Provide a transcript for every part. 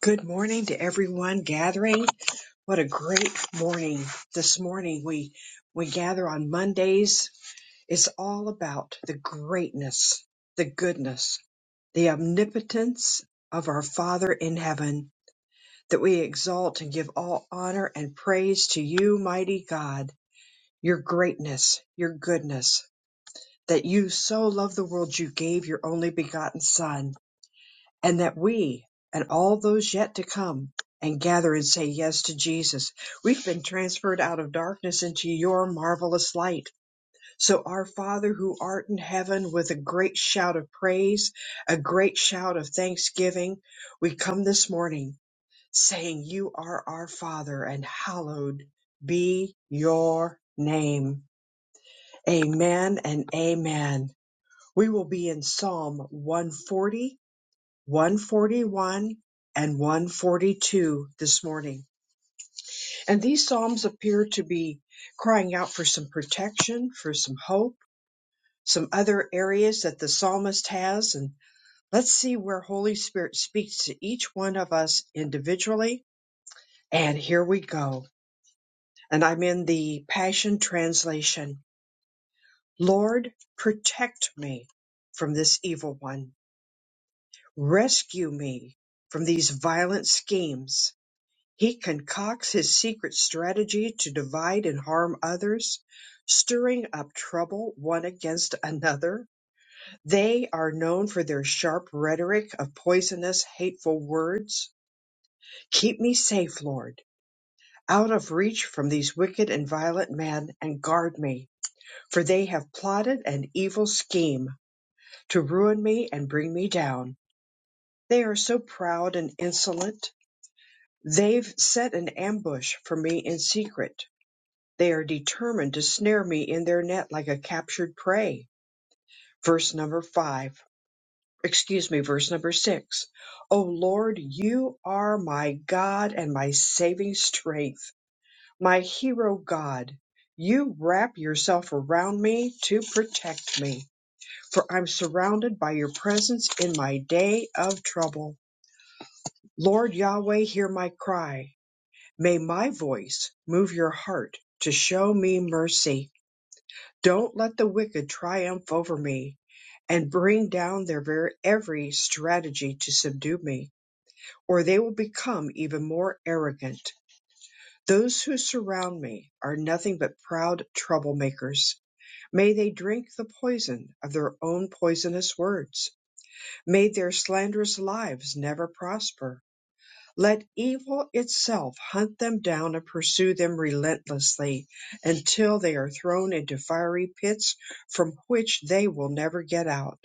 Good morning to everyone gathering. What a great morning this morning. We we gather on Mondays. It's all about the greatness, the goodness, the omnipotence of our Father in heaven that we exalt and give all honor and praise to you, mighty God. Your greatness, your goodness, that you so loved the world you gave your only begotten son and that we and all those yet to come and gather and say yes to Jesus. We've been transferred out of darkness into your marvelous light. So our Father who art in heaven with a great shout of praise, a great shout of thanksgiving, we come this morning saying you are our Father and hallowed be your name. Amen and amen. We will be in Psalm 140 141 and 142 this morning. And these Psalms appear to be crying out for some protection, for some hope, some other areas that the psalmist has. And let's see where Holy Spirit speaks to each one of us individually. And here we go. And I'm in the Passion Translation. Lord, protect me from this evil one. Rescue me from these violent schemes He concocts his secret strategy to divide and harm others, stirring up trouble one against another. They are known for their sharp rhetoric of poisonous, hateful words. Keep me safe, Lord, out of reach from these wicked and violent men, and guard me, for they have plotted an evil scheme to ruin me and bring me down. They are so proud and insolent. They've set an ambush for me in secret They are determined to snare me in their net like a captured prey. Verse number five, excuse me, verse number six. O Lord, you are my God and my saving strength, my hero God. You wrap yourself around me to protect me, for I'm surrounded by your presence in my day of trouble. Lord Yahweh, hear my cry. May my voice move your heart to show me mercy. Don't let the wicked triumph over me and bring down their very every strategy to subdue me, or they will become even more arrogant. Those who surround me are nothing but proud troublemakers. May they drink the poison of their own poisonous words. May their slanderous lives never prosper. Let evil itself hunt them down and pursue them relentlessly until they are thrown into fiery pits from which they will never get out.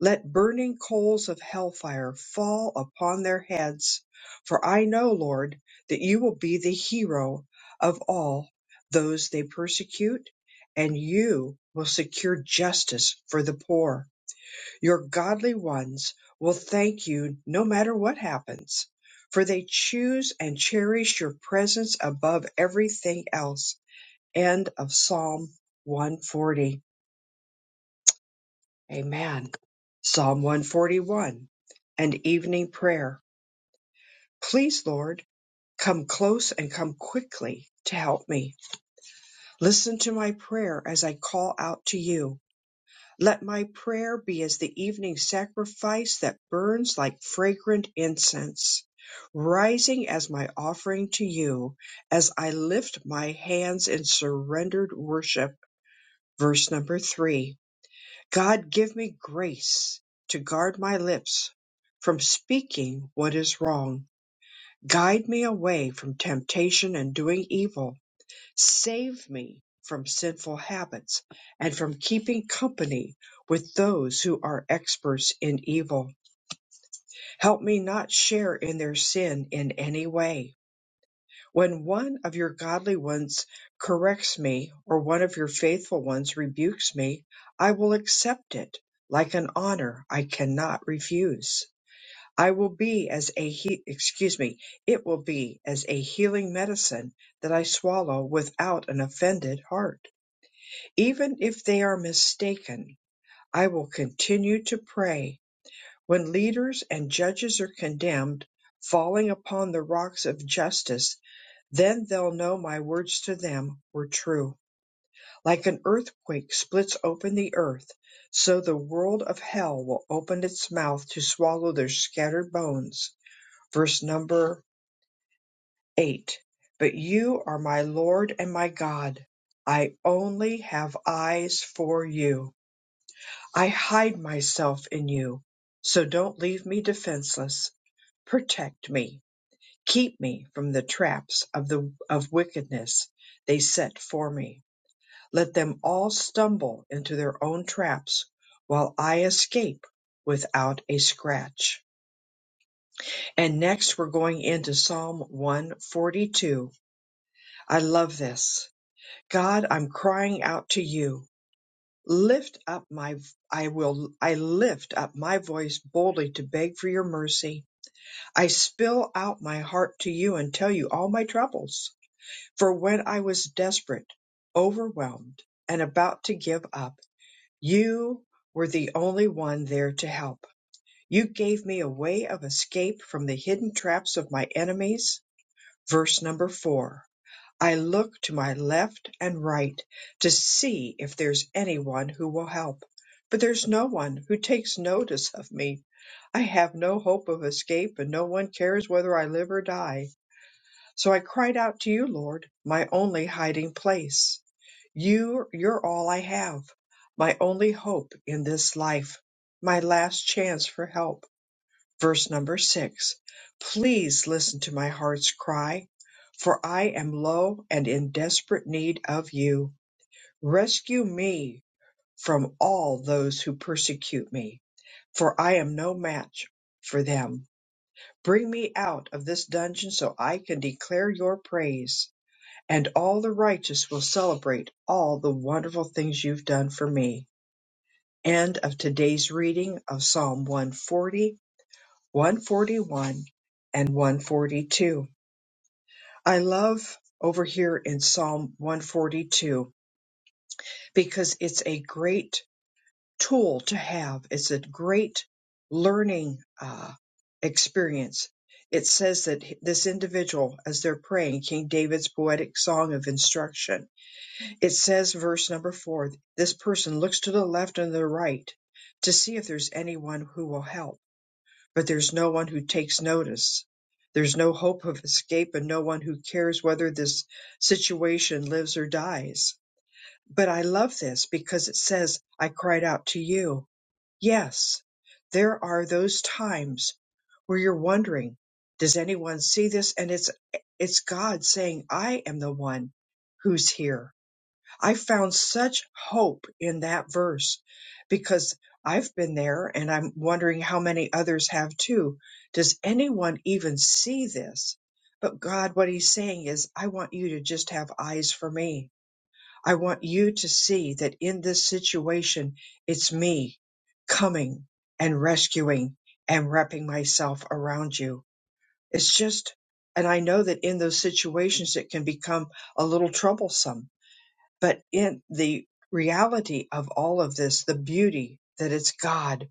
Let burning coals of hellfire fall upon their heads, for I know, Lord, that you will be the hero of all those they persecute, and you will secure justice for the poor. Your godly ones will thank you no matter what happens, for they choose and cherish your presence above everything else. End of Psalm 140. Amen. Psalm 141, an evening prayer. Please, Lord, come close and come quickly to help me. Listen to my prayer as I call out to you. Let my prayer be as the evening sacrifice that burns like fragrant incense, rising as my offering to you as I lift my hands in surrendered worship. Verse number three God, give me grace to guard my lips from speaking what is wrong. Guide me away from temptation and doing evil Save me from sinful habits and from keeping company with those who are experts in evil. Help me not share in their sin in any way. When one of your godly ones corrects me or one of your faithful ones rebukes me, I will accept it like an honor I cannot refuse. I will be as a he- excuse me, it will be as a healing medicine that I swallow without an offended heart. Even if they are mistaken, I will continue to pray when leaders and judges are condemned, falling upon the rocks of justice. Then they'll know my words to them were true. Like an earthquake splits open the earth, so the world of hell will open its mouth to swallow their scattered bones. Verse number eight. But you are my Lord and my God. I only have eyes for you. I hide myself in you. So don't leave me defenseless. Protect me. Keep me from the traps of the of wickedness they set for me. Let them all stumble into their own traps while I escape without a scratch. And next we're going into Psalm 142. I love this. God, I'm crying out to you. Lift up my I will I lift up my voice boldly to beg for your mercy. I spill out my heart to you and tell you all my troubles. For when I was desperate, overwhelmed, and about to give up, you were the only one there to help. You gave me a way of escape from the hidden traps of my enemies. Verse number 4. I look to my left and right to see if there's anyone who will help, but there's no one who takes notice of me. I have no hope of escape, and no one cares whether I live or die. So I cried out to you, Lord, my only hiding place. You, you're all I have, my only hope in this life, my last chance for help. Verse number six. Please listen to my heart's cry, for I am low and in desperate need of you. Rescue me from all those who persecute me, for I am no match for them. Bring me out of this dungeon so I can declare your praise, and all the righteous will celebrate all the wonderful things you've done for me. End of today's reading of Psalm 140 141 and 142. I love over here in Psalm 142 because it's a great tool to have. It's a great learning uh, experience. It says that this individual, as they're praying King David's poetic song of instruction, it says, verse number four, this person looks to the left and the right to see if there's anyone who will help But there's no one who takes notice. There's no hope of escape and no one who cares whether this situation lives or dies. But I love this because it says, I cried out to you. Yes, there are those times where you're wondering, does anyone see this? And it's, it's God saying, I am the one who's here. I found such hope in that verse because I've been there and I'm wondering how many others have too. Does anyone even see this? But God, what He's saying is, I want you to just have eyes for me. I want you to see that in this situation, it's me coming and rescuing and wrapping myself around you. It's just, and I know that in those situations, it can become a little troublesome but in the reality of all of this, the beauty that it's God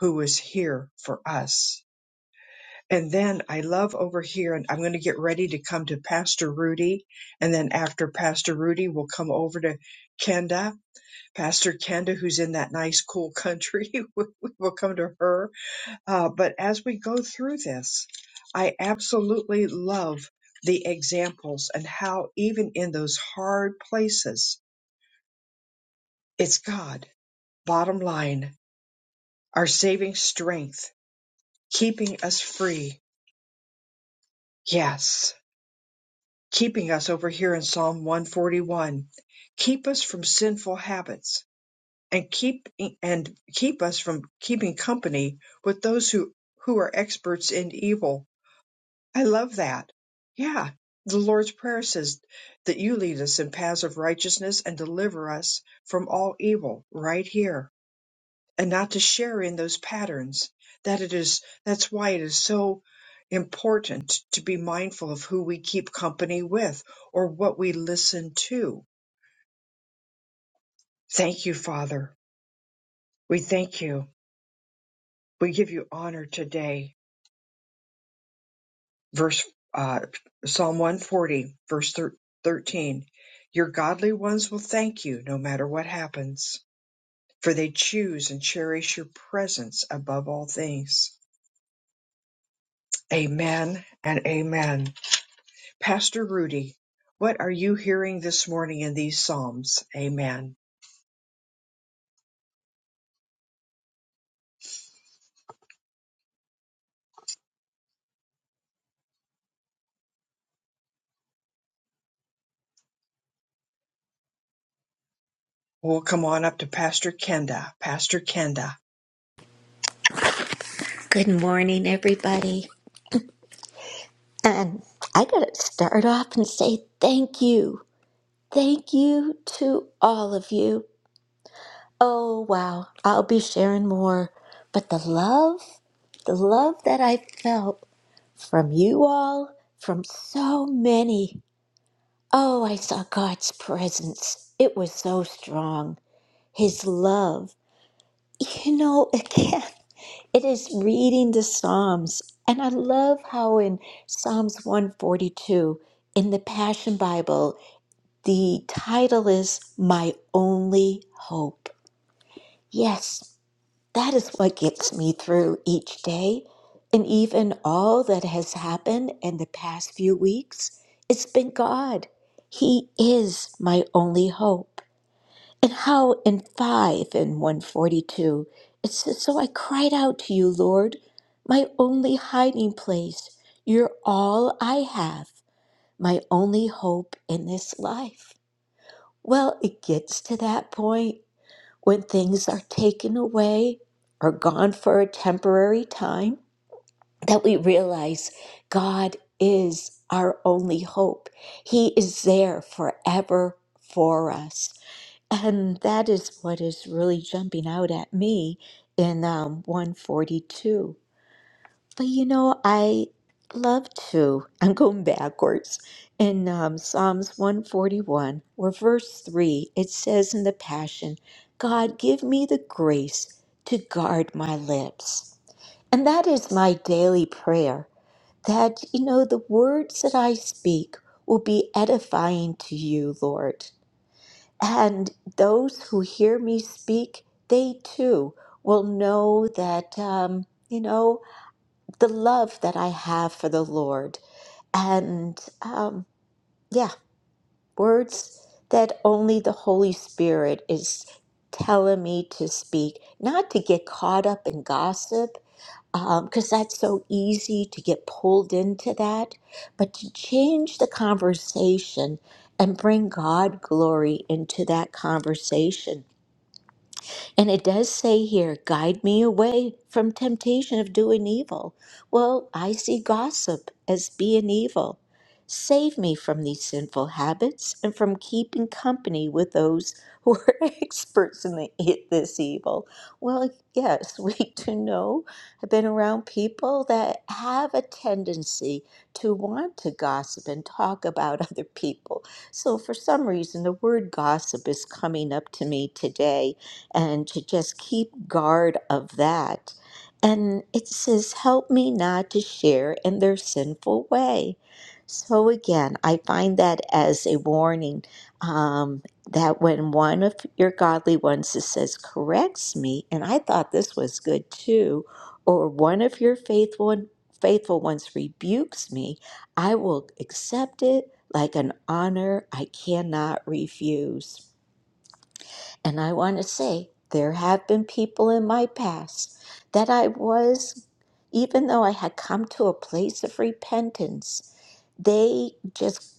who is here for us. And then I love over here, and I'm going to get ready to come to Pastor Rudy. And then after Pastor Rudy, we'll come over to Kenda, Pastor Kenda, who's in that nice, cool country. we'll come to her. Uh, but as we go through this, I absolutely love the examples and how even in those hard places, it's God bottom line, our saving strength, keeping us free. Yes, keeping us over here in Psalm 141. Keep us from sinful habits and keep and keep us from keeping company with those who who are experts in evil. I love that. Yeah. The Lord's prayer says that you lead us in paths of righteousness and deliver us from all evil right here. and not to share in those patterns that it is that's why it is so important to be mindful of who we keep company with or what we listen to thank you father we thank you we give you honor today verse uh, psalm 140 verse thir- 13 your godly ones will thank you no matter what happens for they choose and cherish your presence above all things amen and amen Pastor Rudy, what are you hearing this morning in these Psalms? Amen. We'll come on up to Pastor Kenda. Pastor Kenda. Good morning, everybody. And I got to start off and say thank you. Thank you to all of you. Oh, wow. I'll be sharing more. But the love, the love that I felt from you all, from so many. Oh, I saw God's presence. It was so strong. His love. You know, again. It is reading the Psalms. And I love how in Psalms 142 in the Passion Bible, the title is My Only Hope. Yes, that is what gets me through each day. And even all that has happened in the past few weeks, it's been God. He is my only hope. And how in 5 and 142 it says, So I cried out to you, Lord, my only hiding place. You're all I have, my only hope in this life. Well, it gets to that point when things are taken away or gone for a temporary time that we realize God is our only hope. He is there forever for us. And that is what is really jumping out at me in um, 142. But you know, I love to, I'm going backwards. In um, Psalms 141, where verse 3, it says in the Passion, God, give me the grace to guard my lips. And that is my daily prayer that, you know, the words that I speak will be edifying to you, Lord and those who hear me speak, they too will know that, um, you know, the love that I have for the Lord. And um, yeah, words that only the Holy Spirit is telling me to speak, not to get caught up in gossip, because that's so easy to get pulled into that, but to change the conversation and bring God glory into that conversation And it does say here, guide me away from temptation of doing evil. Well, I see gossip as being evil. Save me from these sinful habits and from keeping company with those who are experts in the, e- this evil. Well, yes, we do know. I've been around people that have a tendency to want to gossip and talk about other people. So, for some reason, the word gossip is coming up to me today and to just keep guard of that. And it says, Help me not to share in their sinful way. So again, I find that as a warning um, that when one of your godly ones it says, corrects me, and I thought this was good too, or one of your faithful, faithful ones rebukes me, I will accept it like an honor I cannot refuse. And I want to say, there have been people in my past that I was, even though I had come to a place of repentance, they just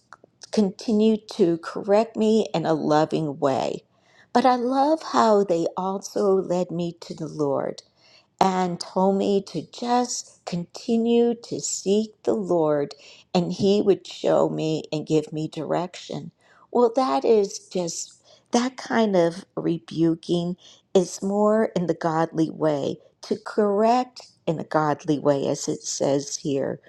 continued to correct me in a loving way. But I love how they also led me to the Lord and told me to just continue to seek the Lord and he would show me and give me direction. Well, that is just that kind of rebuking is more in the godly way to correct in a godly way, as it says here,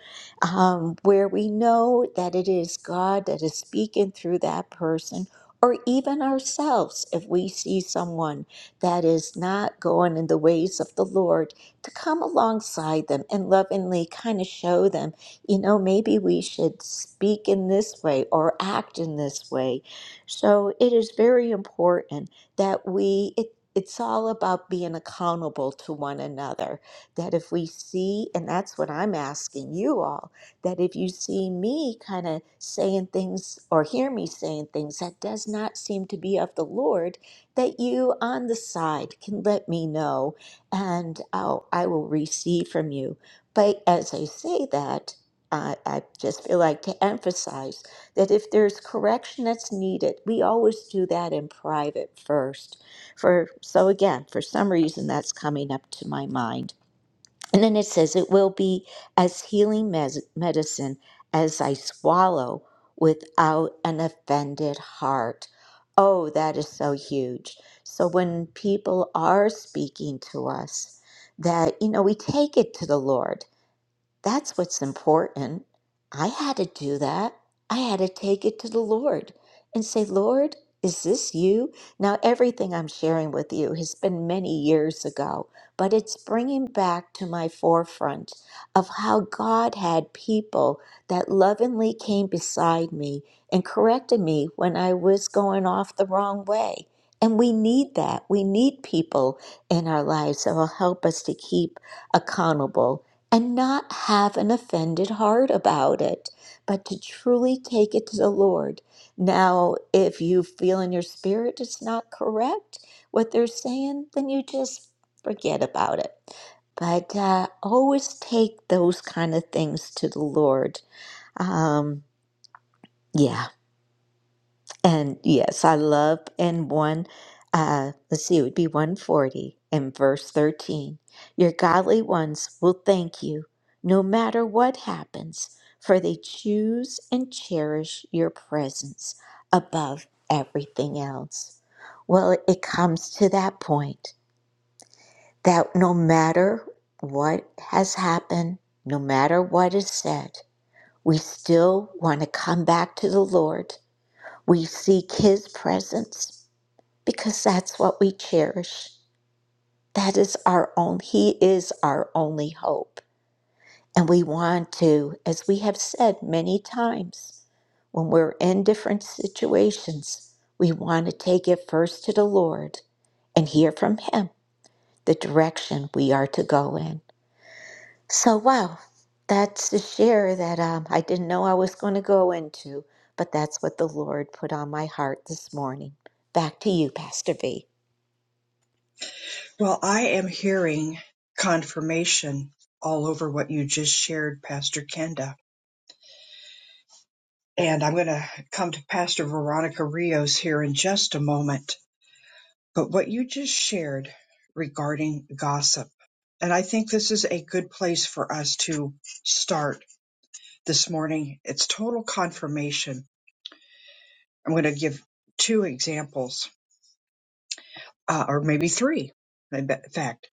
um, where we know that it is God that is speaking through that person or even ourselves if we see someone that is not going in the ways of the Lord, to come alongside them and lovingly kind of show them, you know, maybe we should speak in this way or act in this way. So it is very important that we, it, it's all about being accountable to one another. That if we see, and that's what I'm asking you all, that if you see me kind of saying things or hear me saying things that does not seem to be of the Lord, that you on the side can let me know and I'll, I will receive from you. But as I say that, I I just feel like to emphasize that if there's correction that's needed, we always do that in private first. For so again, for some reason that's coming up to my mind. And then it says, It will be as healing mes- medicine as I swallow without an offended heart. Oh, that is so huge. So when people are speaking to us, that, you know, we take it to the Lord that's what's important. I had to do that. I had to take it to the Lord and say, Lord, is this you? Now, everything I'm sharing with you has been many years ago, but it's bringing back to my forefront of how God had people that lovingly came beside me and corrected me when I was going off the wrong way. And we need that. We need people in our lives that will help us to keep accountable and not have an offended heart about it, but to truly take it to the Lord. Now, if you feel in your spirit it's not correct what they're saying, then you just forget about it. But uh, always take those kind of things to the Lord. Um, yeah. And yes, I love and one, uh, let's see, it would be 140 in verse 13. Your godly ones will thank you no matter what happens, for they choose and cherish your presence above everything else. Well, it comes to that point that no matter what has happened, no matter what is said, we still want to come back to the Lord. We seek His presence because that's what we cherish. That is our own, He is our only hope. And we want to, as we have said many times, when we're in different situations, we want to take it first to the Lord and hear from Him the direction we are to go in. So, wow, that's a share that um, I didn't know I was going to go into, but that's what the Lord put on my heart this morning. Back to you, Pastor V. Well, I am hearing confirmation all over what you just shared, Pastor Kenda. And I'm going to come to Pastor Veronica Rios here in just a moment. But what you just shared regarding gossip, and I think this is a good place for us to start this morning. It's total confirmation I'm going to give two examples, uh, or maybe three. In fact,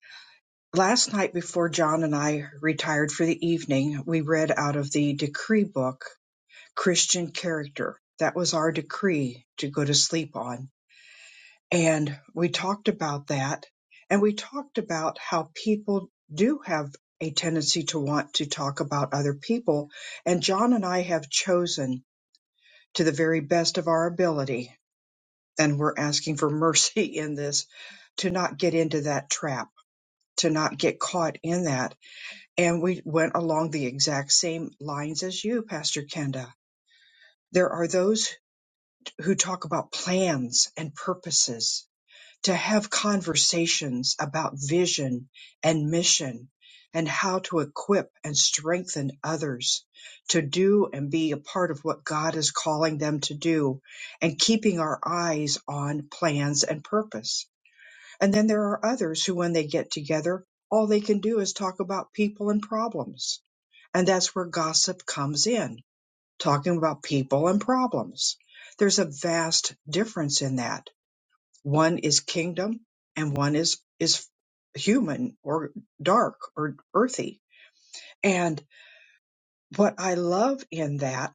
last night before John and I retired for the evening, we read out of the decree book, Christian Character. That was our decree to go to sleep on. And we talked about that. And we talked about how people do have a tendency to want to talk about other people. And John and I have chosen to the very best of our ability, and we're asking for mercy in this to not get into that trap, to not get caught in that. And we went along the exact same lines as you, Pastor Kenda. There are those who talk about plans and purposes, to have conversations about vision and mission and how to equip and strengthen others to do and be a part of what God is calling them to do and keeping our eyes on plans and purpose and then there are others who, when they get together, all they can do is talk about people and problems. And that's where gossip comes in, talking about people and problems. There's a vast difference in that. One is kingdom and one is, is human or dark or earthy. And what I love in that,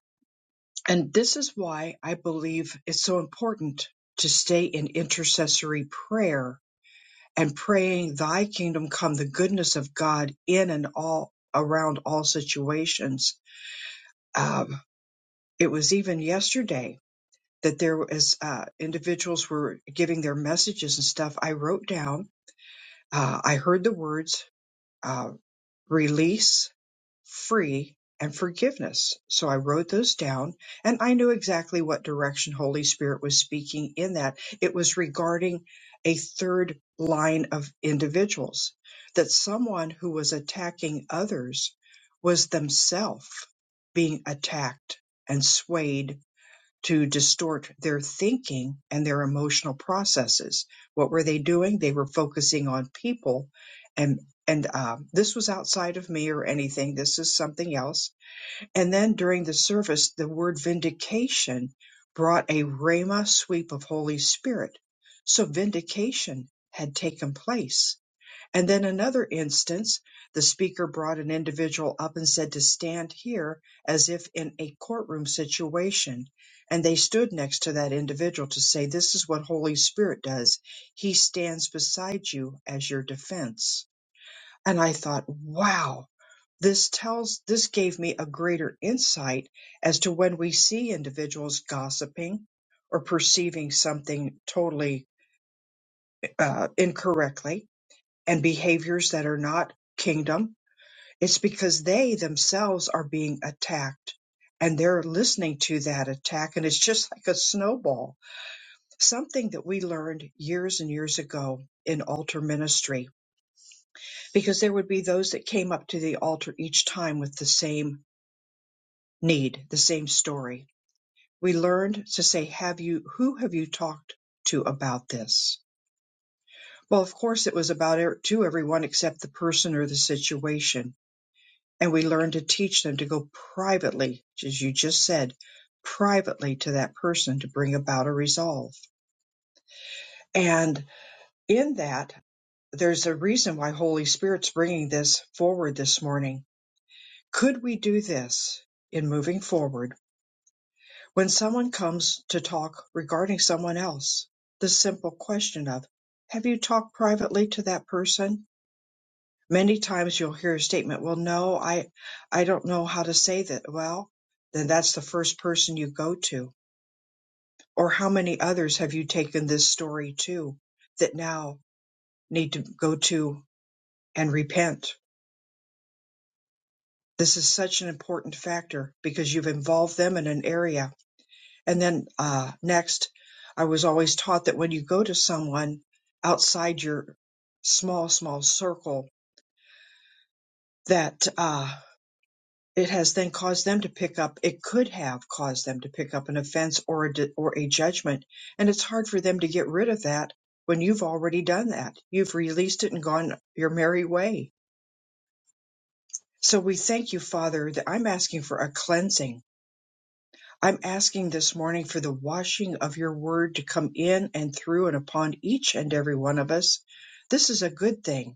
and this is why I believe it's so important to stay in intercessory prayer and praying thy kingdom come the goodness of god in and all around all situations um, it was even yesterday that there was uh, individuals were giving their messages and stuff i wrote down uh, i heard the words uh, release free, and forgiveness. So I wrote those down and I knew exactly what direction Holy Spirit was speaking in that. It was regarding a third line of individuals, that someone who was attacking others was themselves being attacked and swayed to distort their thinking and their emotional processes. What were they doing? They were focusing on people, and and um, this was outside of me or anything. This is something else. And then during the service, the word vindication brought a rhema sweep of Holy Spirit. So vindication had taken place and then another instance, the speaker brought an individual up and said to stand here as if in a courtroom situation. And they stood next to that individual to say, This is what Holy Spirit does. He stands beside you as your defense. And I thought, wow, this tells, this gave me a greater insight as to when we see individuals gossiping or perceiving something totally uh, incorrectly and behaviors that are not kingdom, it's because they themselves are being attacked and they're listening to that attack. And it's just like a snowball, something that we learned years and years ago in altar ministry, because there would be those that came up to the altar each time with the same need, the same story. We learned to say, have you, who have you talked to about this? Well, of course, it was about er- to everyone except the person or the situation and we learn to teach them to go privately, as you just said, privately to that person to bring about a resolve. And in that, there's a reason why Holy Spirit's bringing this forward this morning. Could we do this in moving forward when someone comes to talk regarding someone else? The simple question of, have you talked privately to that person? Many times you'll hear a statement, well, no, I, I don't know how to say that. Well, then that's the first person you go to. Or how many others have you taken this story to that now need to go to and repent? This is such an important factor because you've involved them in an area. And then uh, next, I was always taught that when you go to someone outside your small, small circle, that uh, it has then caused them to pick up it could have caused them to pick up an offense or a di- or a judgment and it's hard for them to get rid of that when you've already done that you've released it and gone your merry way so we thank you father that i'm asking for a cleansing i'm asking this morning for the washing of your word to come in and through and upon each and every one of us this is a good thing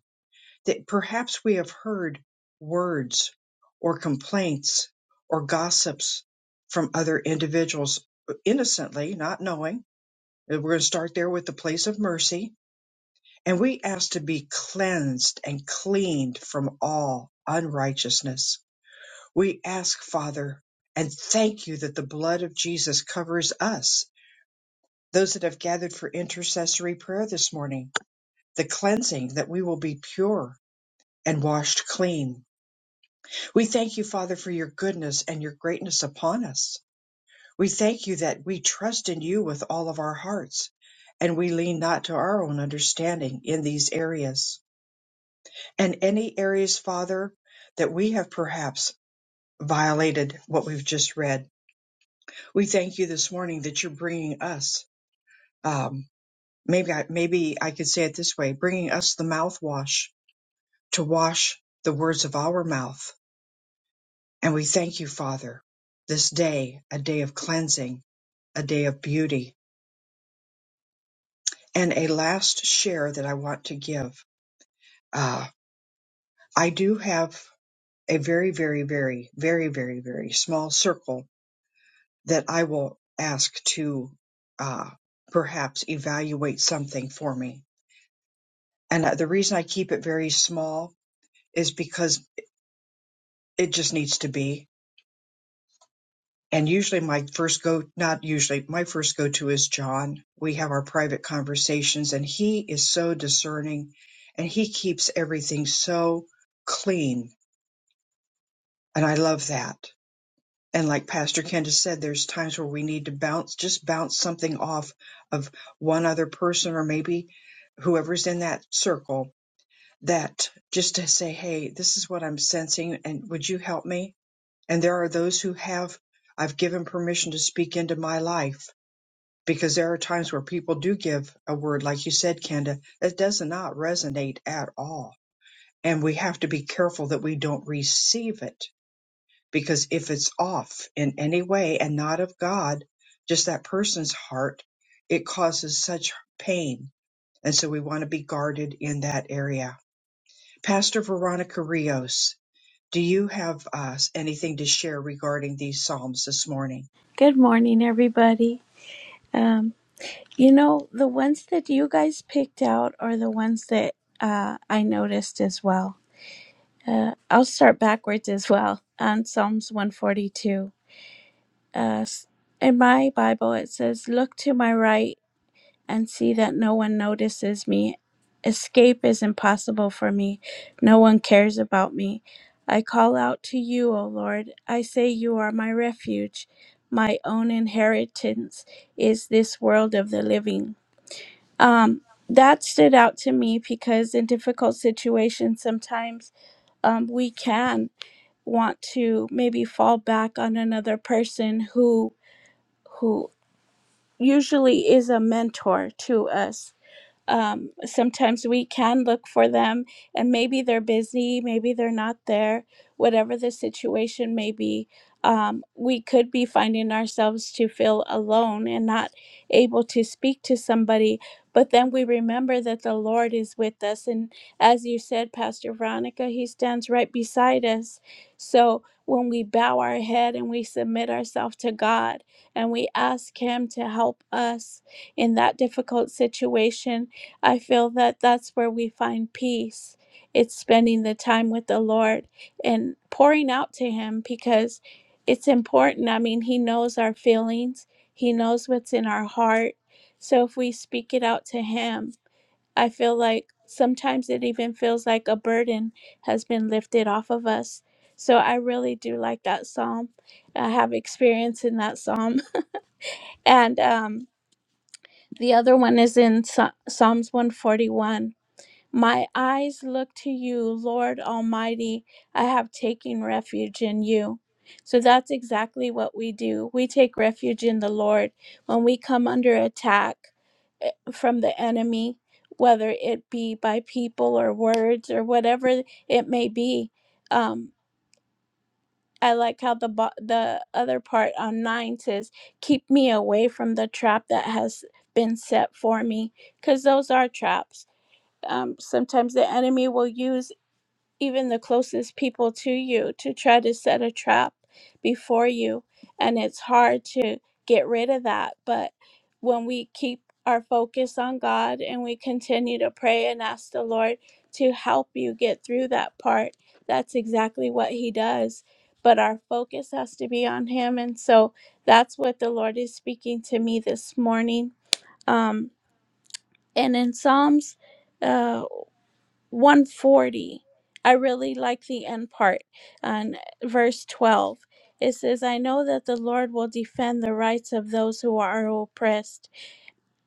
that perhaps we have heard words or complaints or gossips from other individuals uh, innocently, not knowing. We're going to start there with the place of mercy. And we ask to be cleansed and cleaned from all unrighteousness. We ask, Father, and thank you that the blood of Jesus covers us, those that have gathered for intercessory prayer this morning, the cleansing that we will be pure and washed clean We thank you, Father, for your goodness and your greatness upon us. We thank you that we trust in you with all of our hearts, and we lean not to our own understanding in these areas. And any areas, Father, that we have perhaps violated what we've just read, we thank you this morning that you're bringing us. Um, maybe, I, maybe I could say it this way: bringing us the mouthwash to wash the words of our mouth. And we thank you, Father, this day, a day of cleansing a day of beauty. And a last share that I want to give. Uh, I do have a very, very, very, very, very, very small circle that I will ask to uh, perhaps evaluate something for me. And uh, the reason I keep it very small is because it just needs to be. and usually my first go not usually my first go to is john we have our private conversations and he is so discerning and he keeps everything so clean and i love that and like pastor Candace said there's times where we need to bounce just bounce something off of one other person or maybe whoever's in that circle that just to say hey this is what i'm sensing and would you help me and there are those who have i've given permission to speak into my life because there are times where people do give a word, like you said, Kenda, that does not resonate at all. And we have to be careful that we don't receive it because if it's off in any way and not of God, just that person's heart, it causes such pain. And so we want to be guarded in that area. Pastor Veronica Rios, do you have uh, anything to share regarding these Psalms this morning? Good morning, everybody. Um, you know, the ones that you guys picked out are the ones that uh, I noticed as well. Uh, I'll start backwards as well on Psalms 142. Uh, s- in my Bible, it says, Look to my right and see that no one notices me. Escape is impossible for me. No one cares about me. I call out to you, O Lord. I say you are my refuge. My own inheritance is this world of the living. Um, that stood out to me because in difficult situations, sometimes um, we can want to maybe fall back on another person who who usually is a mentor to us um, sometimes we can look for them and maybe they're busy maybe they're not there whatever the situation may be um, we could be finding ourselves to feel alone and not able to speak to somebody but then we remember that the lord is with us and as you said pastor veronica he stands right beside us so when we bow our head and we submit ourselves to god and we ask him to help us in that difficult situation I feel that that's where we find peace. It's spending the time with the Lord and pouring out to Him because it's important. I mean, He knows our feelings, He knows what's in our heart. So if we speak it out to Him, I feel like sometimes it even feels like a burden has been lifted off of us. So I really do like that psalm. I have experience in that psalm. And um, the other one is in Psa- Psalms 141 my eyes look to you, Lord Almighty. I have taken refuge in you. So that's exactly what we do. We take refuge in the Lord when we come under attack eh, from the enemy, whether it be by people or words or whatever it may be. Um, I like how the bo- the other part on nine says, "Keep me away from the trap that has been set for me," because those are traps um, sometimes the enemy will use even the closest people to you to try to set a trap before you. And it's hard to get rid of that. But when we keep our focus on God and we continue to pray and ask the Lord to help you get through that part, that's exactly what He does. But our focus has to be on Him. And so that's what the Lord is speaking to me this morning. Um, and in Psalms. uh, 140. I really like the end part on verse 12. It says, I know that the Lord will defend the rights of those who are oppressed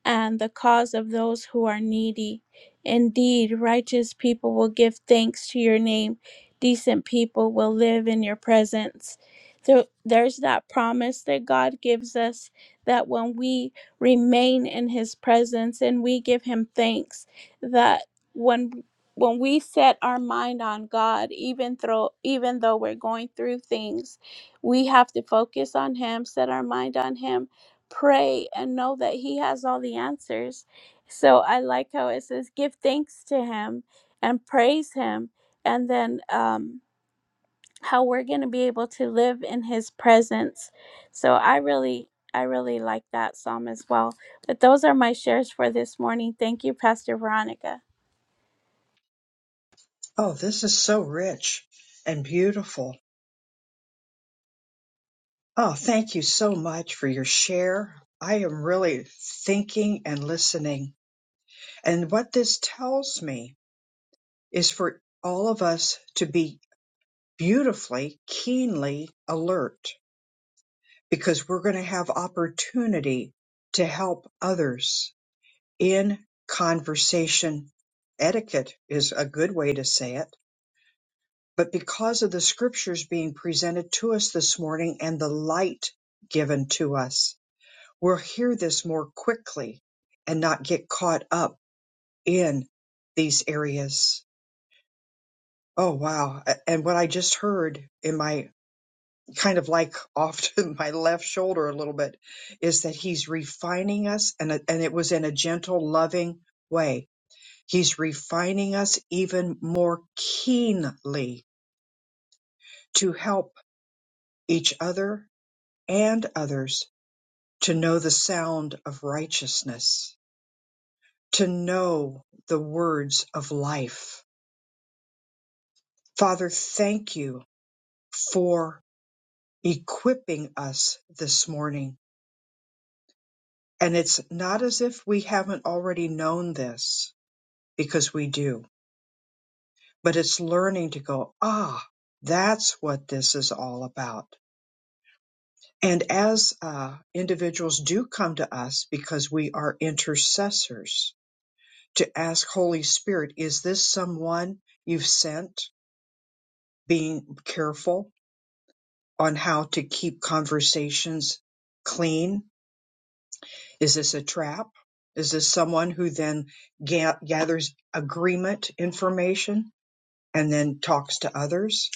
and the cause of those who are needy. Indeed, righteous people will give thanks to your name, decent people will live in your presence. So there's that promise that God gives us that when we remain in his presence and we give him thanks, that when when we set our mind on God, even though even though we're going through things, we have to focus on him, set our mind on him, pray and know that he has all the answers. So I like how it says give thanks to him and praise him and then um how we're going to be able to live in his presence. So I really I really like that psalm as well. But those are my shares for this morning. Thank you Pastor Veronica. Oh, this is so rich and beautiful Oh, thank you so much for your share. I am really thinking and listening. And what this tells me is for all of us to be beautifully, keenly alert because we're going to have opportunity to help others in conversation. Etiquette is a good way to say it. But because of the scriptures being presented to us this morning and the light given to us, we'll hear this more quickly and not get caught up in these areas. Oh, wow. And what I just heard in my kind of like off to my left shoulder a little bit is that he's refining us, and, and it was in a gentle, loving way. He's refining us even more keenly to help each other and others to know the sound of righteousness to know the words of life. Father, thank you for equipping us this morning. And it's not as if we haven't already known this, because we do, but it's learning to go, ah, that's what this is all about. And as uh, individuals do come to us because we are intercessors to ask Holy Spirit, is this someone you've sent? Being careful on how to keep conversations clean. Is this a trap? Is this someone who then ga- gathers agreement information and then talks to others?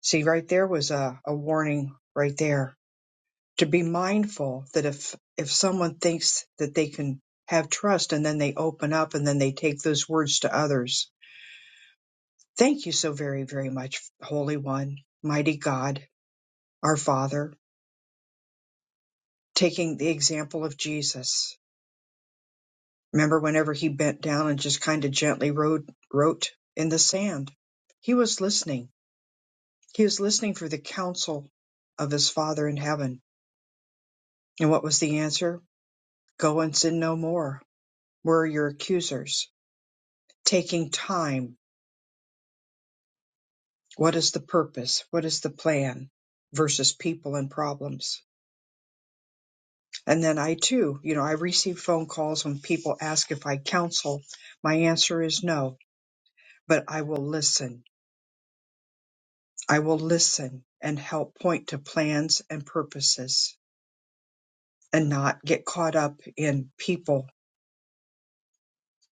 See, right there was a, a warning right there to be mindful that if if someone thinks that they can have trust and then they open up and then they take those words to others. Thank you so very, very much, Holy One, Mighty God, our Father, taking the example of Jesus Remember whenever he bent down and just kind of gently wrote, wrote in the sand? He was listening. He was listening for the counsel of his Father in heaven. And what was the answer? Go and sin no more. Where are your accusers? Taking time. What is the purpose? What is the plan? Versus people and problems. And then I too, you know, I receive phone calls when people ask if I counsel. My answer is no, but I will listen I will listen and help point to plans and purposes and not get caught up in people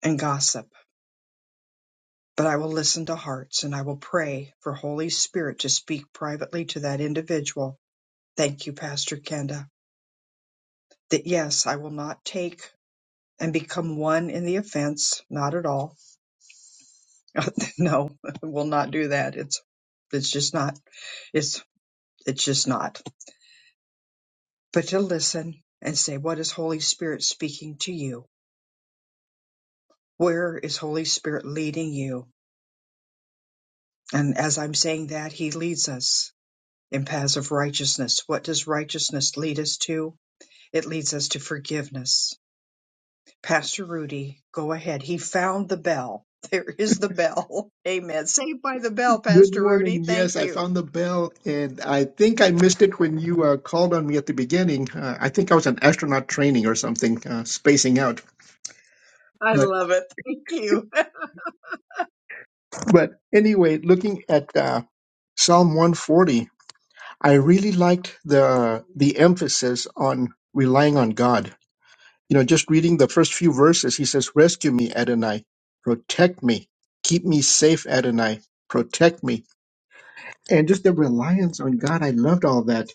and gossip. But I will listen to hearts and I will pray for Holy Spirit to speak privately to that individual. Thank you, Pastor Kenda. That yes, I will not take and become one in the offense. Not at all. no, we'll not do that. It's it's just not it's it's just not. But to listen and say, what is Holy Spirit speaking to you? Where is Holy Spirit leading you? And as I'm saying that, He leads us in paths of righteousness. What does righteousness lead us to? It leads us to forgiveness. Pastor Rudy, go ahead. He found the bell. There is the bell. Amen. Saved by the bell, Good Pastor morning. Rudy. Yes, Thank I you. found the bell, and I think I missed it when you uh, called on me at the beginning. Uh, I think I was an astronaut training or something, uh, spacing out. I But love it. Thank you. but anyway, looking at uh, Psalm 140, I really liked the the emphasis on relying on God. You know, just reading the first few verses, he says, "Rescue me, Adonai, protect me, keep me safe, Adonai, protect me." And just the reliance on God, I loved all that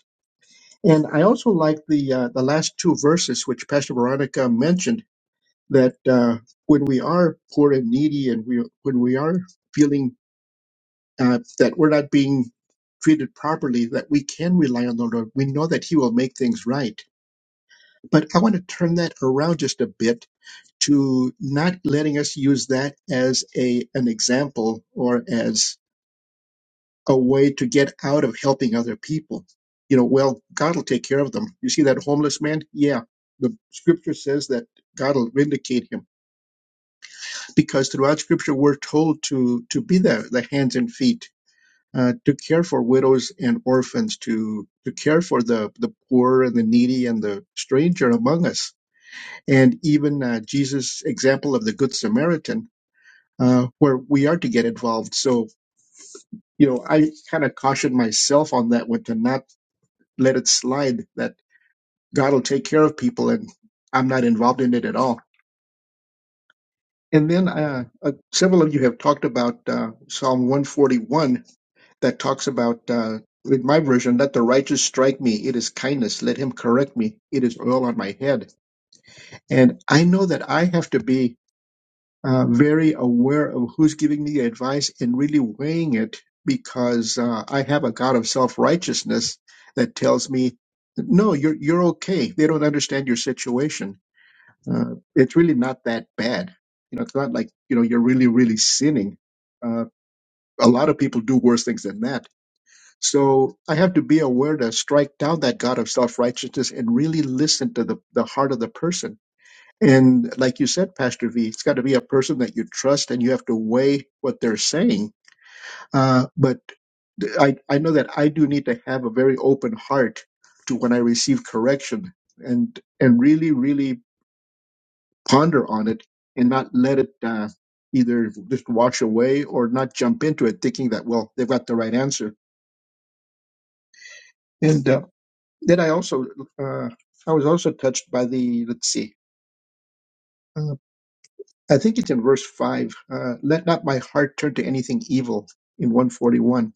And I also like the uh, the last two verses which Pastor Veronica mentioned that uh, when we are poor and needy, and we when we are feeling uh, that we're not being treated properly, that we can rely on the Lord. We know that He will make things right. But I want to turn that around just a bit to not letting us use that as a an example or as a way to get out of helping other people. You know, well, God will take care of them. You see that homeless man? Yeah. The scripture says that God will vindicate him because throughout scripture we're told to to be the, the hands and feet, uh, to care for widows and orphans, to to care for the, the poor and the needy and the stranger among us. And even uh, Jesus' example of the Good Samaritan, uh, where we are to get involved. So, you know, I kind of cautioned myself on that one to not let it slide that God will take care of people and I'm not involved in it at all. And then uh, uh, several of you have talked about uh, Psalm 141 that talks about, uh, with my version, let the righteous strike me. It is kindness. Let him correct me. It is oil on my head. And I know that I have to be uh, very aware of who's giving me advice and really weighing it because uh, I have a God of self righteousness that tells me, no, you're you're okay. They don't understand your situation. Uh, it's really not that bad. You know, it's not like you know you're really really sinning. Uh, a lot of people do worse things than that. So I have to be aware to strike down that God of self righteousness and really listen to the the heart of the person and like you said, Pastor V, it's got to be a person that you trust and you have to weigh what they're saying. Uh, but th- I, I know that I do need to have a very open heart to when I receive correction and, and really, really ponder on it and not let it, uh, either just wash away or not jump into it thinking that, well, they've got the right answer. And, uh, then I also, uh, I was also touched by the, let's see. uh, I think it's in verse 5. Uh, Let not my heart turn to anything evil in 141,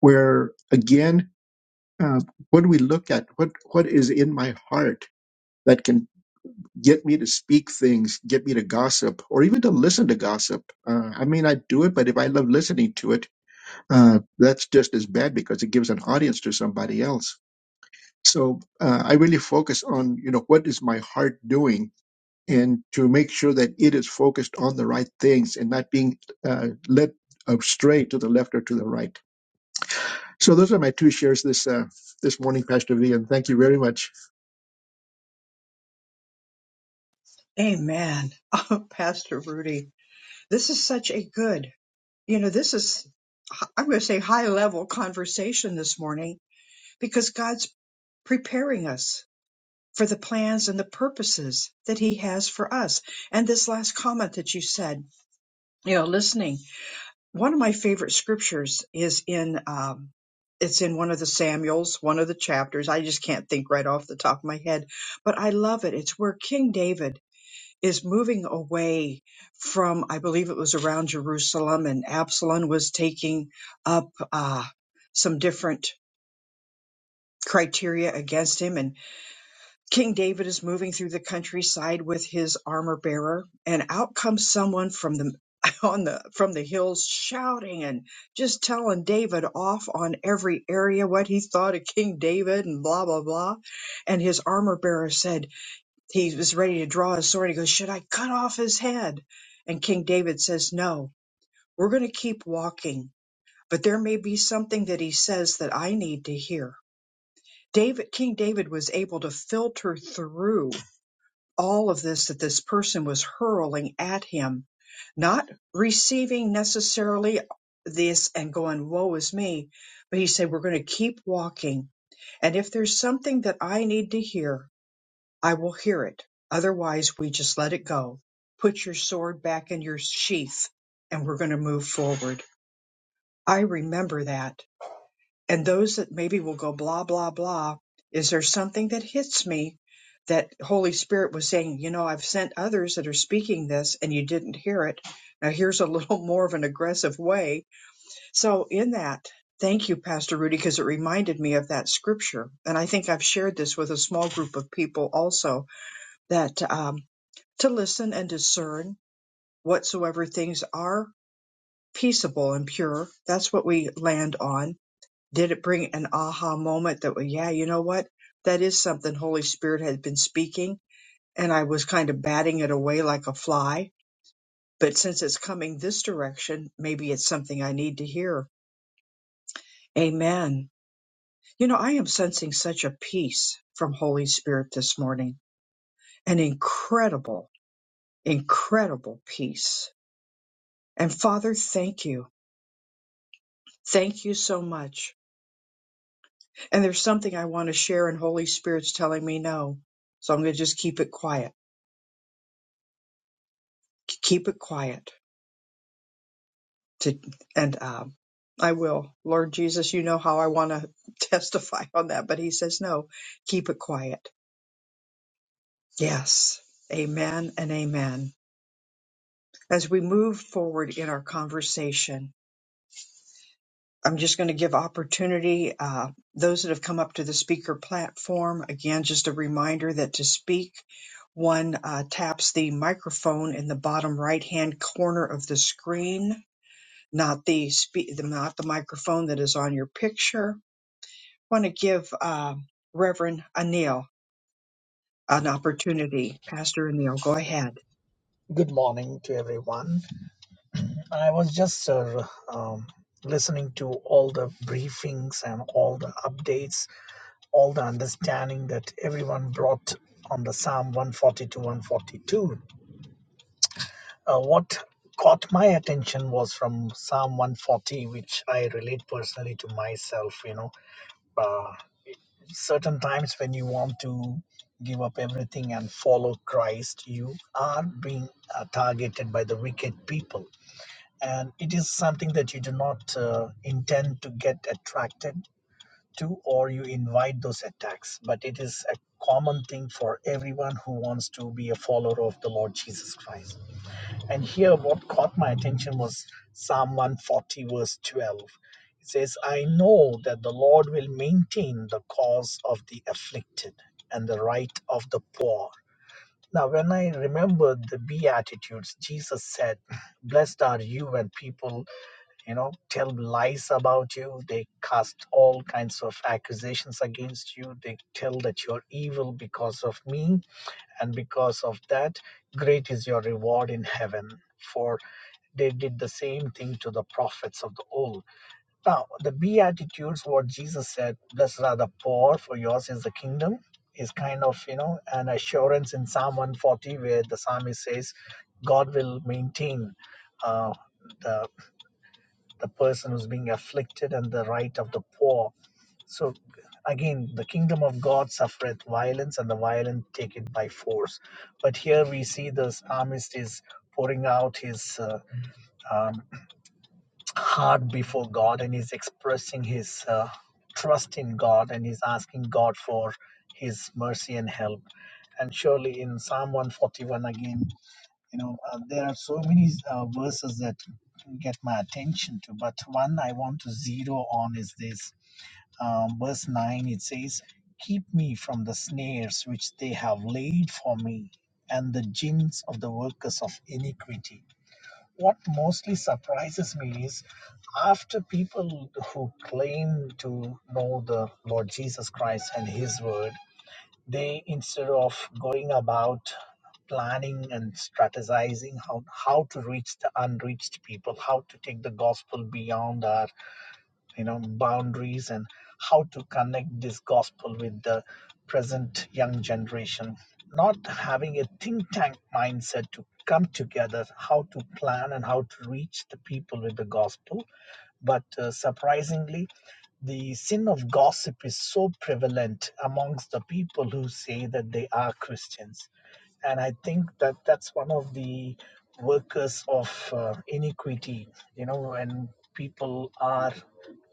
where again, uh, what do we look at? What What is in my heart that can get me to speak things, get me to gossip, or even to listen to gossip? Uh, I may not do it, but if I love listening to it, uh, that's just as bad because it gives an audience to somebody else. So uh, I really focus on, you know, what is my heart doing? and to make sure that it is focused on the right things and not being uh, led astray to the left or to the right. So those are my two shares this uh, this morning, Pastor V, and thank you very much. Amen. Oh, Pastor Rudy, this is such a good, you know, this is, I'm going to say high level conversation this morning because God's preparing us for the plans and the purposes that he has for us. And this last comment that you said, you know, listening, one of my favorite scriptures is in, um, it's in one of the Samuels, one of the chapters. I just can't think right off the top of my head, but I love it. It's where King David is moving away from, I believe it was around Jerusalem and Absalom was taking up, uh, some different criteria against him. And King David is moving through the countryside with his armor bearer, and out comes someone from the on the from the hills shouting and just telling David off on every area what he thought of King David and blah blah blah. And his armor bearer said he was ready to draw his sword. He goes, Should I cut off his head? And King David says, No, we're gonna keep walking, but there may be something that he says that I need to hear. David King David was able to filter through all of this that this person was hurling at him, not receiving necessarily this and going, woe is me. But he said, we're going to keep walking. And if there's something that I need to hear, I will hear it. Otherwise, we just let it go. Put your sword back in your sheath and we're going to move forward. I remember that and those that maybe will go blah blah blah is there something that hits me that holy spirit was saying you know i've sent others that are speaking this and you didn't hear it now here's a little more of an aggressive way so in that thank you pastor rudy because it reminded me of that scripture and i think i've shared this with a small group of people also that um, to listen and discern whatsoever things are peaceable and pure that's what we land on did it bring an aha moment that well, yeah you know what that is something holy spirit had been speaking and i was kind of batting it away like a fly but since it's coming this direction maybe it's something i need to hear amen you know i am sensing such a peace from holy spirit this morning an incredible incredible peace and father thank you thank you so much and there's something i want to share and holy spirit's telling me no so i'm going to just keep it quiet keep it quiet to and um I will. Lord Jesus, you know how I want to testify on that, but he says no, keep it quiet. Yes. Amen and amen. As we move forward in our conversation, I'm just going to give opportunity uh, those that have come up to the speaker platform. Again, just a reminder that to speak, one uh, taps the microphone in the bottom right hand corner of the screen not the spe- not the microphone that is on your picture. I want to give uh, Reverend Anil an opportunity. Pastor Anil, go ahead. Good morning to everyone. I was just uh, um, listening to all the briefings and all the updates, all the understanding that everyone brought on the Psalm 142 142. Uh, what caught my attention was from Psalm 140, which I relate personally to myself. You know, uh, certain times when you want to give up everything and follow Christ, you are being uh, targeted by the wicked people and it is something that you do not uh, intend to get attracted to or you invite those attacks but it is a common thing for everyone who wants to be a follower of the lord jesus christ and here what caught my attention was psalm 140 verse 12 it says i know that the lord will maintain the cause of the afflicted and the right of the poor now when i remembered the beatitudes jesus said blessed are you when people you know tell lies about you they cast all kinds of accusations against you they tell that you're evil because of me and because of that great is your reward in heaven for they did the same thing to the prophets of the old now the beatitudes what jesus said blessed are the poor for yours is the kingdom is kind of you know an assurance in psalm 140 where the psalmist says god will maintain uh, the the person who's being afflicted and the right of the poor. So again, the kingdom of God suffereth violence, and the violent take it by force. But here we see this psalmist is pouring out his uh, um, heart before God, and he's expressing his uh, trust in God, and he's asking God for his mercy and help. And surely in Psalm 141 again. You know, uh, there are so many uh, verses that get my attention to, but one I want to zero on is this. Um, verse 9 it says, Keep me from the snares which they have laid for me and the gins of the workers of iniquity. What mostly surprises me is after people who claim to know the Lord Jesus Christ and His Word, they instead of going about planning and strategizing how, how to reach the unreached people how to take the gospel beyond our you know boundaries and how to connect this gospel with the present young generation not having a think tank mindset to come together how to plan and how to reach the people with the gospel but uh, surprisingly, the sin of gossip is so prevalent amongst the people who say that they are Christians. And I think that that's one of the workers of uh, iniquity, you know, when people are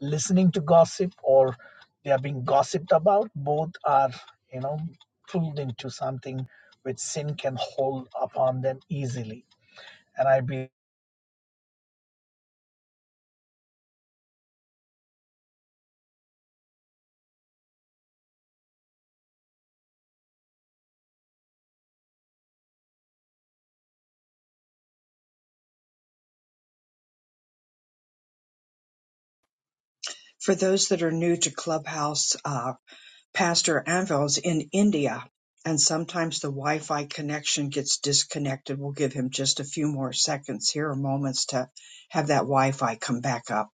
listening to gossip or they are being gossiped about, both are, you know, pulled into something which sin can hold upon them easily. And I believe For those that are new to Clubhouse, uh, Pastor Anvil's in India, and sometimes the Wi-Fi connection gets disconnected. We'll give him just a few more seconds here or moments to have that Wi-Fi come back up.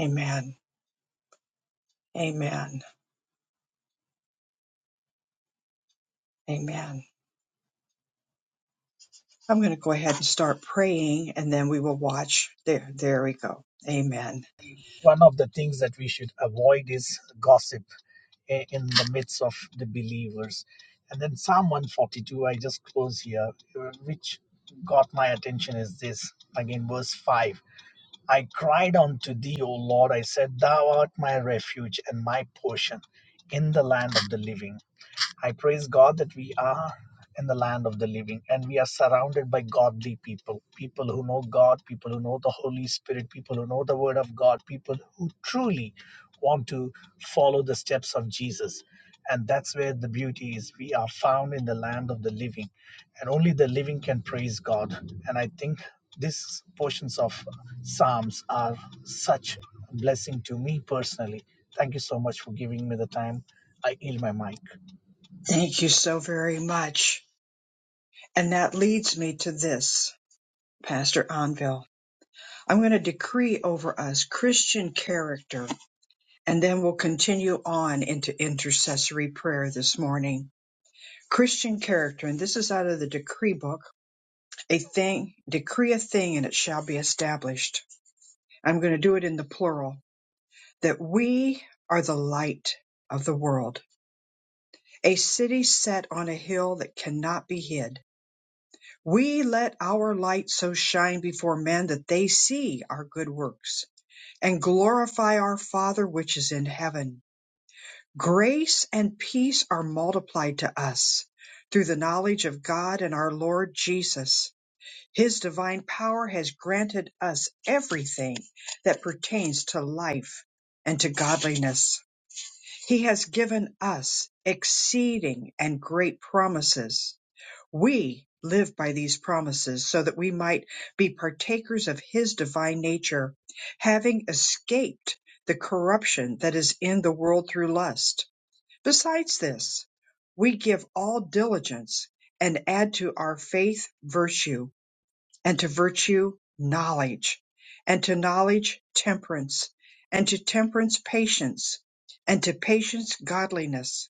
Amen. Amen. Amen. I'm going to go ahead and start praying and then we will watch. There, there we go. Amen. one of the things that we should avoid is gossip in the midst of the believers. And then Psalm 142, I just close here, uh, which got my attention is this again, verse 5 I cried unto thee, O Lord, I said, Thou art my refuge and my portion in the land of the living. I praise God that we are in the land of the living and we are surrounded by godly people people who know God, people who know the Holy Spirit, people who know the Word of God, people who truly want to follow the steps of Jesus. And that's where the beauty is. We are found in the land of the living, and only the living can praise God. And I think these portions of Psalms are such a blessing to me personally. Thank you so much for giving me the time. I yield my mic. Thank you so very much. And that leads me to this, Pastor Anvil. I'm going to decree over us Christian character and then we'll continue on into intercessory prayer this morning. Christian character, and this is out of the decree book, a thing, decree a thing and it shall be established. I'm going to do it in the plural that we are the light of the world a city set on a hill that cannot be hid. We let our light so shine before men that they see our good works and glorify our Father which is in heaven. Grace and peace are multiplied to us through the knowledge of God and our Lord Jesus. His divine power has granted us everything that pertains to life and to godliness. He has given us exceeding and great promises We live by these promises so that we might be partakers of his divine nature, having escaped the corruption that is in the world through lust. Besides this, we give all diligence and add to our faith virtue, and to virtue knowledge, and to knowledge temperance, and to temperance patience, and to patience godliness.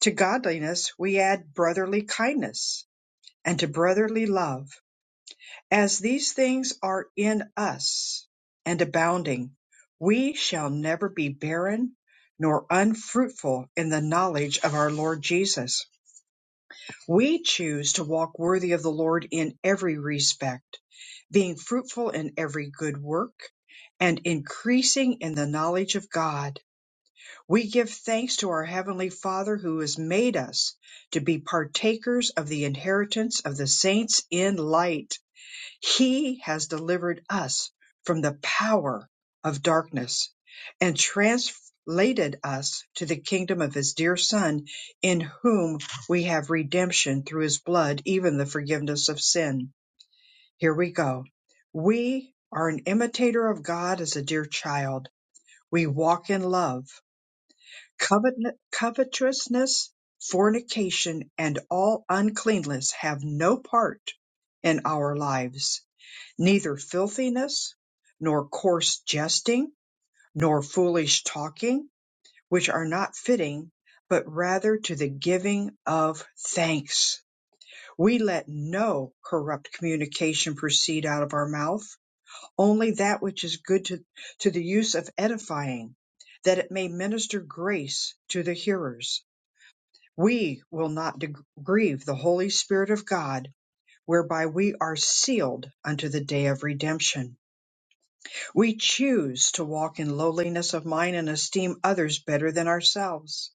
To godliness we add brotherly kindness and to brotherly love, as these things are in us and abounding, we shall never be barren nor unfruitful in the knowledge of our Lord Jesus. We choose to walk worthy of the Lord in every respect, being fruitful in every good work and increasing in the knowledge of God. We give thanks to our Heavenly Father who has made us to be partakers of the inheritance of the saints in light he has delivered us from the power of darkness and translated us to the kingdom of his dear Son, in whom we have redemption through his blood, even the forgiveness of sin. Here we go. We are an imitator of God as a dear child. We walk in love. Covet- covetousness, fornication, and all uncleanness have no part in our lives neither filthiness, nor coarse jesting, nor foolish talking, which are not fitting, but rather to the giving of thanks. We let no corrupt communication proceed out of our mouth, only that which is good to, to the use of edifying, that it may minister grace to the hearers. We will not de- grieve the Holy Spirit of God, whereby we are sealed unto the day of redemption. We choose to walk in lowliness of mind and esteem others better than ourselves.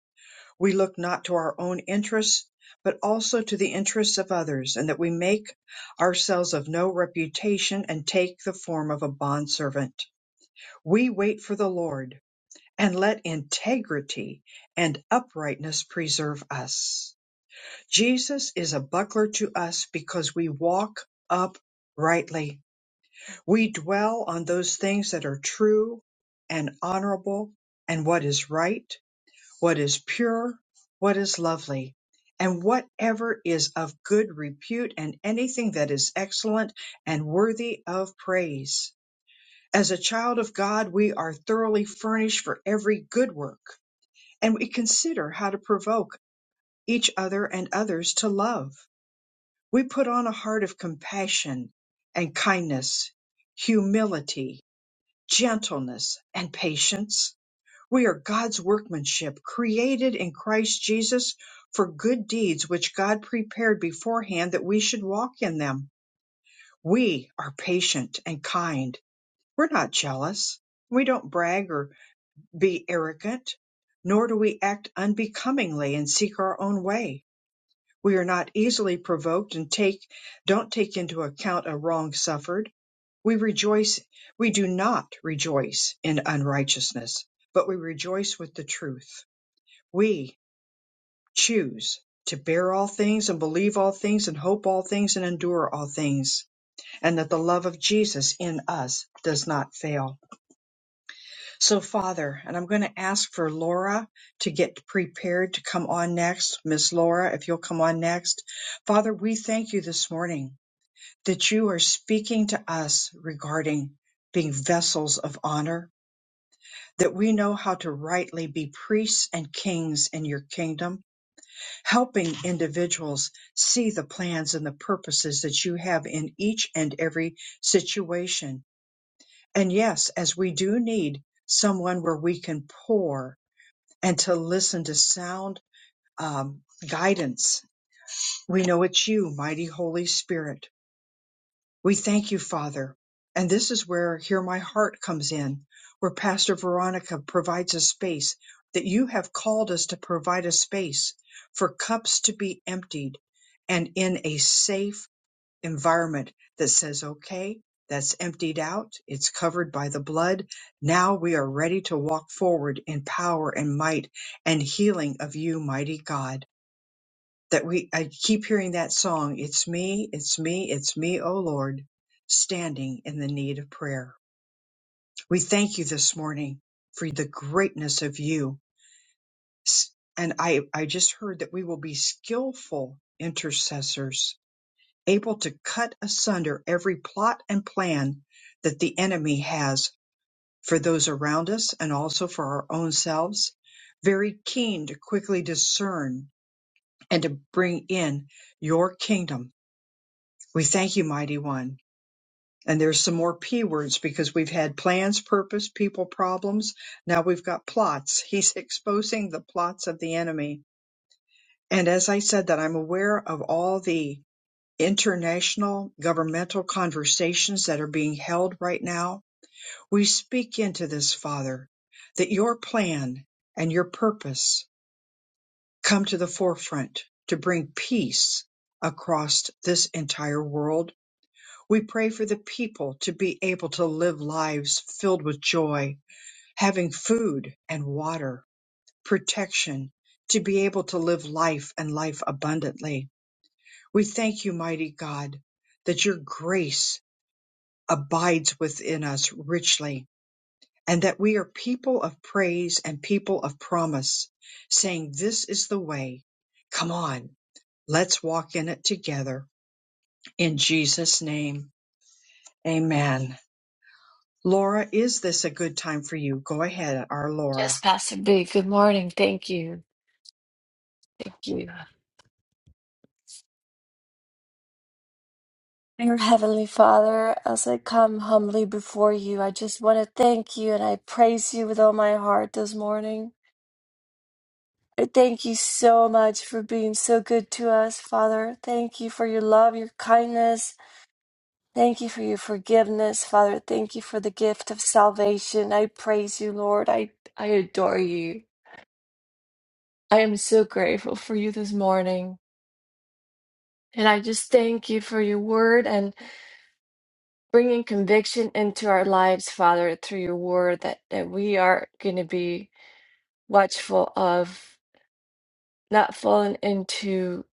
We look not to our own interests, but also to the interests of others, and that we make ourselves of no reputation and take the form of a bondservant. We wait for the Lord, and let integrity and uprightness preserve us. Jesus is a buckler to us because we walk uprightly. We dwell on those things that are true and honorable and what is right, what is pure, what is lovely, and whatever is of good repute and anything that is excellent and worthy of praise. As a child of God, we are thoroughly furnished for every good work, and we consider how to provoke each other and others to love. We put on a heart of compassion and kindness, humility, gentleness, and patience. We are God's workmanship, created in Christ Jesus for good deeds which God prepared beforehand that we should walk in them. We are patient and kind. We're not jealous. We don't brag or be arrogant, nor do we act unbecomingly and seek our own way we are not easily provoked and take don't take into account a wrong suffered. We rejoice we do not rejoice in unrighteousness, but we rejoice with the truth. We choose to bear all things and believe all things and hope all things and endure all things, and that the love of Jesus in us does not fail. So, Father, and I'm going to ask for Laura to get prepared to come on next. Miss Laura, if you'll come on next. Father, we thank you this morning that you are speaking to us regarding being vessels of honor, that we know how to rightly be priests and kings in your kingdom, helping individuals see the plans and the purposes that you have in each and every situation. And yes, as we do need someone where we can pour and to listen to sound um, guidance. We know it's you, mighty Holy Spirit. We thank you, Father. And this is where Hear My Heart comes in, where Pastor Veronica provides a space that you have called us to provide a space for cups to be emptied and in a safe environment that says, okay, that's emptied out. It's covered by the blood. Now we are ready to walk forward in power and might and healing of you, mighty God. That we, I keep hearing that song. It's me, it's me, it's me, O Lord, standing in the need of prayer. We thank you this morning for the greatness of you. S- And I, I just heard that we will be skillful intercessors able to cut asunder every plot and plan that the enemy has for those around us and also for our own selves, very keen to quickly discern and to bring in your kingdom. We thank you, mighty one. And there's some more P words because we've had plans, purpose, people, problems. Now we've got plots. He's exposing the plots of the enemy. And as I said, that I'm aware of all the international governmental conversations that are being held right now, we speak into this, Father, that your plan and your purpose come to the forefront to bring peace across this entire world. We pray for the people to be able to live lives filled with joy, having food and water, protection, to be able to live life and life abundantly. We thank you, mighty God, that your grace abides within us richly, and that we are people of praise and people of promise, saying, This is the way. Come on, let's walk in it together. In Jesus' name, amen. Laura, is this a good time for you? Go ahead, our Laura. Yes, Pastor B. Good morning. Thank you. Thank you. Dear Heavenly Father, as I come humbly before you, I just want to thank you and I praise you with all my heart this morning. I thank you so much for being so good to us, Father. Thank you for your love, your kindness. Thank you for your forgiveness, Father. Thank you for the gift of salvation. I praise you, Lord. I, I adore you. I am so grateful for you this morning. And I just thank you for your word bringing conviction into our lives, Father, through your word that, that we are going to be watchful of not falling into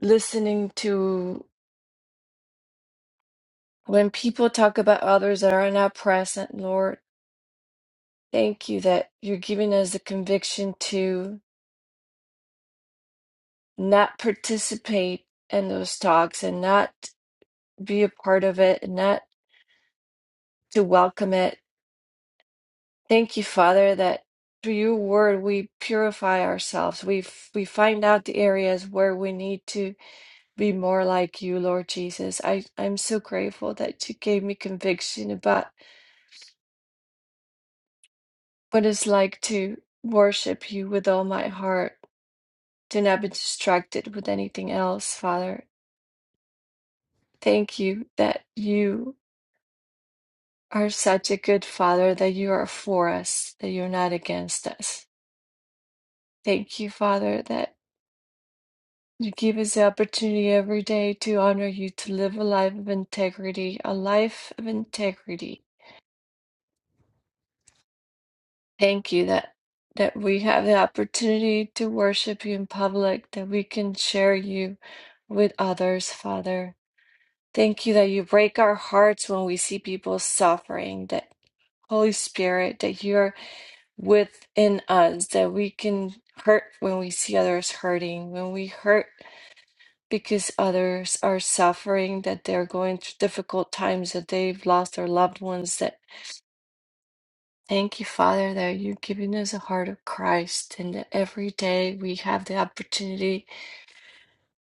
listening to when people talk about others that are not present, Lord. Thank you that you're giving us the conviction to not participate in those talks and not be a part of it and not to welcome it Thank you, Father, that through your word we purify ourselves. We f- we find out the areas where we need to be more like you, Lord Jesus. I I'm so grateful that you gave me conviction about what it's like to worship you with all my heart, to not be distracted with anything else, Father. Thank you that you are such a good Father, that you are for us, that you're not against us. Thank you, Father, that. You give us the opportunity every day to honor you, to live a life of integrity, a life of integrity. Thank you that that we have the opportunity to worship you in public, that we can share you with others, Father. Thank you that you break our hearts when we see people suffering, that Holy Spirit, that you're within us, that we can hurt when we see others hurting, when we hurt because others are suffering, that they're going through difficult times, that they've lost their loved ones. That thank you, Father, that you're giving us a heart of Christ, and that every day we have the opportunity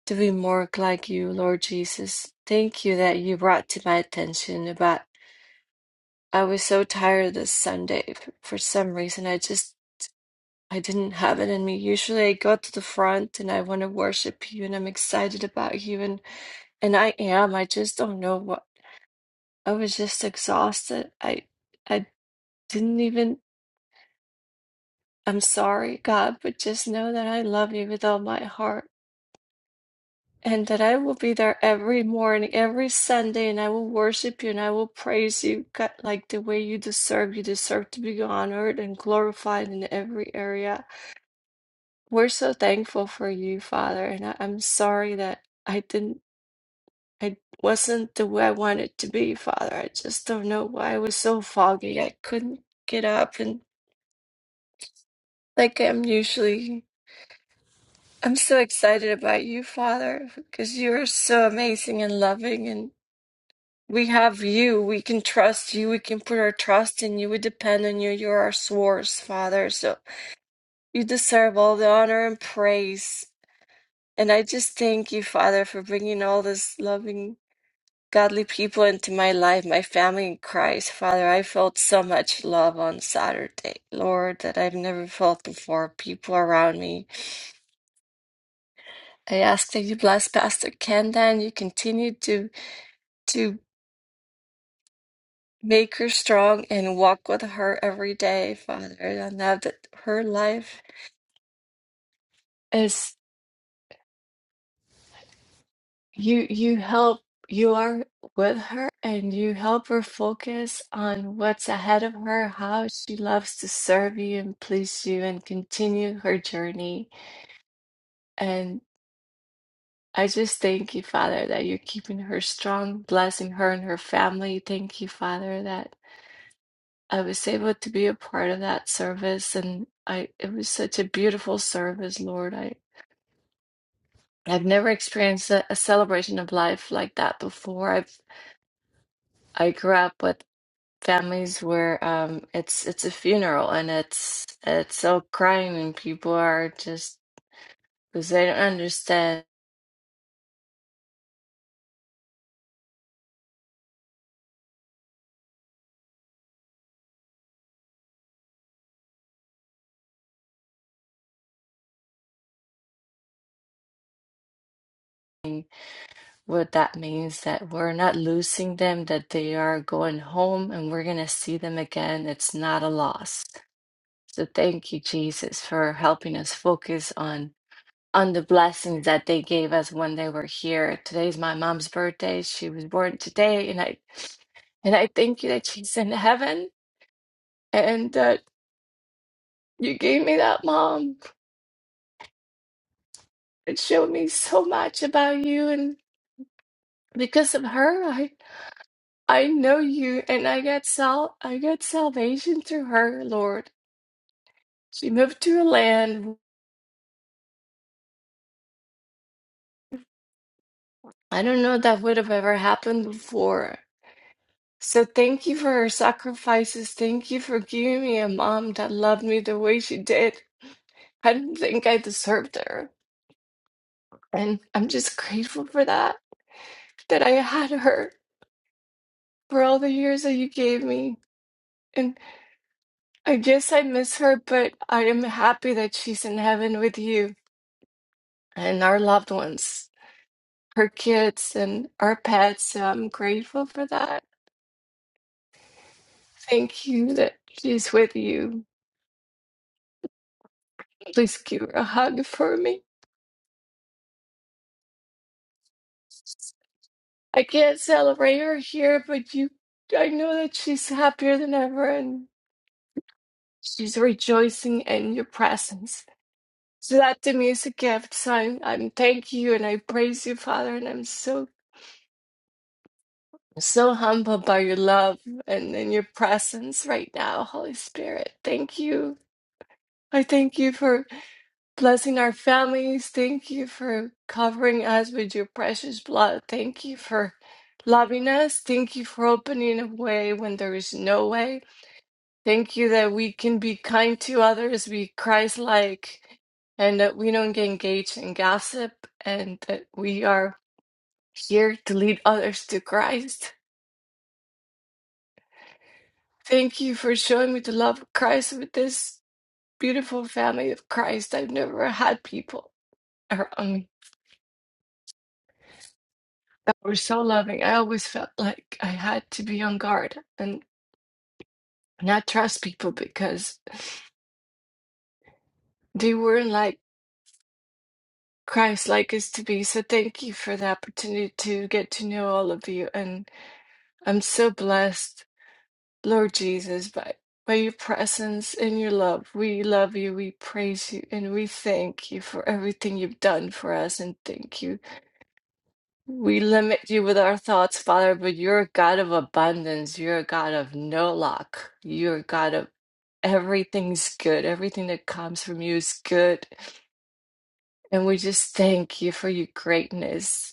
to be more like you, Lord Jesus. Thank you that you brought to my attention about I was so tired this Sunday f- for some reason. I just I didn't have it in me. Usually I go to the front and I want to worship you and I'm excited about you and and I am. I just don't know what. I was just exhausted. I I didn't even I'm sorry, God, but just know that I love you with all my heart and that I will be there every morning, every Sunday, and I will worship you and I will praise you God, like the way you deserve. You deserve to be honored and glorified in every area. We're so thankful for you, Father, and I, I'm sorry that I didn't I wasn't the way I wanted to be, Father. I just don't know why I was so foggy. I couldn't get up and Like I'm usually, I'm so excited about you, Father, because you are so amazing and loving, and we have you. We can trust you. We can put our trust in you. We depend on you. You're our source, Father. So you deserve all the honor and praise. And I just thank you, Father, for bringing all this loving, godly people into my life, my family in Christ, Father. I felt so much love on Saturday, Lord, that I've never felt before. People around me I ask that you bless Pastor Kenda and you continue to to make her strong and walk with her every day, Father. And now that her life is you you help you are with her and you help her focus on what's ahead of her, how she loves to serve you and please you and continue her journey. And I just thank you, Father, that you're keeping her strong, blessing her and her family. Thank you, Father, that I was able to be a part of that service and I it was such a beautiful service, Lord. I I've never experienced a, a celebration of life like that before. I've I grew up with families where um it's it's a funeral and it's it's so crying and people are just because they don't understand what that means that we're not losing them, that they are going home and we're gonna see them again. It's not a loss. So thank you, Jesus, for helping us focus on on the blessings that they gave us when they were here. Today's my mom's birthday. She was born today, and I and I thank you that she's in heaven and that you gave me that mom. It showed me so much about you, and because of her, I I know you, and I got sal I got salvation through her, Lord. She moved to a land I don't know that would have ever happened before So thank you for her sacrifices. Thank you for giving me a mom that loved me the way she did. I didn't think I deserved her. And I'm just grateful for that, that I had her for all the years that you gave me. And I guess I miss her, but I am happy that she's in heaven with you and our loved ones, her kids and our pets. So I'm grateful for that. Thank you that she's with you. Please give her a hug for me. I can't celebrate her here, but you, I know that she's happier than ever and she's rejoicing in your presence. So that to me is a gift. So I'm, I'm thank you and I praise you, Father, and I'm so, so humbled by your love and, and your presence right now, Holy Spirit. Thank you. I thank you for blessing our families. Thank you for covering us with your precious blood. Thank you for loving us. Thank you for opening a way when there is no way. Thank you that we can be kind to others, be Christ like, and that we don't get engaged in gossip, and that we are here to lead others to Christ. Thank you for showing me the love of Christ with this beautiful family of Christ. I've never had people around me that were so loving. I always felt like I had to be on guard and not trust people because they weren't like Christ-like is to be. So thank you for the opportunity to get to know all of you. And I'm so blessed, Lord Jesus, by, by your presence and your love. We love you, we praise you, and we thank you for everything you've done for us. And thank you. We limit you with our thoughts, Father, but you're a God of abundance. You're a God of no lack. You're a God of everything's good. Everything that comes from you is good. And we just thank you for your greatness.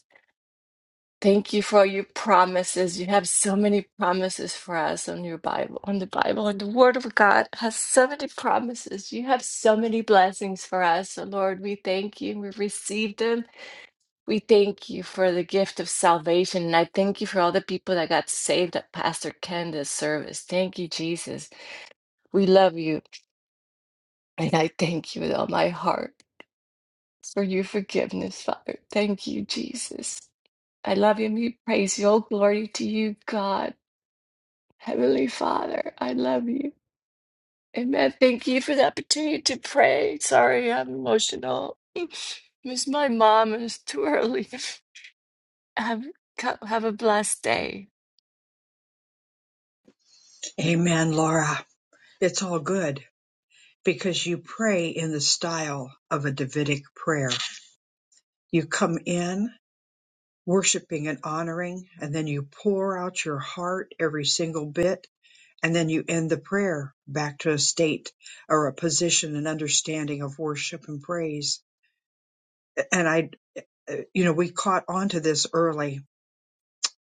Thank you for your promises. You have so many promises for us on your Bible, on the Bible, and the Word of God has so many promises. You have so many blessings for us. So, Lord, we thank you. We receive them. We thank you for the gift of salvation. And I thank you for all the people that got saved at Pastor Kenda's service. Thank you, Jesus. We love you. And I thank you with all my heart for your forgiveness, Father. Thank you, Jesus. I love you and we praise you. All glory to you, God. Heavenly Father, I love you. Amen. Thank you for the opportunity to pray. Sorry, I'm emotional. Miss my mom, and it's too early. Have have a blessed day. Amen, Laura. It's all good because you pray in the style of a Davidic prayer. You come in worshiping and honoring, and then you pour out your heart every single bit And then you end the prayer back to a state or a position and understanding of worship and praise. And I, uh, you know, we caught on to this early,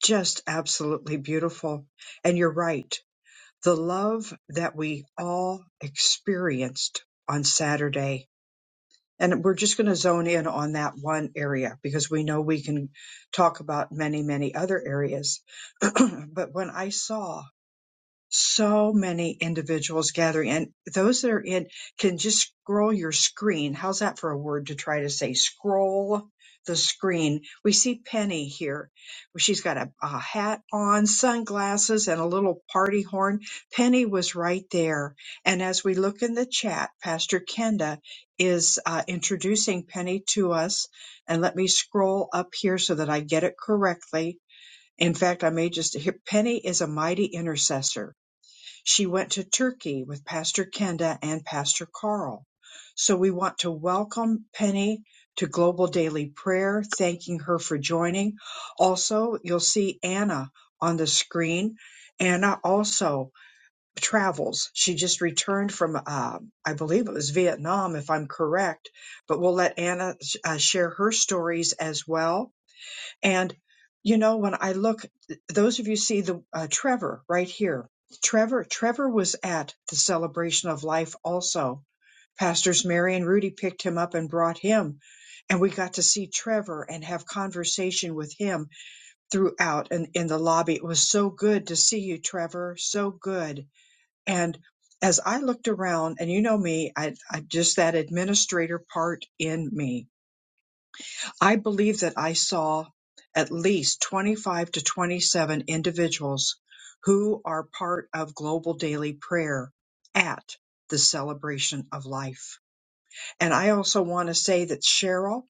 just absolutely beautiful. And you're right. The love that we all experienced on Saturday. And we're just going to zone in on that one area because we know we can talk about many, many other areas. but when I saw so many individuals gathering and those that are in can just scroll your screen how's that for a word to try to say scroll the screen we see penny here she's got a, a hat on sunglasses and a little party horn penny was right there and as we look in the chat pastor kenda is uh, introducing penny to us and let me scroll up here so that i get it correctly in fact i may just hit penny is a mighty intercessor she went to Turkey with Pastor Kenda and Pastor Carl. So we want to welcome Penny to Global Daily Prayer, thanking her for joining. Also, you'll see Anna on the screen. Anna also travels. She just returned from, uh, I believe it was Vietnam, if I'm correct, but we'll let Anna uh, share her stories as well and you know, when I look, those of you see the uh, Trevor right here. Trevor, Trevor was at the celebration of life also. Pastors Mary and Rudy picked him up and brought him, and we got to see Trevor and have conversation with him throughout and in the lobby. It was so good to see you, Trevor. So good. And as I looked around, and you know me, I, I just that administrator part in me I believe that I saw at least 25 to 27 individuals who are part of global daily prayer at the celebration of life. And I also want to say that Cheryl,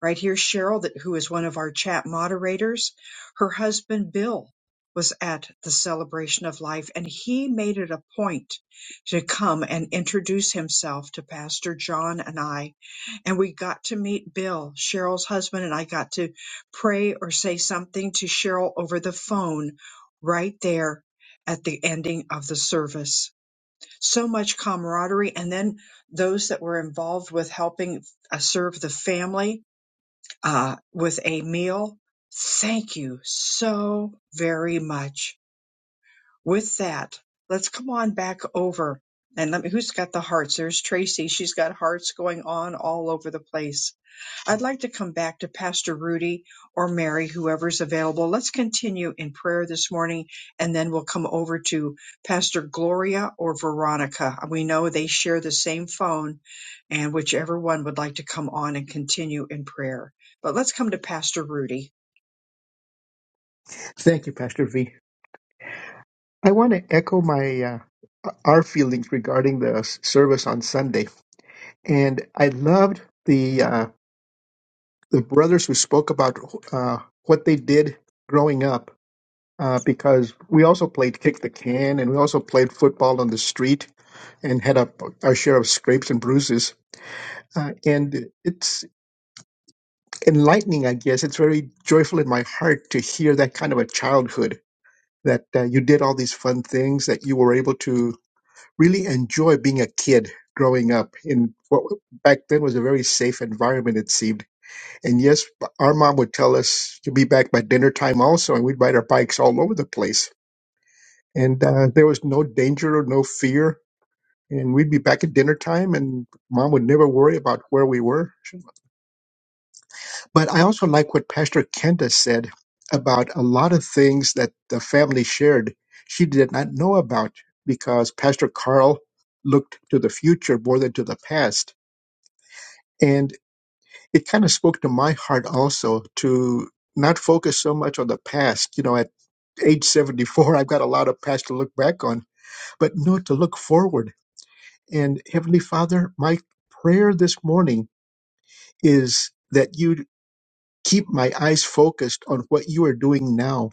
right here, Cheryl, that who is one of our chat moderators, her husband Bill was at the celebration of life and he made it a point to come and introduce himself to Pastor John and I. And we got to meet Bill, Cheryl's husband, and I got to pray or say something to Cheryl over the phone right there at the ending of the service so much camaraderie. And then those that were involved with helping uh, serve the family uh, with a meal. Thank you so very much. With that, let's come on back over and let me, who's got the hearts? There's Tracy. She's got hearts going on all over the place. I'd like to come back to Pastor Rudy or Mary, whoever's available. Let's continue in prayer this morning, and then we'll come over to Pastor Gloria or Veronica. We know they share the same phone, and whichever one would like to come on and continue in prayer. But let's come to Pastor Rudy. Thank you, Pastor V. I want to echo my uh, our feelings regarding the s- service on Sunday, and I loved the uh, the brothers who spoke about uh, what they did growing up. Uh, because we also played kick the can and we also played football on the street and had a, our share of scrapes and bruises. Uh, and it's enlightening, I guess. It's very joyful in my heart to hear that kind of a childhood that uh, you did all these fun things, that you were able to really enjoy being a kid growing up in what back then was a very safe environment, it seemed. And yes, our mom would tell us to be back by dinner time also, and we'd ride our bikes all over the place. And uh, there was no danger or no fear and we'd be back at dinner time and mom would never worry about where we were but i also like what pastor kenda said about a lot of things that the family shared she did not know about because pastor carl looked to the future more than to the past and it kind of spoke to my heart also to not focus so much on the past you know at age 74 i've got a lot of past to look back on but no to look forward and heavenly father my prayer this morning is that you keep my eyes focused on what you are doing now,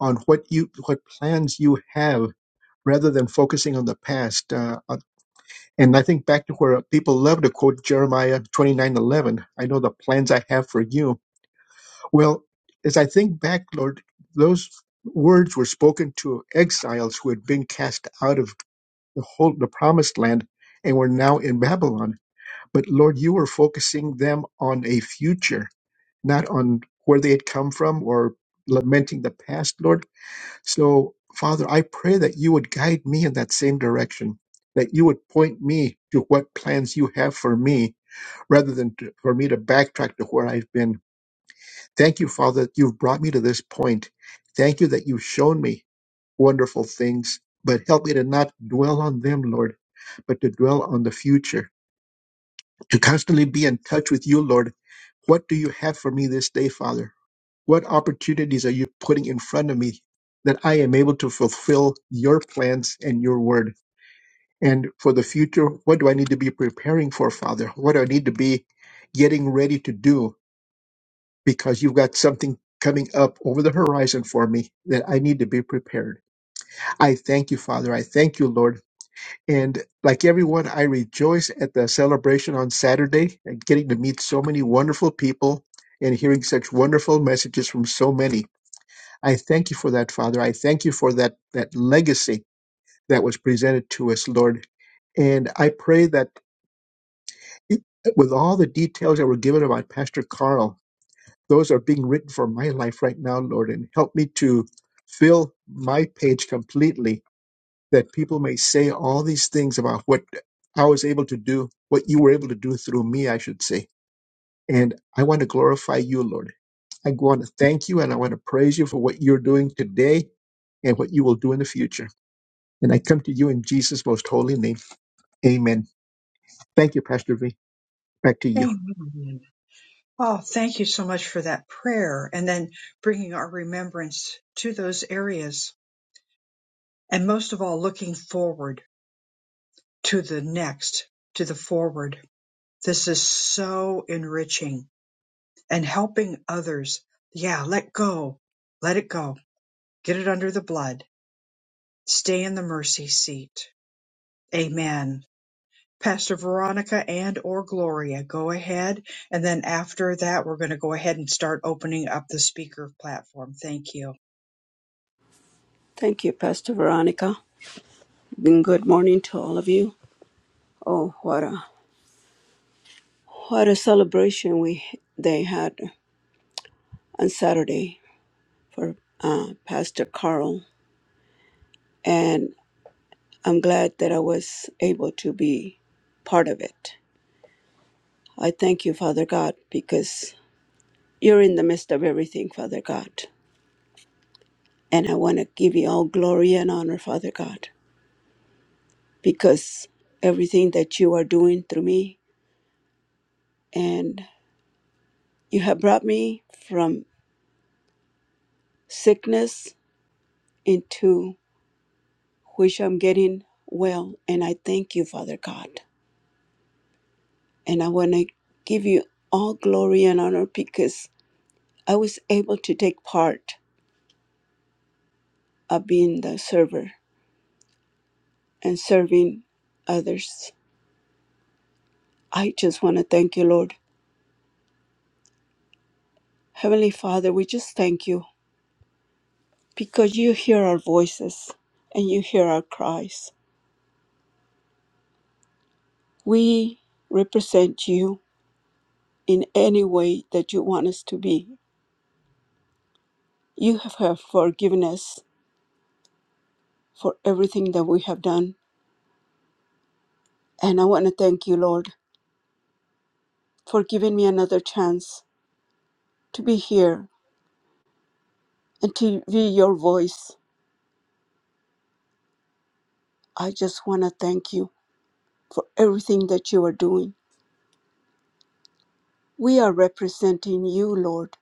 on what you what plans you have, rather than focusing on the past. Uh, uh, and I think back to where people love to quote Jeremiah twenty nine eleven. I know the plans I have for you. Well, as I think back, Lord, those words were spoken to exiles who had been cast out of the whole the promised land and were now in Babylon. But Lord, you were focusing them on a future not on where they had come from or lamenting the past, Lord. So, Father, I pray that you would guide me in that same direction, that you would point me to what plans you have for me rather than to, for me to backtrack to where I've been. Thank you, Father, that you've brought me to this point. Thank you that you've shown me wonderful things, but help me to not dwell on them, Lord, but to dwell on the future, to constantly be in touch with you, Lord. What do you have for me this day, Father? What opportunities are you putting in front of me that I am able to fulfill your plans and your word? And for the future, what do I need to be preparing for, Father? What do I need to be getting ready to do? Because you've got something coming up over the horizon for me that I need to be prepared. I thank you, Father. I thank you, Lord. And like everyone, I rejoice at the celebration on Saturday and getting to meet so many wonderful people and hearing such wonderful messages from so many. I thank you for that, Father. I thank you for that that legacy that was presented to us, Lord. And I pray that it, with all the details that were given about Pastor Carl, those are being written for my life right now, Lord, and help me to fill my page completely that people may say all these things about what I was able to do, what you were able to do through me, I should say. And I want to glorify you, Lord. I want to thank you and I want to praise you for what you're doing today and what you will do in the future. And I come to you in Jesus' most holy name. Amen. Thank you, Pastor V. Back to you. Amen. Oh, thank you so much for that prayer, and then bringing our remembrance to those areas. And most of all, looking forward to the next, to the forward. This is so enriching and helping others. Yeah, let go. Let it go. Get it under the blood. Stay in the mercy seat. Amen. Pastor Veronica and or Gloria, go ahead. And then after that, we're going to go ahead and start opening up the speaker platform. Thank you. Thank you, Pastor Veronica. And good morning to all of you. Oh, what a what a celebration we they had on Saturday for uh, Pastor Carl. and I'm glad that I was able to be part of it. I thank you, Father God, because you're in the midst of everything, Father God. And I want to give you all glory and honor, Father God, because everything that you are doing through me, and you have brought me from sickness into which I'm getting well. And I thank you, Father God. And I want to give you all glory and honor because I was able to take part of being the server and serving others. I just want to thank you, Lord. Heavenly Father, we just thank you because you hear our voices and you hear our cries. We represent you in any way that you want us to be. You have have forgiven us for everything that we have done. And I want to thank you, Lord, for giving me another chance to be here and to be your voice. I just want to thank you for everything that you are doing. We are representing you, Lord.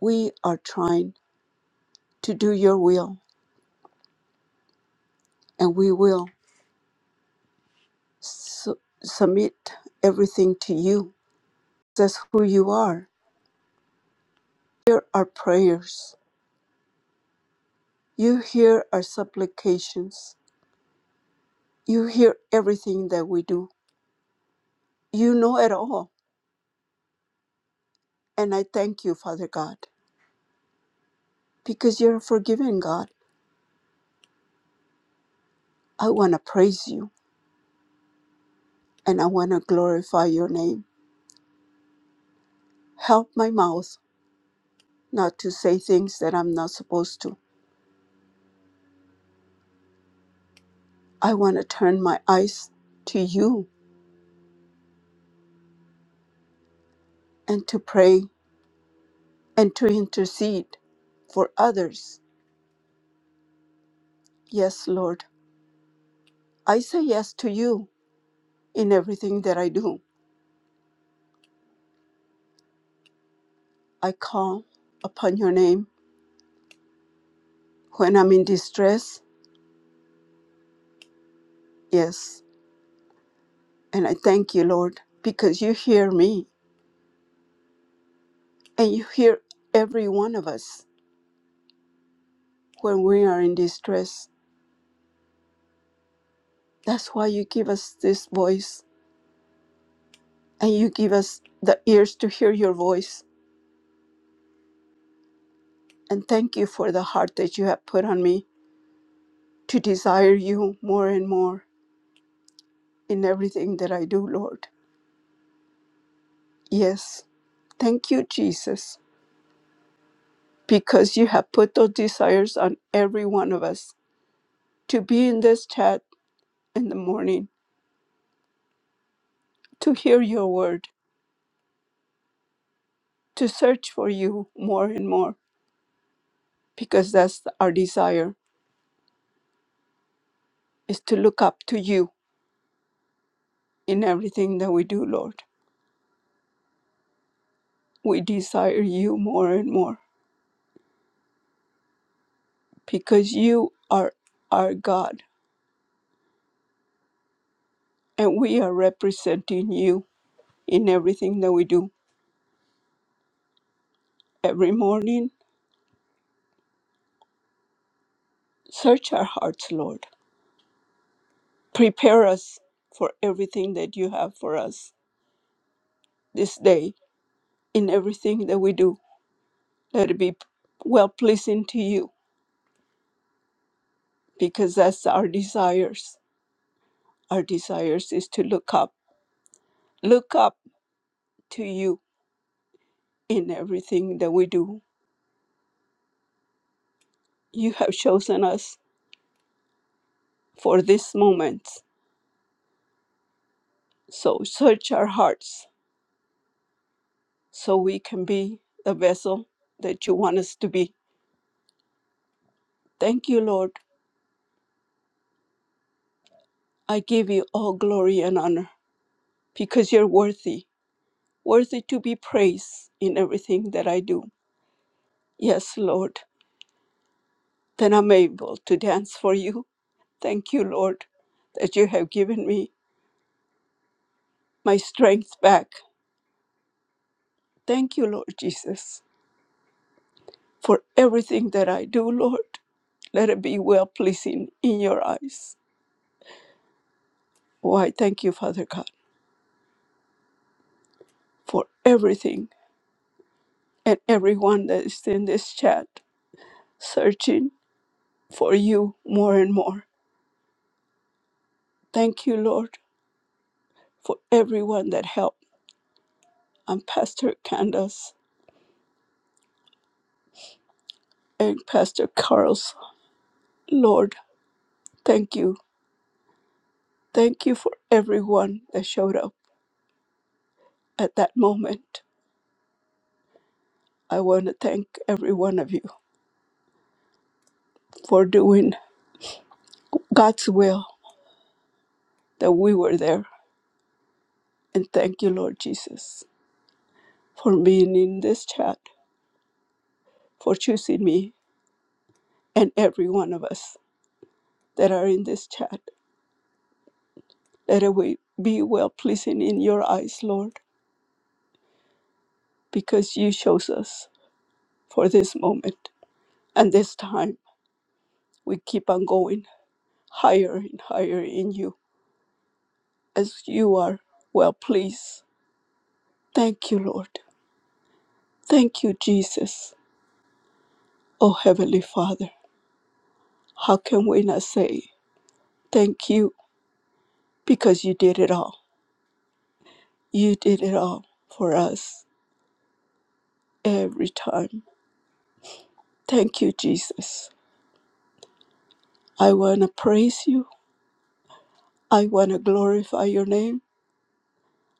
We are trying to do your will, and we will su- submit everything to you. That's who you are. Hear our prayers. You hear our supplications. You hear everything that we do. You know it all. And I thank you, Father God, because you're a forgiving God. I want to praise you and I want to glorify your name. Help my mouth not to say things that I'm not supposed to I want to turn my eyes to you and to pray and to intercede for others. Yes, Lord, I say yes to you in everything that I do. I call upon your name when I'm in distress. Yes, and I thank you, Lord, because you hear me and you hear every one of us when we are in distress. That's why you give us this voice and you give us the ears to hear your voice And thank you for the heart that you have put on me to desire you more and more in everything that I do, Lord. Yes, thank you, Jesus, because you have put those desires on every one of us to be in this chat in the morning, to hear your word, to search for you more and more, because that's our desire is to look up to you in everything that we do, Lord. We desire you more and more because you are our God and we are representing you in everything that we do every morning. Search our hearts, Lord. Prepare us for everything that you have for us this day in everything that we do. Let it be well pleasing to you because that's our desires. Our desires is to look up, look up to you in everything that we do. You have chosen us for this moment. So search our hearts so we can be the vessel that you want us to be. Thank you, Lord. I give you all glory and honor because you're worthy, worthy to be praised in everything that I do. Yes, Lord, then I'm able to dance for you. Thank you, Lord, that you have given me my strength back. Thank you, Lord Jesus, for everything that I do, Lord. Let it be well pleasing in your eyes. Oh, I thank you, Father God, for everything and everyone that is in this chat searching for you more and more. Thank you, Lord, for everyone that helped. I'm Pastor Candace and Pastor Carl's. Lord, thank you. Thank you for everyone that showed up at that moment. I want to thank every one of you for doing God's will that we were there. And thank you, Lord Jesus, for being in this chat, for choosing me and every one of us that are in this chat Let it will be well pleasing in your eyes, Lord, because you chose us for this moment. And this time we keep on going higher and higher in you as you are well pleased. Thank you, Lord. Thank you, Jesus. Oh, Heavenly Father, how can we not say thank you because you did it all? You did it all for us every time. Thank you, Jesus. I want to praise you. I want to glorify your name.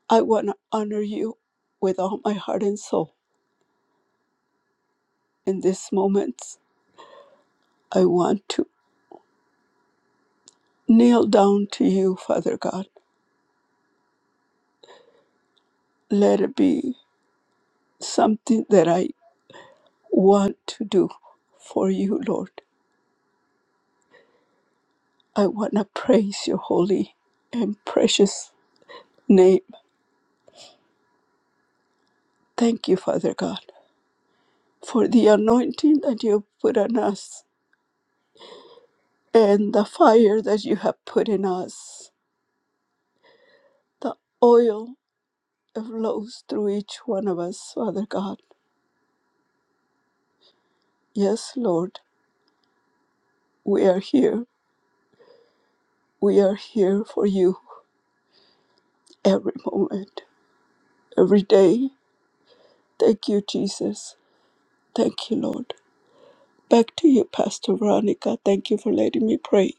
I want to honor you with all my heart and soul. In this moment, I want to kneel down to you, Father God. Let it be something that I want to do for you, Lord. I want to praise your holy and precious name. Thank you, Father God, for the anointing that you have put on us and the fire that you have put in us. The oil that flows through each one of us, Father God Yes, Lord, we are here. We are here for you every moment, every day. Thank you, Jesus. Thank you, Lord. Back to you, Pastor Veronica. Thank you for letting me pray.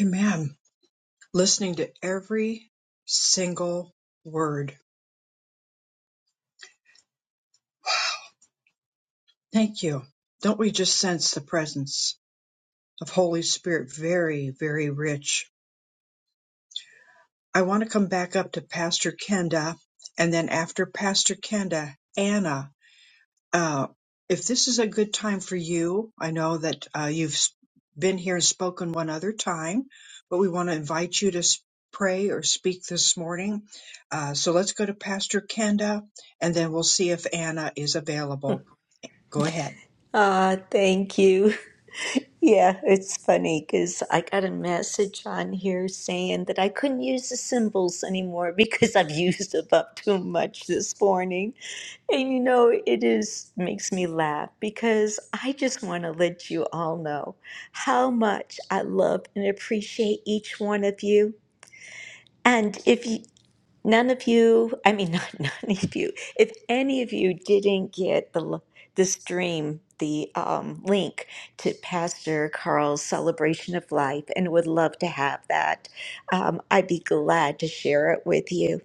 Amen. Listening to every single word. Thank you. Don't we just sense the presence of Holy Spirit very, very rich? I want to come back up to Pastor Kenda, and then after Pastor Kenda, Anna. Uh, if this is a good time for you, I know that uh, you've s- been here and spoken one other time, but we want to invite you to s- pray or speak this morning. Uh, so let's go to Pastor Kenda, and then we'll see if Anna is available. Go ahead. Ah, thank you. Yeah, it's funny because I got a message on here saying that I couldn't use the symbols anymore because I've used them up too much this morning. And you know, it is makes me laugh because I just want to let you all know how much I love and appreciate each one of you. And if you None of you, I mean, not none of you, if any of you didn't get the, l- the stream, the um, link to Pastor Carl's celebration of life and would love to have that, um, I'd be glad to share it with you.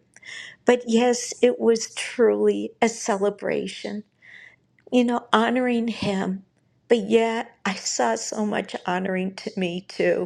But yes, it was truly a celebration, you know, honoring him. But yet, I saw so much honoring to me too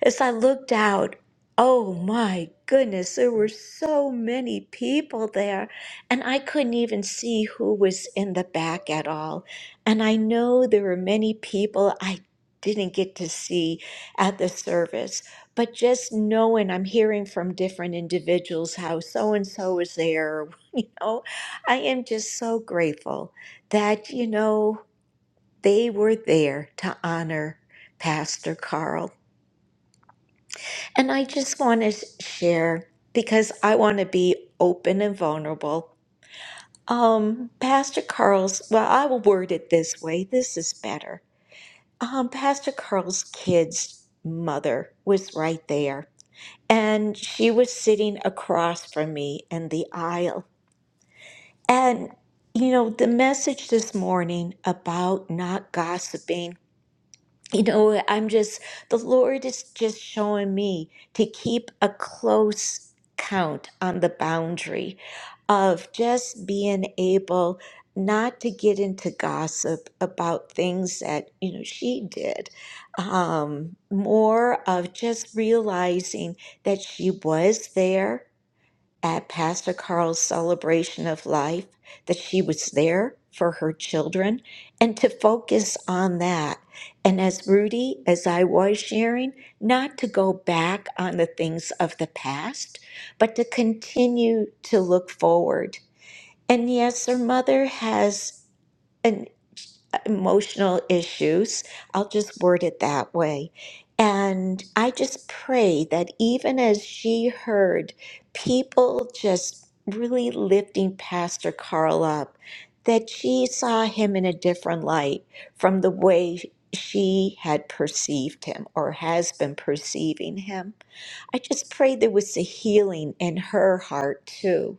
as I looked out, oh my goodness, there were so many people there, and I couldn't even see who was in the back at all. And I know there were many people I didn't get to see at the service, but just knowing I'm hearing from different individuals how so and so is there, you know, I am just so grateful that, you know, they were there to honor Pastor Carl. And I just want to share because I want to be open and vulnerable. Um, Pastor Carl's, well, I will word it this way. This is better. Um, Pastor Carl's kid's mother was right there, and she was sitting across from me in the aisle. And, you know, the message this morning about not gossiping you know, I'm just, the Lord is just showing me to keep a close count on the boundary of just being able not to get into gossip about things that, you know, she did. Um, more of just realizing that she was there at Pastor Carl's celebration of life that she was there for her children and to focus on that. And as Rudy, as I was sharing, not to go back on the things of the past, but to continue to look forward. And yes, her mother has. an emotional issues. I'll just word it that way. And I just pray that even as she heard people just really lifting Pastor Carl up, that she saw him in a different light from the way she had perceived him or has been perceiving him. I just pray there was a healing in her heart too,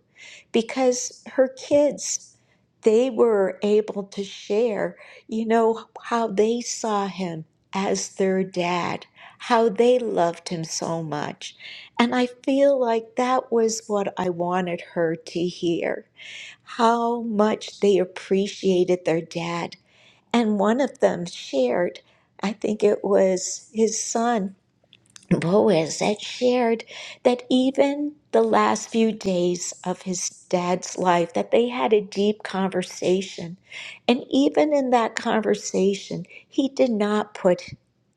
because her kids, they were able to share, you know, how they saw him as their dad, how they loved him so much. And I feel like that was what I wanted her to hear how much they appreciated their dad. And one of them shared, I think it was his son Boaz had shared that even the last few days of his dad's life that they had a deep conversation and even in that conversation he did not put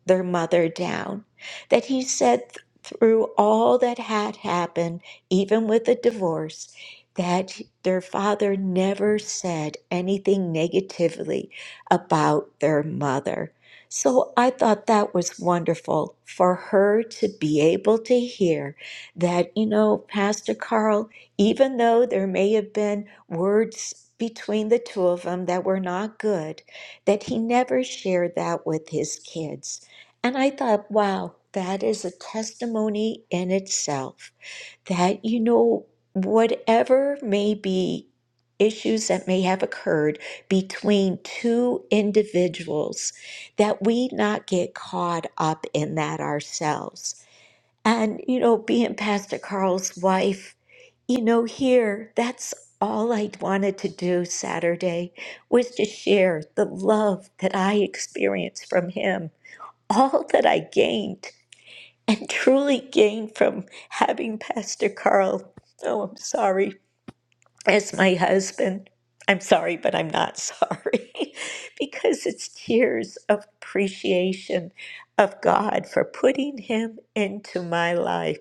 their mother down that he said th- through all that had happened even with the divorce that their father never said anything negatively about their mother so I thought that was wonderful for her to be able to hear that, you know, Pastor Carl, even though there may have been words between the two of them that were not good, that he never shared that with his kids. And I thought, wow, that is a testimony in itself that you know whatever may be issues that may have occurred between two individuals that we not get caught up in that ourselves and you know being pastor carl's wife you know here that's all i wanted to do saturday was to share the love that i experienced from him all that i gained and truly gained from having Pastor Carl. Oh, I'm sorry, as my husband. I'm sorry, but I'm not sorry because it's tears of appreciation of God for putting him into my life.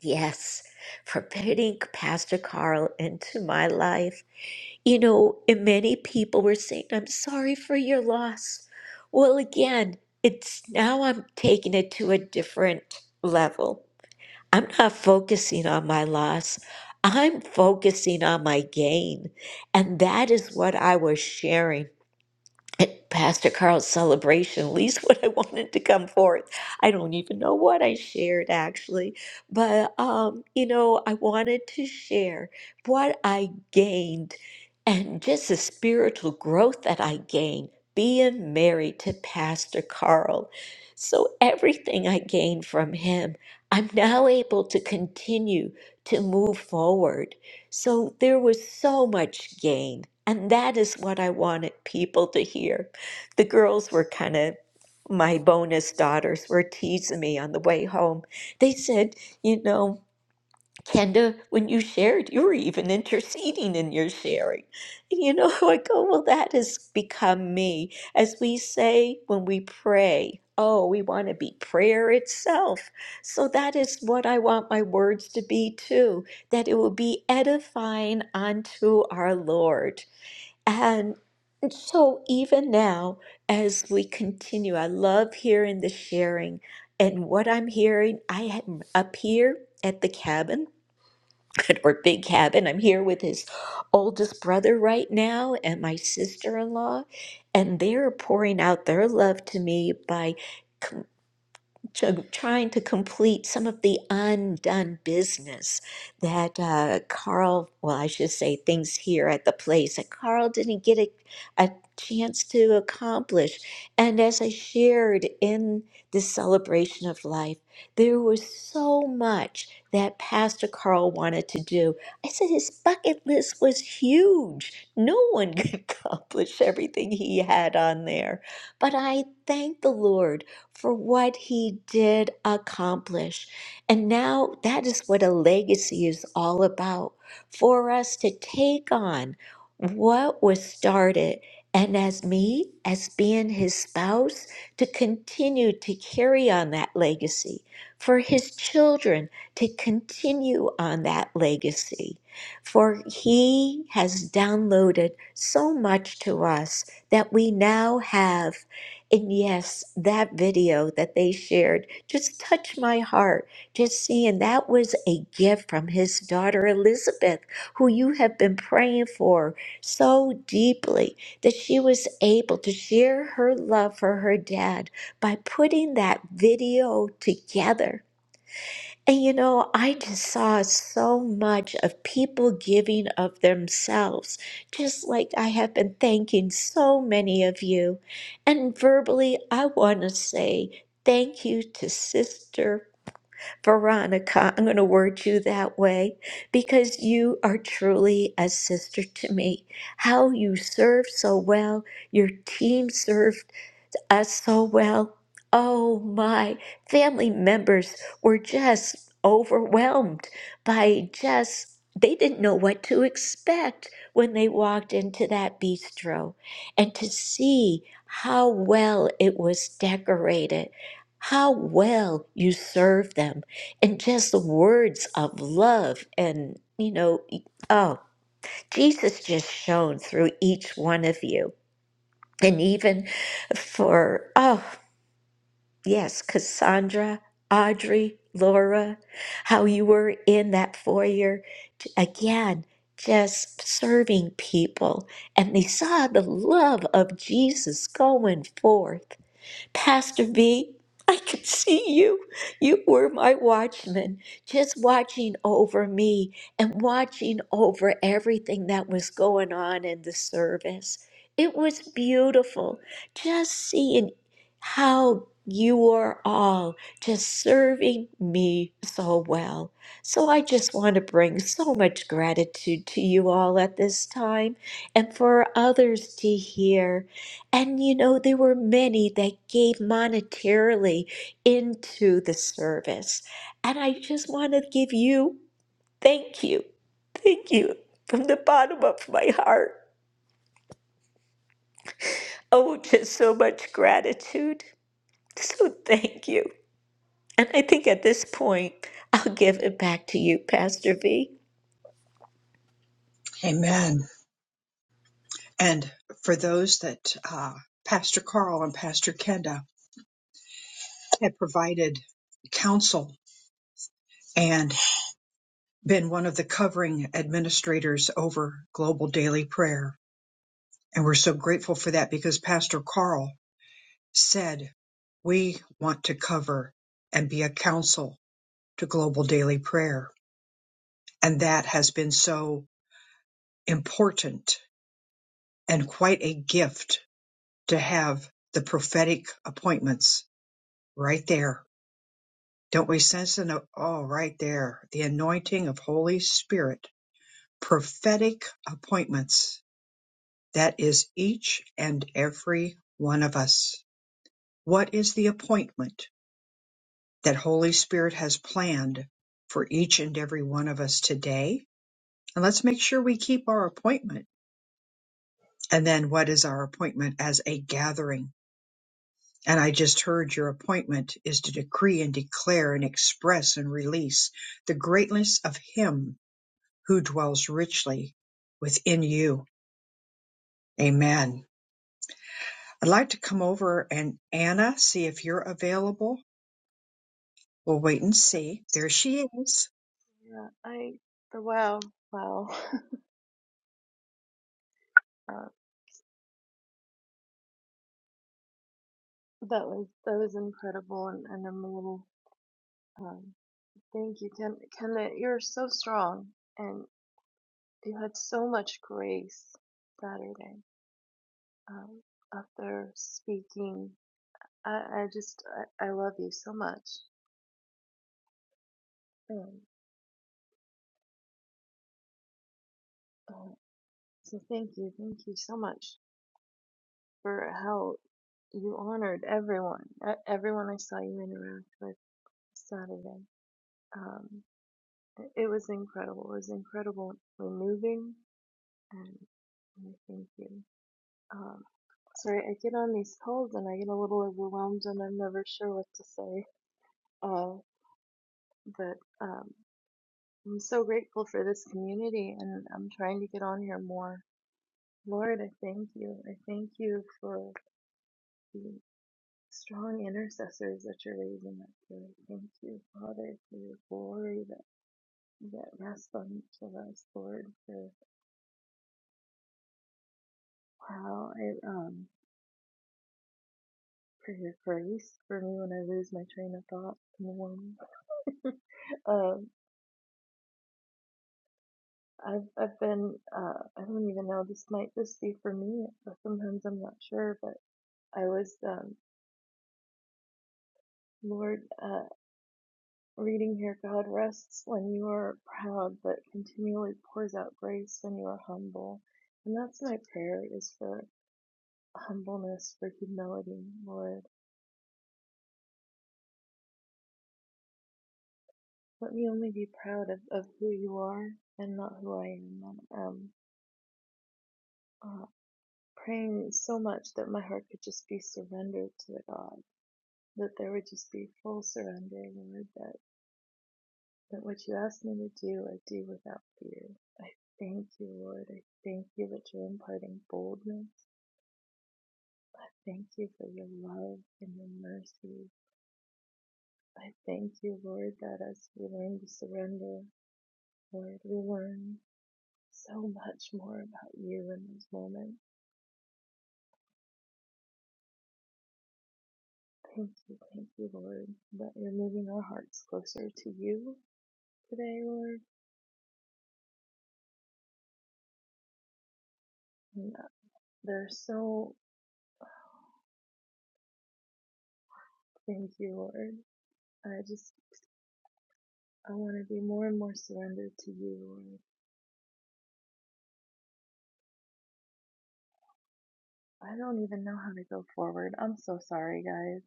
Yes, for putting Pastor Carl into my life. You know, and many people were saying, I'm sorry for your loss. Well, again, it's now I'm taking it to a different level. I'm not focusing on my loss, I'm focusing on my gain. And that is what I was sharing at Pastor Carl's celebration, at least what I wanted to come forth. I don't even know what I shared actually, but um, you know, I wanted to share what I gained and just the spiritual growth that I gained being married to Pastor Carl. So everything I gained from him, I'm now able to continue to move forward so there was so much gain. And that is what I wanted people to hear. The girls were kind of, my bonus daughters were teasing me on the way home. They said, you know, Kenda, when you shared, you were even interceding in your sharing. And you know, I go, well, that has become me. As we say when we pray, oh, we want to be prayer itself. So that is what I want my words to be too, that it will be edifying unto our Lord. And so even now, as we continue, I love hearing the sharing. And what I'm hearing, I am up here at the cabin or Big Cabin. I'm here with his oldest brother right now and my sister in law, and they're pouring out their love to me by to trying to complete some of the undone business that uh, Carl, well, I should say things here at the place that Carl didn't get a, a chance to accomplish. And as I shared in this celebration of life, there was so much that Pastor Carl wanted to do. I said his bucket list was huge. No one could accomplish everything he had on there. But I thank the Lord for what he did accomplish. And now that is what a legacy is all about for us to take on what was started. And as me, as being his spouse, to continue to carry on that legacy, for his children to continue on that legacy. For he has downloaded so much to us that we now have. And yes, that video that they shared just touched my heart. Just seeing that was a gift from his daughter Elizabeth, who you have been praying for so deeply, that she was able to share her love for her dad by putting that video together. And you know, I just saw so much of people giving of themselves, just like I have been thanking so many of you. And verbally, I want to say thank you to Sister Veronica. I'm going to word you that way because you are truly a sister to me. How you serve so well, your team serves us so well. Oh my, family members were just overwhelmed by just, they didn't know what to expect when they walked into that bistro. And to see how well it was decorated, how well you served them, and just the words of love and, you know, e, oh, Jesus just shone through each one of you. And even for, oh, Yes, Cassandra, Audrey, Laura, how you were in that foyer t- again, just serving people. And they saw the love of Jesus going forth. Pastor V, I could see you. You were my watchman, just watching over me and watching over everything that was going on in the service. It was beautiful just seeing how you were all just serving me so well. So I just want to bring so much gratitude to you all at this time and for others to hear. And you know, there were many that gave monetarily into the service. And I just want to give you thank you. Thank you from the bottom of my heart. Oh, just so much gratitude. So thank you. And I think at this point, I'll give it back to you, Pastor V. Amen. And for those that uh, Pastor Carl and Pastor Kenda have provided counsel and. been one of the covering administrators over Global Daily Prayer. And we're so grateful for that because Pastor Carl said, We want to cover and be a counsel to Global Daily Prayer. And that has been so important and quite a gift to have the prophetic appointments right there. Don't we sense an oh, right there, the anointing of Holy Spirit, prophetic appointments That is each and every one of us. What is the appointment that Holy Spirit has planned for each and every one of us today? And let's make sure we keep our appointment. And then what is our appointment as a gathering? And I just heard your appointment is to decree and declare and express and release the greatness of Him who dwells richly within you. Amen. I'd like to come over and Anna, see if you're available. We'll wait and see. There she is. Yeah, I the wow, wow. Uh, that was that was incredible and, and memorable. Um, thank you, Ken. Kenneth, you're so strong and you had so much grace Saturday. Um, after speaking, I, I just I, I love you so much. And uh, so thank you, thank you so much for how you honored everyone, e- everyone I saw you interact with Saturday. um, It was incredible. It was incredible, moving, and and thank you. Um, sorry, I get on these calls and I get a little overwhelmed and I'm never sure what to say. Uh, but um, I'm so grateful for this community and I'm trying to get on here more. Lord, I thank you. I thank you for the strong intercessors that you're raising up here. I Thank you, Father, for your glory that, that rests on each of us, Lord, for how it um, for your grace for me when I lose my train of thought in the morning. um, I've I've been uh, I don't even know this might just be for me, but sometimes I'm not sure. But I was um, Lord uh, reading here. God rests when you are proud, but continually pours out grace when you are humble. And that's my prayer is for humbleness, for humility, Lord. Let me only be proud of, of who you are and not who I am. Um, uh, praying so much that my heart could just be surrendered to the God, that there would just be full surrender, Lord, that, that what you ask me to do, I do without fear. I thank you, Lord. I thank you that you're imparting boldness. I thank you for your love and your mercy. I thank you, Lord, that as we learn to surrender, Lord, we learn so much more about you in this moment. Thank you, thank you, Lord, that you're moving our hearts closer to you today, Lord. And uh, there are so, thank you, Lord. I just, I want to be more and more surrendered to you, Lord. I don't even know how to go forward. I'm so sorry, guys.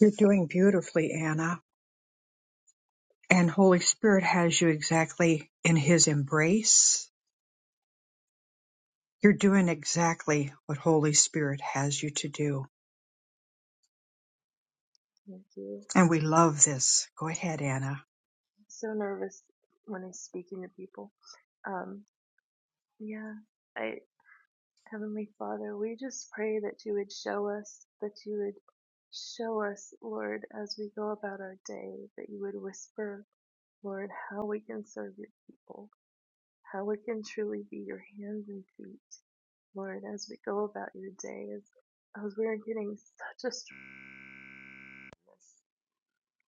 You're doing beautifully, Anna. And Holy Spirit has you exactly in His embrace. You're doing exactly what Holy Spirit has you to do. Thank you. And we love this. Go ahead, Anna. I'm so nervous when I'm speaking to people. Um, yeah, I, Heavenly Father, we just pray that you would show us, that you would show us, Lord, as we go about our day, that you would whisper, Lord, how we can serve your people. how we can truly be your hands and feet, Lord, as we go about your day, as, as we're getting such a strongness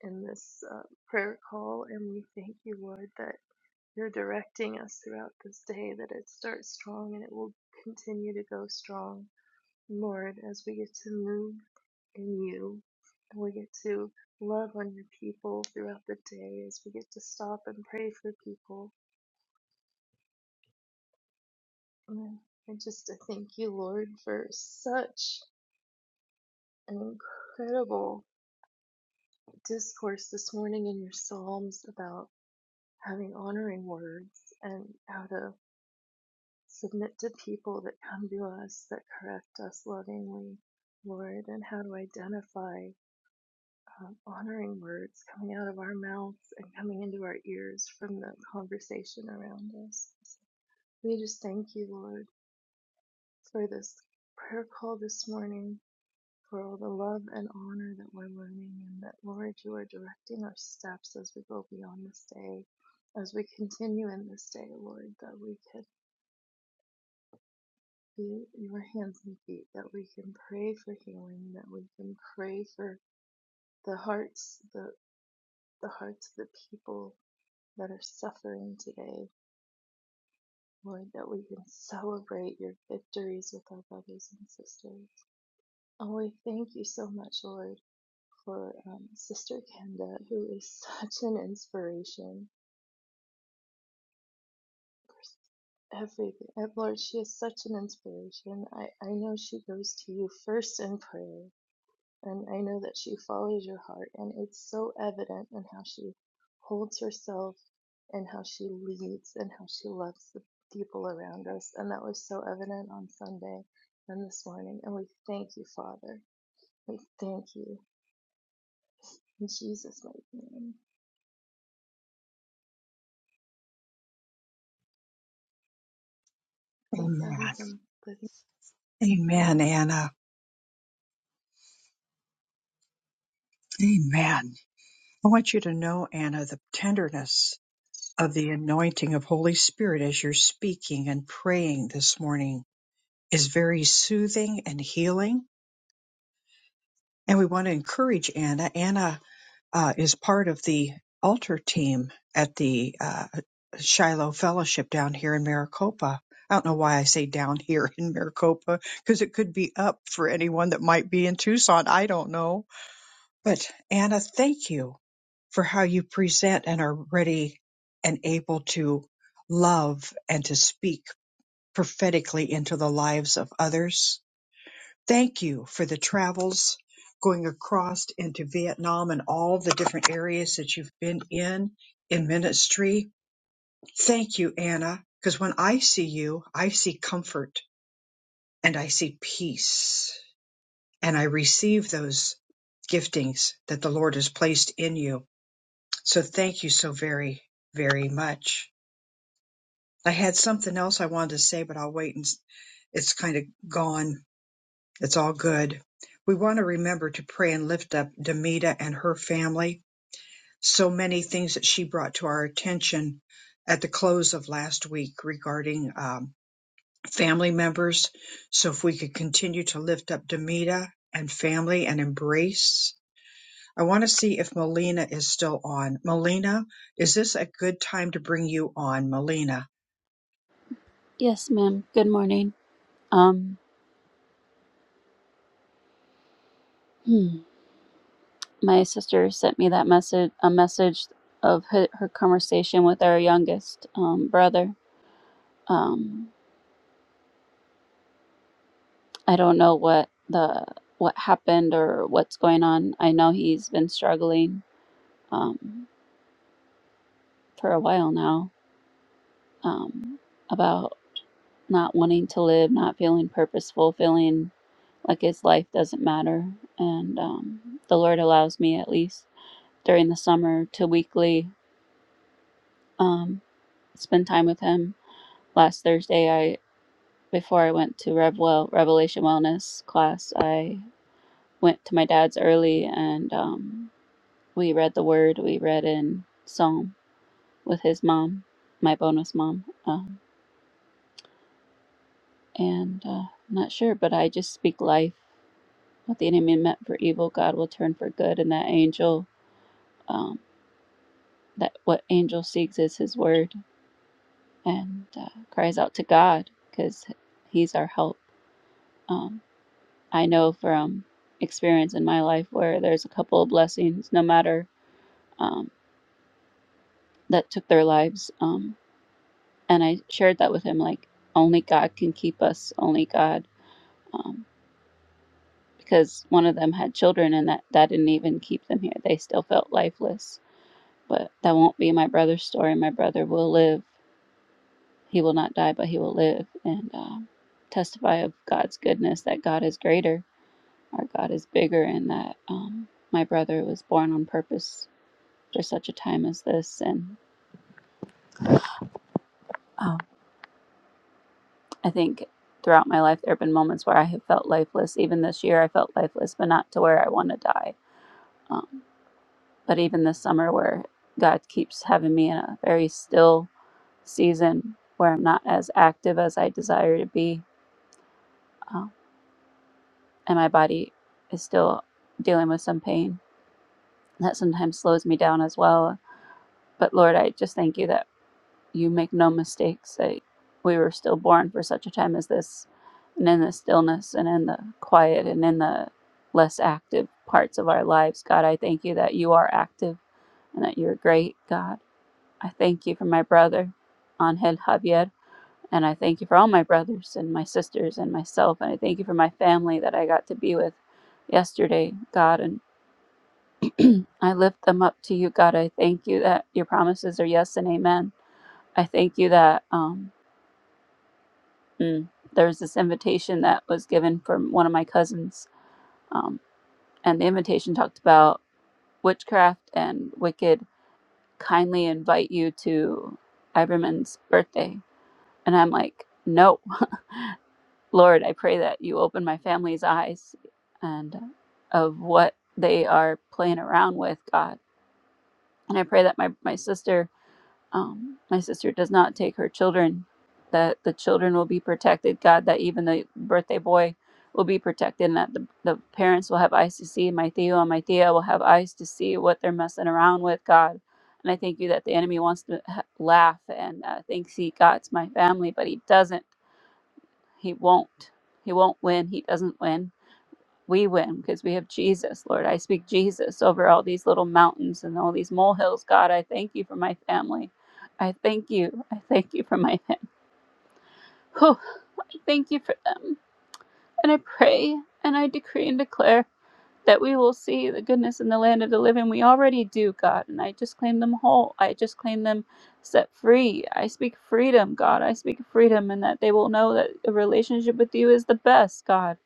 in this uh, prayer call. And we thank you, Lord, that you're directing us throughout this day, that it starts strong and it will continue to go strong, Lord, as we get to move in you. And we get to love on your people throughout the day as we get to stop and pray for people Mm, And I just I thank you, Lord, for such an incredible discourse this morning in your Psalms about having honoring words and how to submit to people that come to us, that correct us lovingly, Lord, and how to identify um, honoring words coming out of our mouths and coming into our ears from the conversation around us. We just thank you, Lord, for this prayer call this morning for all the love and honor that we're learning, and that, Lord, you are directing our steps as we go beyond this day, as we continue in this day, Lord, that we could be your hands and feet, that we can pray for healing, that we can pray for the hearts, the, the hearts of the people that are suffering today. Lord, that we can celebrate your victories with our brothers and sisters. Oh, we thank you so much, Lord. for um, Sister Kenda, who is such an inspiration. Everything, uh, Lord, she is such an inspiration. I, I know she goes to you first in prayer, and I know that she follows your heart, and it's so evident in how she holds herself, and how she leads, and how she loves the people around us. And that was so evident on Sunday and this morning. And we thank you, Father. We thank you in Jesus' mighty name. Thank Amen. Evan Yeah. Amen, Anna. Amen. I want you to know, Anna, the tenderness of the anointing of Holy Spirit as you're speaking and praying this morning is very soothing and healing. And we want to encourage Anna. Anna uh, is part of the altar team at the uh, Shiloh Fellowship down here in Maricopa. I don't know why I say down here in Maricopa because it could be up for anyone that might be in Tucson. I don't know. But Anna, thank you for how you present and are ready and able to love and to speak prophetically into the lives of others Thank you for the travels going across into Vietnam and all the different areas that you've been in in ministry. Thank you, Anna, because when I see you, I see comfort and I see peace, and I receive those giftings that the Lord has placed in you. So thank you so very, very much. I had something else I wanted to say, but I'll wait and s- it's kind of gone. It's all good. We want to remember to pray and lift up Demita and her family. So many things that she brought to our attention at the close of last week regarding um, family members. So if we could continue to lift up Demita and family and embrace. I want to see if Melina is still on. Melina, is this a good time to bring you on, Melina? Yes, ma'am. Good morning. Um, hmm. my sister sent me that message, a message of her, her conversation with our youngest um, brother. Um, I don't know what the what happened or what's going on. I know he's been struggling um, for a while now um, about not wanting to live, not feeling purposeful, feeling like his life doesn't matter. And um, the Lord allows me, at least during the summer, to weekly. Um, spend time with him. Last Thursday, I before I went to Revwell Revelation Wellness class, I went to my dad's early and um, we read the Word. We read in Psalm with his mom, my bonus mom, um, and uh, I'm not sure, but I just speak life. What the enemy meant for evil, God will turn for good, and that angel, um, that what angel seeks is His Word and uh, cries out to God because He's our help. Um, I know from experience in my life where there's a couple of blessings, no matter um, that took their lives. Um, and I shared that with him like, only God can keep us, only God. Um, because one of them had children and that, that didn't even keep them here. They still felt lifeless. But that won't be my brother's story. My brother will live. He will not die, but he will live and um, testify of God's goodness that God is greater, our God is bigger, and that um, my brother was born on purpose for such a time as this. And um, I think throughout my life, there have been moments where I have felt lifeless. Even this year, I felt lifeless, but not to where I want to die. Um, but even this summer, where God keeps having me in a very still season where I'm not as active as I desire to be, um, and my body is still dealing with some pain that sometimes slows me down as well. But Lord, I just thank you that. you make no mistakes that we were still born for such a time as this and in the stillness and in the quiet and in the less active parts of our lives god i thank you that you are active and that you're great god i thank you for my brother angel javier and i thank you for all my brothers and my sisters and myself and i thank you for my family that i got to be with yesterday god and i lift them up to you god i thank you that your promises are yes and amen i thank you that um, Mm. There was this invitation that was given from one of my cousins, um, and the invitation talked about witchcraft and wicked kindly invite you to Iverman's birthday. And I'm like, no, Lord, I pray that you open my family's eyes and uh, of what they are playing around with, God. And I pray that my, my sister um, my sister does not take her children that the children will be protected god that even the birthday boy will be protected and that the, the parents will have eyes to see my theo and my thea will have eyes to see what they're messing around with god and i thank you that the enemy wants to ha- laugh and uh, thinks he got my family but he doesn't he won't he won't win he doesn't win we win because we have Jesus, Lord. I speak Jesus over all these little mountains and all these molehills. God, I thank you for my family. I thank you. I thank you for my family. Oh, thank you for them. And I pray and I decree and declare that we will see the goodness in the land of the living. We already do, God, and I just claim them whole. I just claim them set free. I speak freedom, God. I speak freedom, and that they will know that a relationship with you is the best, God,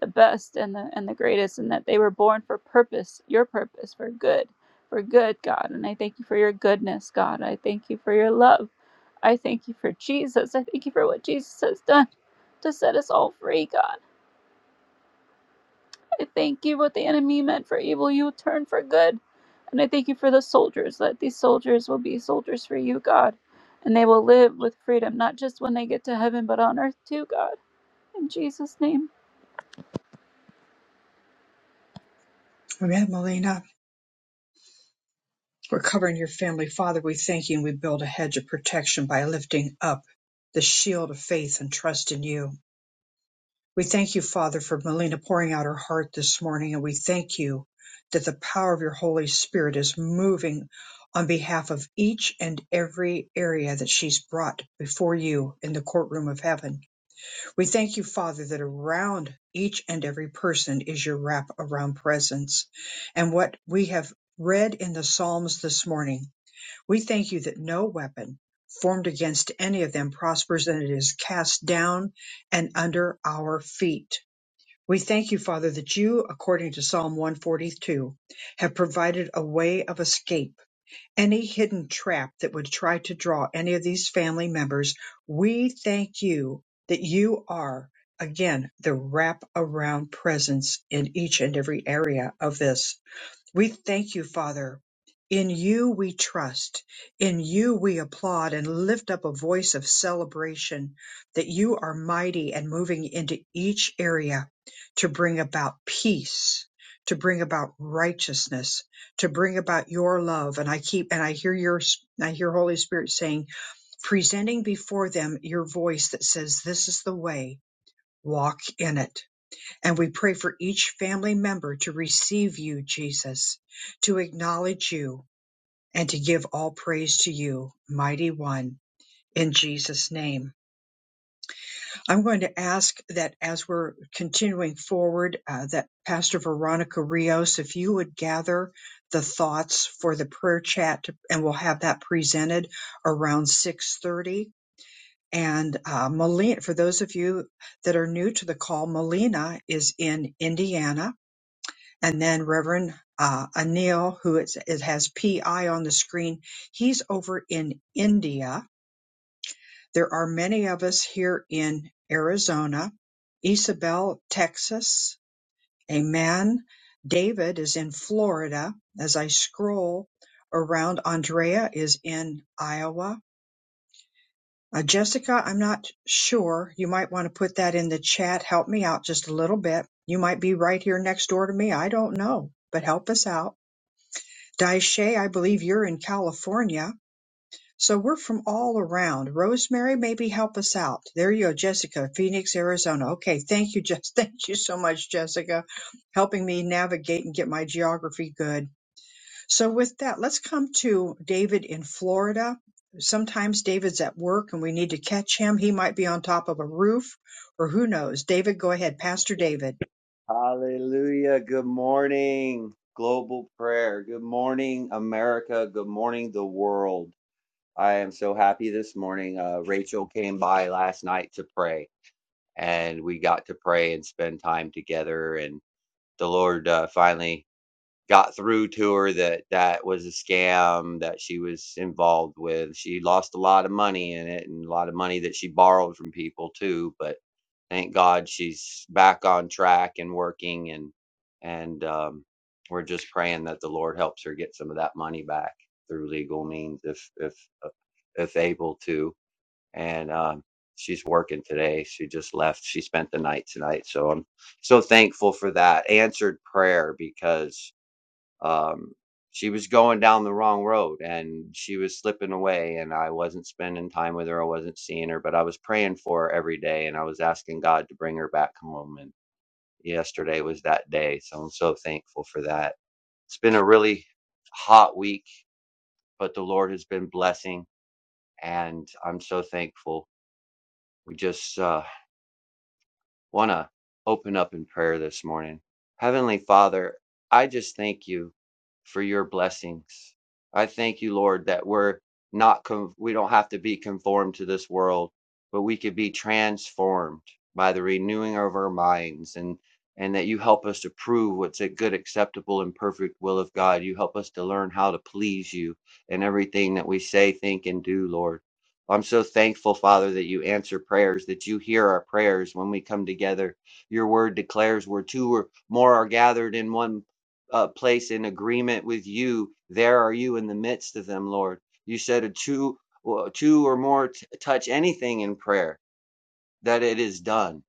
the best and the and the greatest, and that they were born for purpose, your purpose, for good, for good, God. And I thank you for your goodness, God. I thank you for your love. I thank you for Jesus. I thank you for what Jesus has done to set us all free, God. I thank you what the enemy meant for evil, you turn for good. And I thank you for the soldiers, that these soldiers will be soldiers for you, God. And they will live with freedom, not just when they get to heaven, but on earth too, God. In Jesus' name. We have Melina. We're covering your family. Father, we thank you and we build a hedge of protection by lifting up the shield of faith and trust in you. We thank you, Father, for Melina pouring out her heart this morning, and we thank you that the power of your Holy Spirit is moving on behalf of each and every area that she's brought before you in the courtroom of heaven. We thank you, Father, that around each and every person is your wrap around presence. And what we have read in the Psalms this morning we thank you that no weapon formed against any of them prospers and it is cast down and under our feet. We thank you, Father, that you, according to Psalm 142, have provided a way of escape. Any hidden trap that would try to draw any of these family members, we thank you that you are, again, the wrap around presence in each and every area of this. We thank you, Father. In you we trust. In you we applaud and lift up a voice of celebration that you are mighty and moving into each area to bring about peace, to bring about righteousness, to bring about your love. And I keep, and I hear your, I hear Holy Spirit saying, presenting before them your voice that says, this is the way, walk in it and we pray for each family member to receive you, Jesus, to acknowledge you, and to give all praise to you, mighty one, in Jesus' name. I'm going to ask that as we're continuing forward, uh, that Pastor Veronica Rios, if you would gather the thoughts for the prayer chat, and we'll have that presented around 6:30. And uh, Melina, for those of you that are new to the call, Melina is in Indiana and then Reverend uh, Anil, who it's, it has PI on the screen. He's over in India. There are many of us here in Arizona, Isabel, Texas. Amen. David is in Florida. As I scroll around, Andrea is in Iowa. Uh, Jessica, I'm not sure. You might want to put that in the chat. Help me out just a little bit. You might be right here next door to me. I don't know, but help us out. Daishe, I believe you're in California. So we're from all around. Rosemary, maybe help us out. There you go, Jessica, Phoenix, Arizona. Okay, thank you, Jess. Thank you so much, Jessica, helping me navigate and get my geography good. So with that, let's come to David in Florida. Sometimes David's at work and we need to catch him. He might be on top of a roof or who knows. David, go ahead. Pastor David. Hallelujah. Good morning, global prayer. Good morning, America. Good morning, the world. I am so happy this morning. Uh, Rachel came by last night to pray, and we got to pray and spend time together. And the Lord uh, finally got through to her that that was a scam that she was involved with. She lost a lot of money in it and a lot of money that she borrowed from people too, but thank God she's back on track and working and and um we're just praying that the Lord helps her get some of that money back through legal means if if uh, if able to. And um she's working today. She just left. She spent the night tonight. So I'm so thankful for that answered prayer because um, she was going down the wrong road and she was slipping away and i wasn't spending time with her i wasn't seeing her but i was praying for her every day and i was asking god to bring her back home and yesterday was that day so i'm so thankful for that it's been a really hot week but the lord has been blessing and i'm so thankful we just uh, want to open up in prayer this morning. Heavenly Father, I just thank you for your blessings. I thank you, Lord, that we're not con- we don't have to be conformed to this world, but we could be transformed by the renewing of our minds and and that you help us to prove what's a good, acceptable, and perfect will of God. You help us to learn how to please you in everything that we say, think, and do, Lord. I'm so thankful, Father, that you answer prayers, that you hear our prayers when we come together. Your word declares where two or more are gathered in one uh, place in agreement with you, there are you in the midst of them, Lord. You said a two, well, two or more t- touch anything in prayer, that it is done.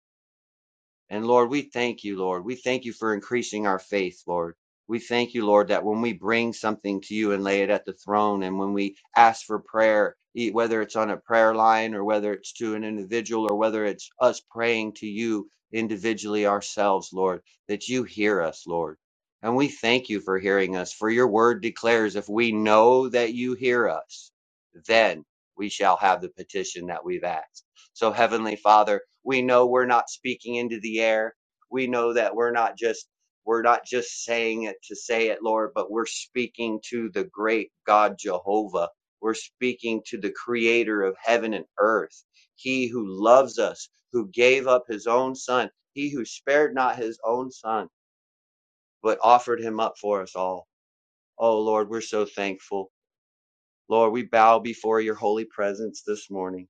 And Lord, we thank you, Lord. We thank you for increasing our faith, Lord. We thank you, Lord, that when we bring something to you and lay it at the throne, and when we ask for prayer, e- whether it's on a prayer line or whether it's to an individual or whether it's us praying to you individually ourselves, Lord, that you hear us, Lord. And we thank you for hearing us, for your word declares if we know that you hear us, then we shall have the petition that we've asked. So, Heavenly Father, we know we're not speaking into the air. We know that we're not just we're not just saying it to say it, Lord, but we're speaking to the great God Jehovah. We're speaking to the creator of heaven and earth. He who loves us, who gave up his own son, he who spared not his own son, but offered him up for us all. Oh, Lord, we're so thankful. Lord, we bow before your holy presence this morning.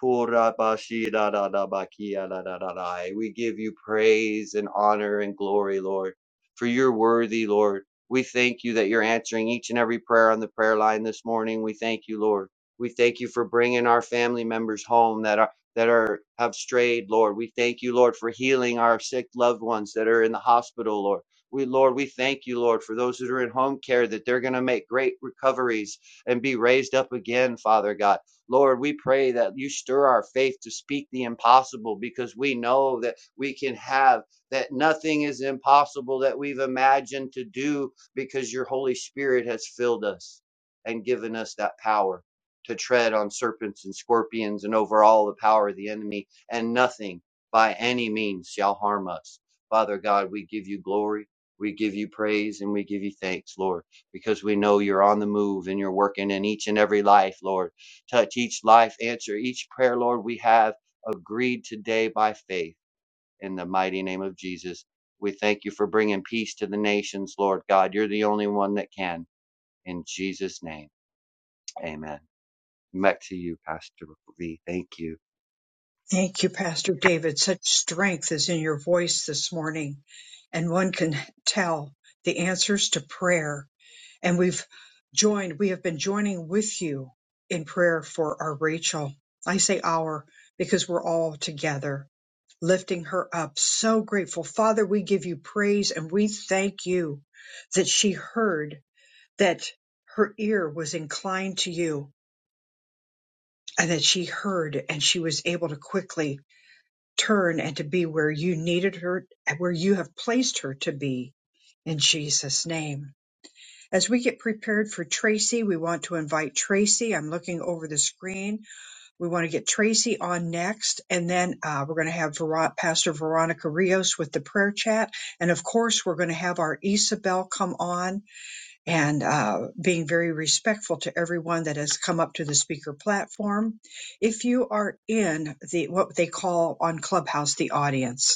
Kurabashidadadabakiadadadadai. We give you praise and honor and glory, Lord, for you're worthy, Lord. We thank you that you're answering each and every prayer on the prayer line this morning. We thank you, Lord. We thank you for bringing our family members home that are that are have strayed, Lord. We thank you, Lord, for healing our sick loved ones that are in the hospital, Lord. We, Lord, we thank you, Lord, for those that are in home care that they're going to make great recoveries and be raised up again, Father God. Lord, we pray that you stir our faith to speak the impossible because we know that we can have that nothing is impossible that we've imagined to do because your Holy Spirit has filled us and given us that power to tread on serpents and scorpions and over all the power of the enemy, and nothing by any means shall harm us. Father God, we give you glory. We give you praise and we give you thanks, Lord, because we know you're on the move and you're working in each and every life, Lord. Touch each life, answer each prayer, Lord. We have agreed today by faith in the mighty name of Jesus. We thank you for bringing peace to the nations, Lord God. You're the only one that can. In Jesus' name, amen. Back to you, Pastor V. Thank you. Thank you, Pastor David. Such strength is in your voice this morning, and one can tell the answers to prayer. And we've joined, we have been joining with you in prayer for our Rachel. I say our because we're all together lifting her up. So grateful. Father, we give you praise and we thank you that she heard, that her ear was inclined to you, and that she heard and she was able to quickly turn and to be where you needed her, where you have placed her to be in Jesus' name. As we get prepared for Tracy, we want to invite Tracy. I'm looking over the screen. We want to get Tracy on next, and then uh, we're going to have Vero- Pastor Veronica Rios with the prayer chat. And of course, we're going to have our Isabel come on and uh, being very respectful to everyone that has come up to the speaker platform if you are in the what they call on Clubhouse the audience.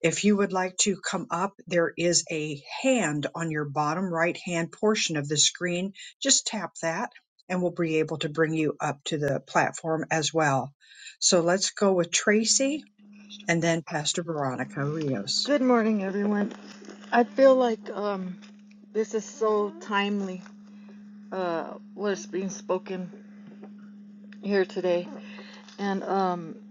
If you would like to come up, there is a hand on your bottom right hand portion of the screen. Just tap that and we'll be able to bring you up to the platform as well. So let's go with Tracy and then Pastor Veronica Rios. Good morning, everyone. I feel like um, this is so timely, uh, what's being spoken here today. And um,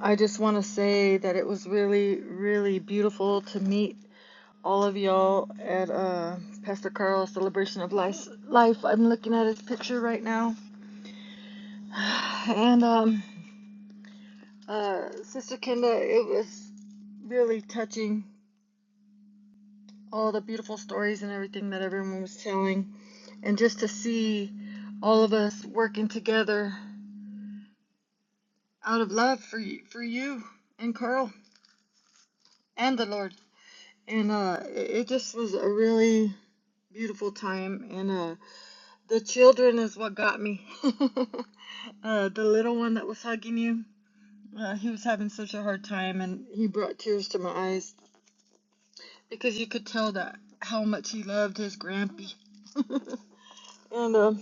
I just want to say that it was really, really beautiful to meet all of y'all at uh, Pastor Carl's Celebration of Life. I'm looking at his picture right now. And um, uh, Sister Kenda, it was really touching all the beautiful stories and everything that everyone was telling, and just to see all of us working together out of love for you, for you and Carl and the Lord. And uh, it just was a really beautiful time. And uh, the children is what got me. uh, the little one that was hugging you, uh, he was having such a hard time, and he brought tears to my eyes because you could tell that how much he loved his grampy. and um,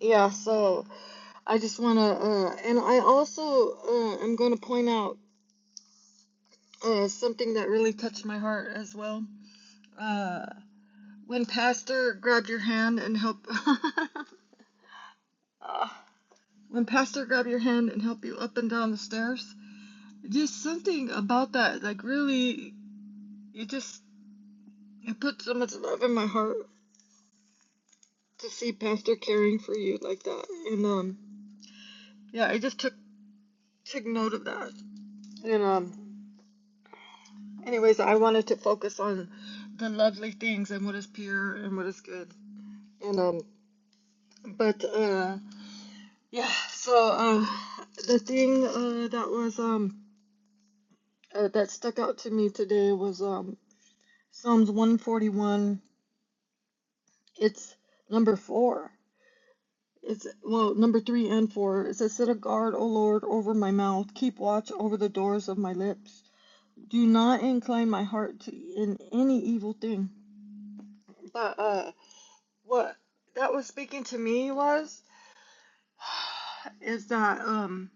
yeah, so I just want to, uh, and I also uh, am going to point out uh, something that really touched my heart as well. Uh, when Pastor grabbed your hand and helped, Ah. when Pastor grabbed your hand and helped you up and down the stairs, just something about that, like really, you just it put so much love in my heart to see Pastor caring for you like that, and um, yeah, I just took took note of that, and um. Anyways, I wanted to focus on the lovely things and what is pure and what is good. And um but uh yeah, so um the thing uh that was um uh, that stuck out to me today was um Psalms 141. It's number 4. It's well, number 3 and 4. It says set a guard, O Lord, over my mouth. Keep watch over the doors of my lips. Do not incline my heart to in any evil thing. But uh what that was speaking to me was is that um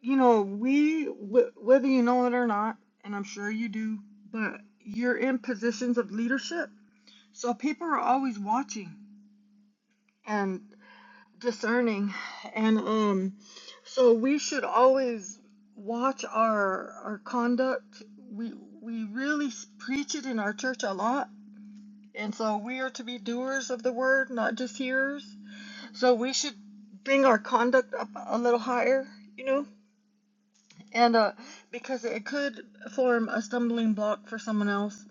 you know we wh- whether you know it or not and i'm sure you do but you're in positions of leadership so people are always watching and discerning and um so we should always watch our our conduct we we really preach it in our church a lot and so we are to be doers of the word not just hearers So we should bring our conduct up a little higher, you know, and uh, because it could form a stumbling block for someone else.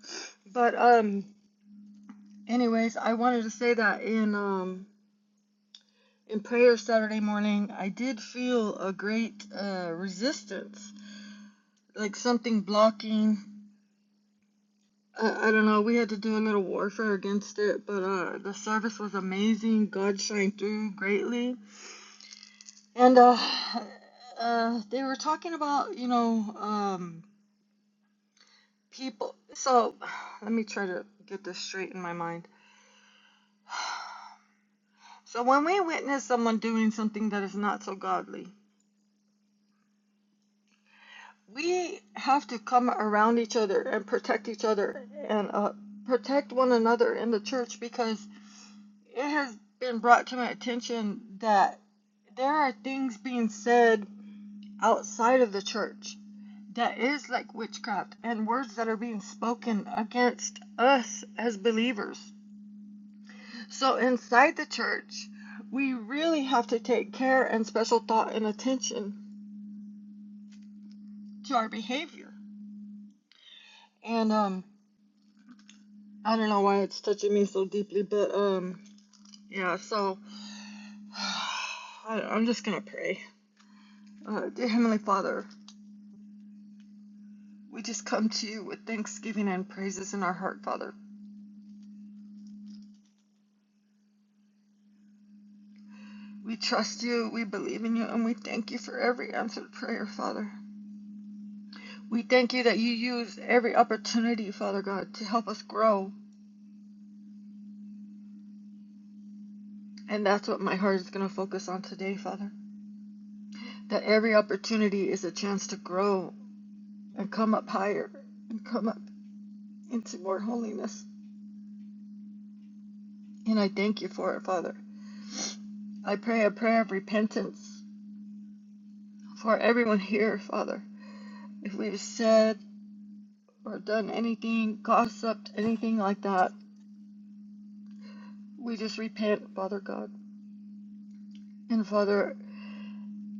But um, anyways, I wanted to say that in um in prayer Saturday morning, I did feel a great uh resistance, like something blocking. I, I don't know. We had to do a little warfare against it, but uh, the service was amazing. God shined through greatly And uh, uh, they were talking about, you know, um, people. So let me try to get this straight in my mind. So when we witness someone doing something that is not so godly, we have to come around each other and protect each other and uh, protect one another in the church because it has been brought to my attention that there are things being said outside of the church that is like witchcraft and words that are being spoken against us as believers. So inside the church, we really have to take care and special thought and attention to our behavior. And um, I don't know why it's touching me so deeply, but um, yeah. So I, I'm just gonna pray. Uh, dear Heavenly Father, we just come to you with thanksgiving and praises in our heart, Father. We trust you, we believe in you, and we thank you for every answered prayer, Father. We thank you that you use every opportunity, Father God, to help us grow. And that's what my heart is going to focus on today, Father. That every opportunity is a chance to grow and come up higher and come up into more holiness. And I thank you for it, Father. I pray a prayer of repentance for everyone here, Father. If we've said or done anything, gossiped, anything like that, we just repent, Father God. And Father,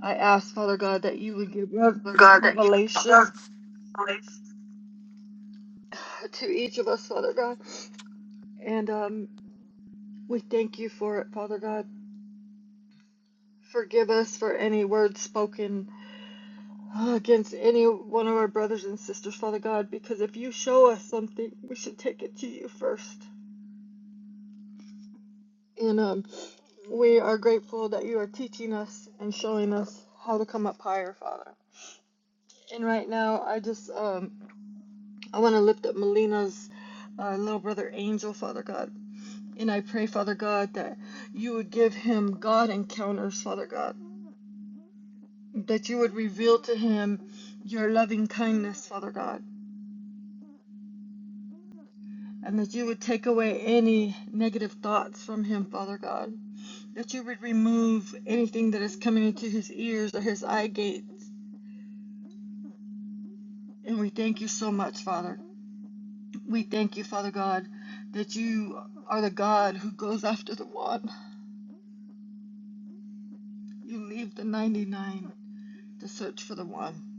I ask, Father God, that you would give rev- God that revelation you to each of us, Father God. And um, we thank you for it, Father God. Forgive us for any words spoken uh, against any one of our brothers and sisters, Father God, because if you show us something, we should take it to you first. And um, we are grateful that you are teaching us and showing us how to come up higher, Father. And right now, I just um, I want to lift up Melina's uh, little brother Angel, Father God. And I pray, Father God, that you would give him God encounters, Father God that you would reveal to him your loving kindness, Father God, and that you would take away any negative thoughts from him, Father God, that you would remove anything that is coming into his ears or his eye gates. And we thank you so much, Father. We thank you, Father God, that you are the God who goes after the one. You leave the 99 to search for the one.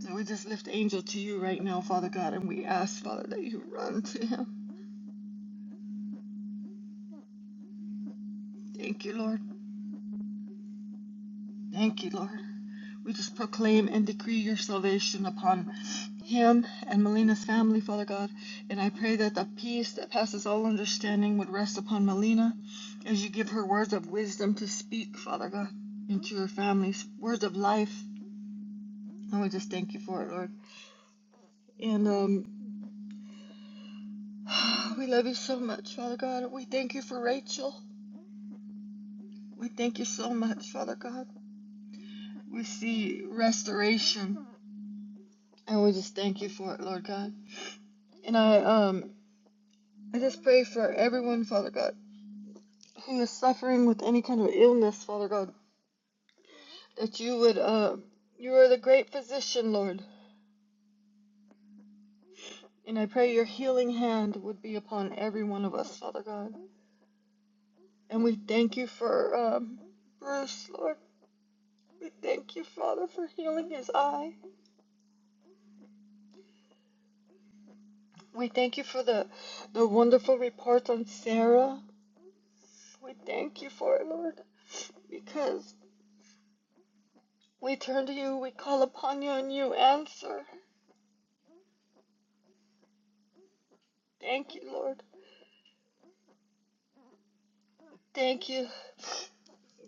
So we just lift Angel to you right now, Father God, and we ask, Father, that you run to him. Thank you, Lord. Thank you, Lord. We just proclaim and decree your salvation upon him and Melina's family, Father God. And I pray that the peace that passes all understanding would rest upon Melina as you give her words of wisdom to speak, Father God, into her family's words of life. And we just thank you for it, Lord. And um, we love you so much, Father God. We thank you for Rachel. We thank you so much, Father God. We see restoration, and we just thank you for it, Lord God. And I um I just pray for everyone, Father God, who is suffering with any kind of illness, Father God, that you would, uh, you are the great physician, Lord. And I pray your healing hand would be upon every one of us, Father God. And we thank you for um, Bruce, Lord. We thank you, Father, for healing his eye. We thank you for the, the wonderful report on Sarah. We thank you for it, Lord, because we turn to you, we call upon you, and you answer. Thank you, Lord. Thank you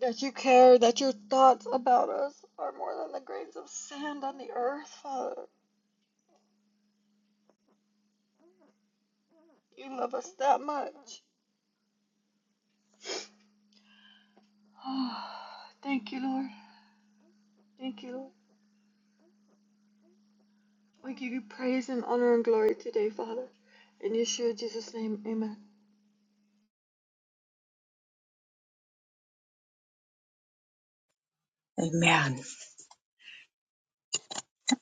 that you care, that your thoughts about us are more than the grains of sand on the earth, Father. You love us that much. Oh, thank you, Lord. Thank you, Lord. We give you praise and honor and glory today, Father. In Yeshua Jesus' name, amen. Amen.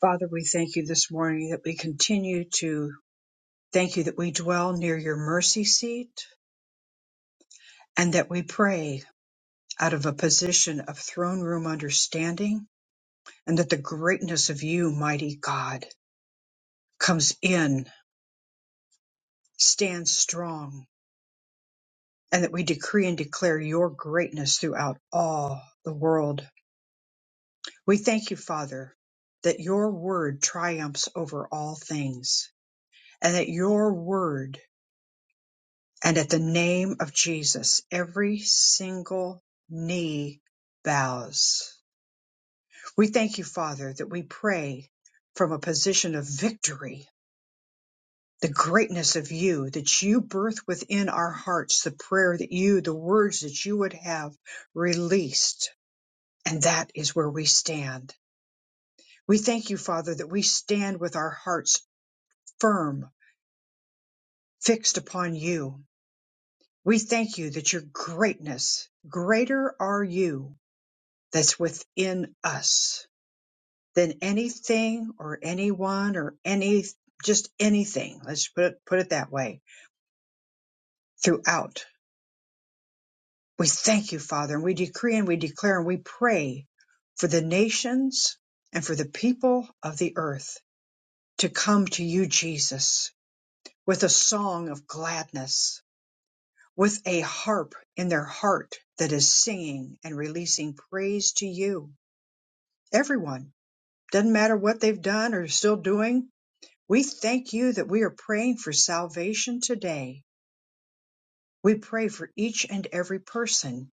Father, we thank you this morning that we continue to thank you that we dwell near your mercy seat and that we pray out of a position of throne room understanding and that the greatness of you, mighty God comes in, stands strong, and that we decree and declare your greatness throughout all the world. We thank you, Father, that your word triumphs over all things, and that your word and at the name of Jesus, every single knee bows. We thank you, Father, that we pray from a position of victory the greatness of you, that you birth within our hearts the prayer that you, the words that you would have released. And that is where we stand. We thank you, Father, that we stand with our hearts firm, fixed upon you. We thank you that your greatness, greater are you that's within us than anything or anyone or any, just anything. Let's put it, put it that way throughout We thank you, Father, and we decree and we declare and we pray for the nations and for the people of the earth to come to you, Jesus, with a song of gladness, with a harp in their heart that is singing and releasing praise to you. Everyone, doesn't matter what they've done or still doing, we thank you that we are praying for salvation today. We pray for each and every person,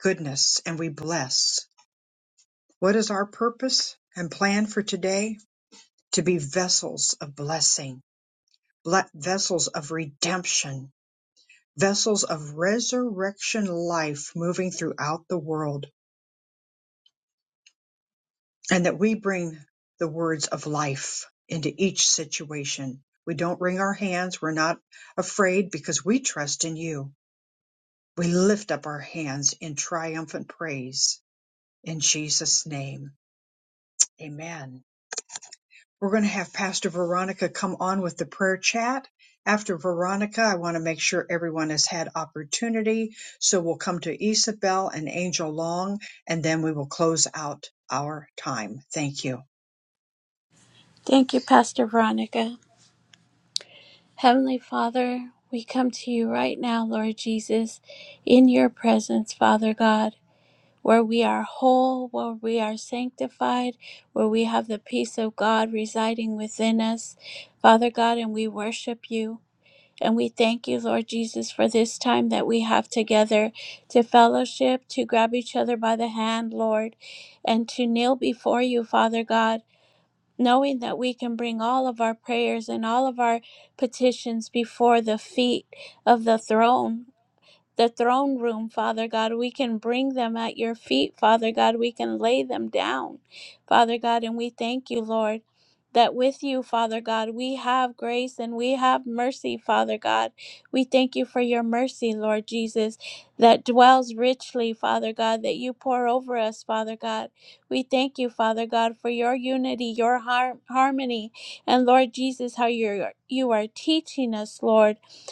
goodness, and we bless. What is our purpose and plan for today? To be vessels of blessing, ble- vessels of redemption, vessels of resurrection life moving throughout the world, and that we bring the words of life into each situation. We don't wring our hands. We're not afraid because we trust in you. We lift up our hands in triumphant praise in Jesus' name. Amen. We're going to have Pastor Veronica come on with the prayer chat. After Veronica, I want to make sure everyone has had opportunity. So we'll come to Isabel and Angel Long, and then we will close out our time. Thank you. Thank you, Pastor Veronica. Heavenly Father, we come to you right now, Lord Jesus, in your presence, Father God, where we are whole, where we are sanctified, where we have the peace of God residing within us, Father God, and we worship you. And we thank you, Lord Jesus, for this time that we have together to fellowship, to grab each other by the hand, Lord, and to kneel before you, Father God, knowing that we can bring all of our prayers and all of our petitions before the feet of the throne the throne room, Father God. We can bring them at your feet, Father God. We can lay them down, Father God. And we thank you, Lord. That with you, Father God, we have grace and we have mercy, Father God. We thank you for your mercy, Lord Jesus, that dwells richly, Father God, that you pour over us, Father God. We thank you, Father God, for your unity, your har- harmony, and Lord Jesus, how you're, you are teaching us, Lord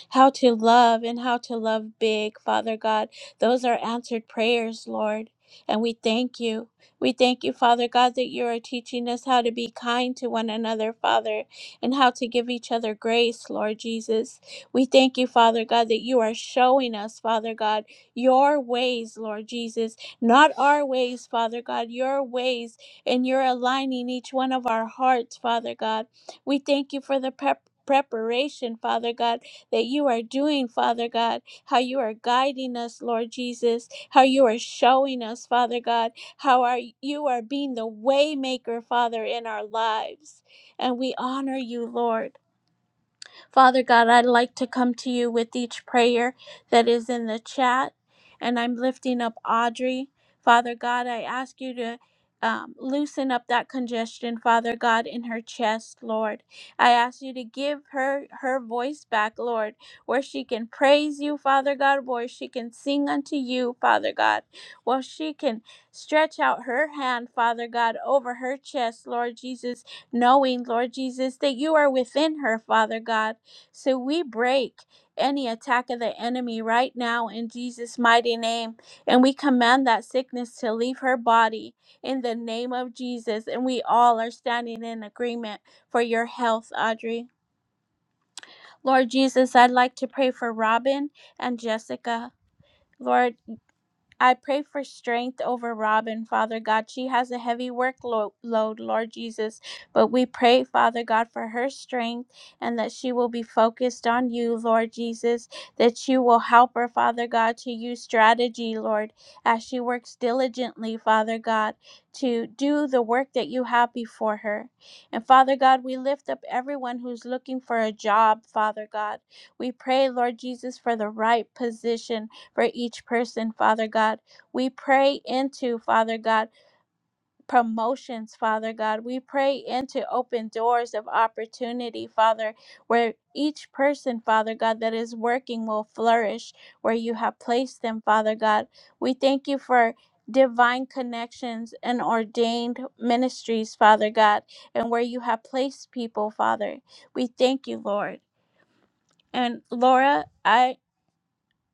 how to love and how to love big, Father God. Those are answered prayers, Lord. And we thank you. We thank you, Father God, that you are teaching us how to be kind to one another, Father, and how to give each other grace, Lord Jesus. We thank you, Father God, that you are showing us, Father God, your ways, Lord Jesus, not our ways, Father God, your ways, and you're aligning each one of our hearts, Father God. We thank you for the prep. Preparation, Father God, that you are doing, Father God, how you are guiding us, Lord Jesus, how you are showing us, Father God, how are you are being the waymaker, Father, in our lives. And we honor you, Lord. Father God, I'd like to come to you with each prayer that is in the chat, and I'm lifting up Audrey. Father God, I ask you to um, loosen up that congestion, Father God, in her chest, Lord. I ask you to give her her voice back, Lord, where she can praise you, Father God, where she can sing unto you, Father God, where she can stretch out her hand, Father God, over her chest, Lord Jesus, knowing, Lord Jesus, that you are within her, Father God. So we break any attack of the enemy right now in Jesus' mighty name. And we command that sickness to leave her body in the name of Jesus. And we all are standing in agreement for your health, Audrey. Lord Jesus, I'd like to pray for Robin and Jessica. Lord, I pray for strength over Robin, Father God. She has a heavy workload, Lord Jesus, but we pray, Father God, for her strength and that she will be focused on you, Lord Jesus, that you will help her, Father God, to use strategy, Lord, as she works diligently, Father God, to do the work that you have before her. And Father God, we lift up everyone who's looking for a job, Father God. We pray, Lord Jesus, for the right position for each person, Father God. We pray into, Father God, promotions, Father God. We pray into open doors of opportunity, Father, where each person, Father God, that is working will flourish where you have placed them, Father God. We thank you for divine connections and ordained ministries, Father God, and where you have placed people, Father. We thank you, Lord. And Laura, I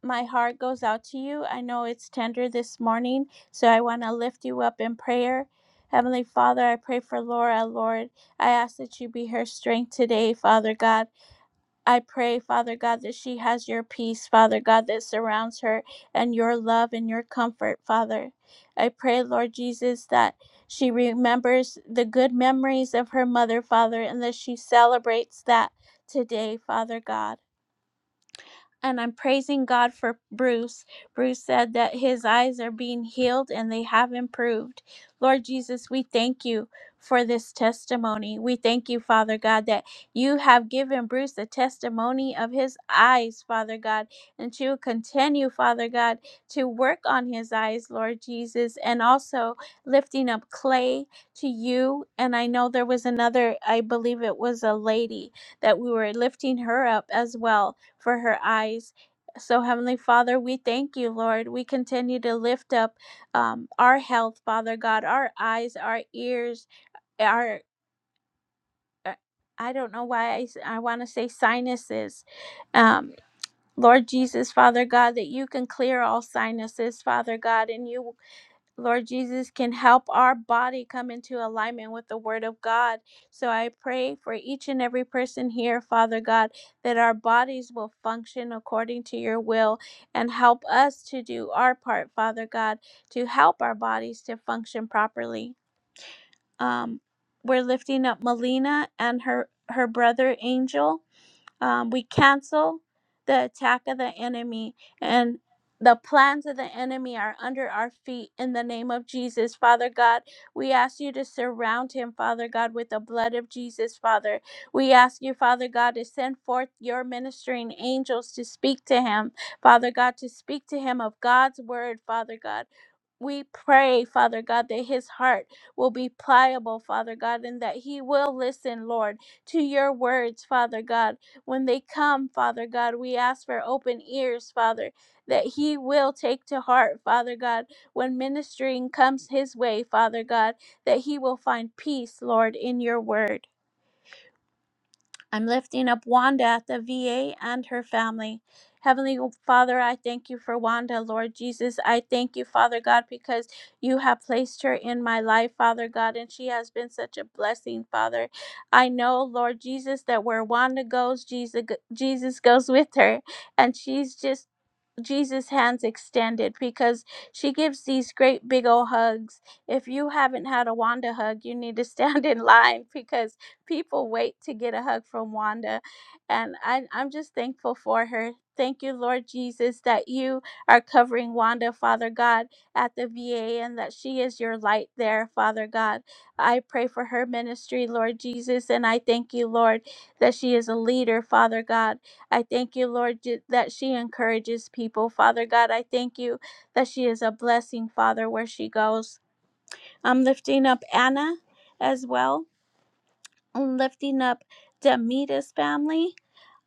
my heart goes out to you. I know it's tender this morning, so I want to lift you up in prayer. Heavenly Father, I pray for Laura, Lord. I ask that you be her strength today, Father God. I pray, Father God, that she has your peace, Father God, that surrounds her and your love and your comfort, Father. I pray, Lord Jesus, that she remembers the good memories of her mother, Father, and that she celebrates that today, Father God and I'm praising God for Bruce. Bruce said that his eyes are being healed and they have improved. Lord Jesus, we thank you for this testimony. We thank you, Father God, that you have given Bruce a testimony of his eyes, Father God, and you continue, Father God, to work on his eyes, Lord Jesus, and also lifting up clay to you. And I know there was another, I believe it was a lady that we were lifting her up as well for her eyes. So, Heavenly Father, we thank you, Lord. We continue to lift up um, our health, Father God, our eyes, our ears, our uh, I don't know why I, s- I want to say sinuses. Um, Lord Jesus, Father God, that you can clear all sinuses, Father God, and you Lord Jesus, can help our body come into alignment with the Word of God. So I pray for each and every person here, Father God, that our bodies will function according to your will and help us to do our part, Father God, to help our bodies to function properly. Um, we're lifting up Melina and her her brother Angel um, we cancel the attack of the enemy and the plans of the enemy are under our feet in the name of Jesus, Father God. We ask you to surround him, Father God, with the blood of Jesus, Father. We ask you, Father God, to send forth your ministering angels to speak to him, Father God, to speak to him of God's word, Father God we pray, Father God, that his heart will be pliable, Father God, and that he will listen, Lord, to your words, Father God. When they come, Father God, we ask for open ears, Father, that he will take to heart, Father God, when ministering comes his way, Father God, that he will find peace, Lord, in your word. I'm lifting up Wanda at the VA and her family. Heavenly Father, I thank you for Wanda, Lord Jesus. I thank you, Father God, because you have placed her in my life, Father God, and she has been such a blessing, Father. I know, Lord Jesus, that where Wanda goes, Jesus, Jesus goes with her, and she's just Jesus' hands extended because she gives these great big old hugs. If you haven't had a Wanda hug, you need to stand in line because people wait to get a hug from Wanda. And I, I'm just thankful for her. Thank you, Lord Jesus, that you are covering Wanda, Father God, at the VA and that she is your light there, Father God. I pray for her ministry, Lord Jesus, and I thank you, Lord, that she is a leader, Father God. I thank you, Lord, ju- that she encourages people. Father God, I thank you that she is a blessing, Father, where she goes. I'm lifting up Anna as well. I'm lifting up Demita's family.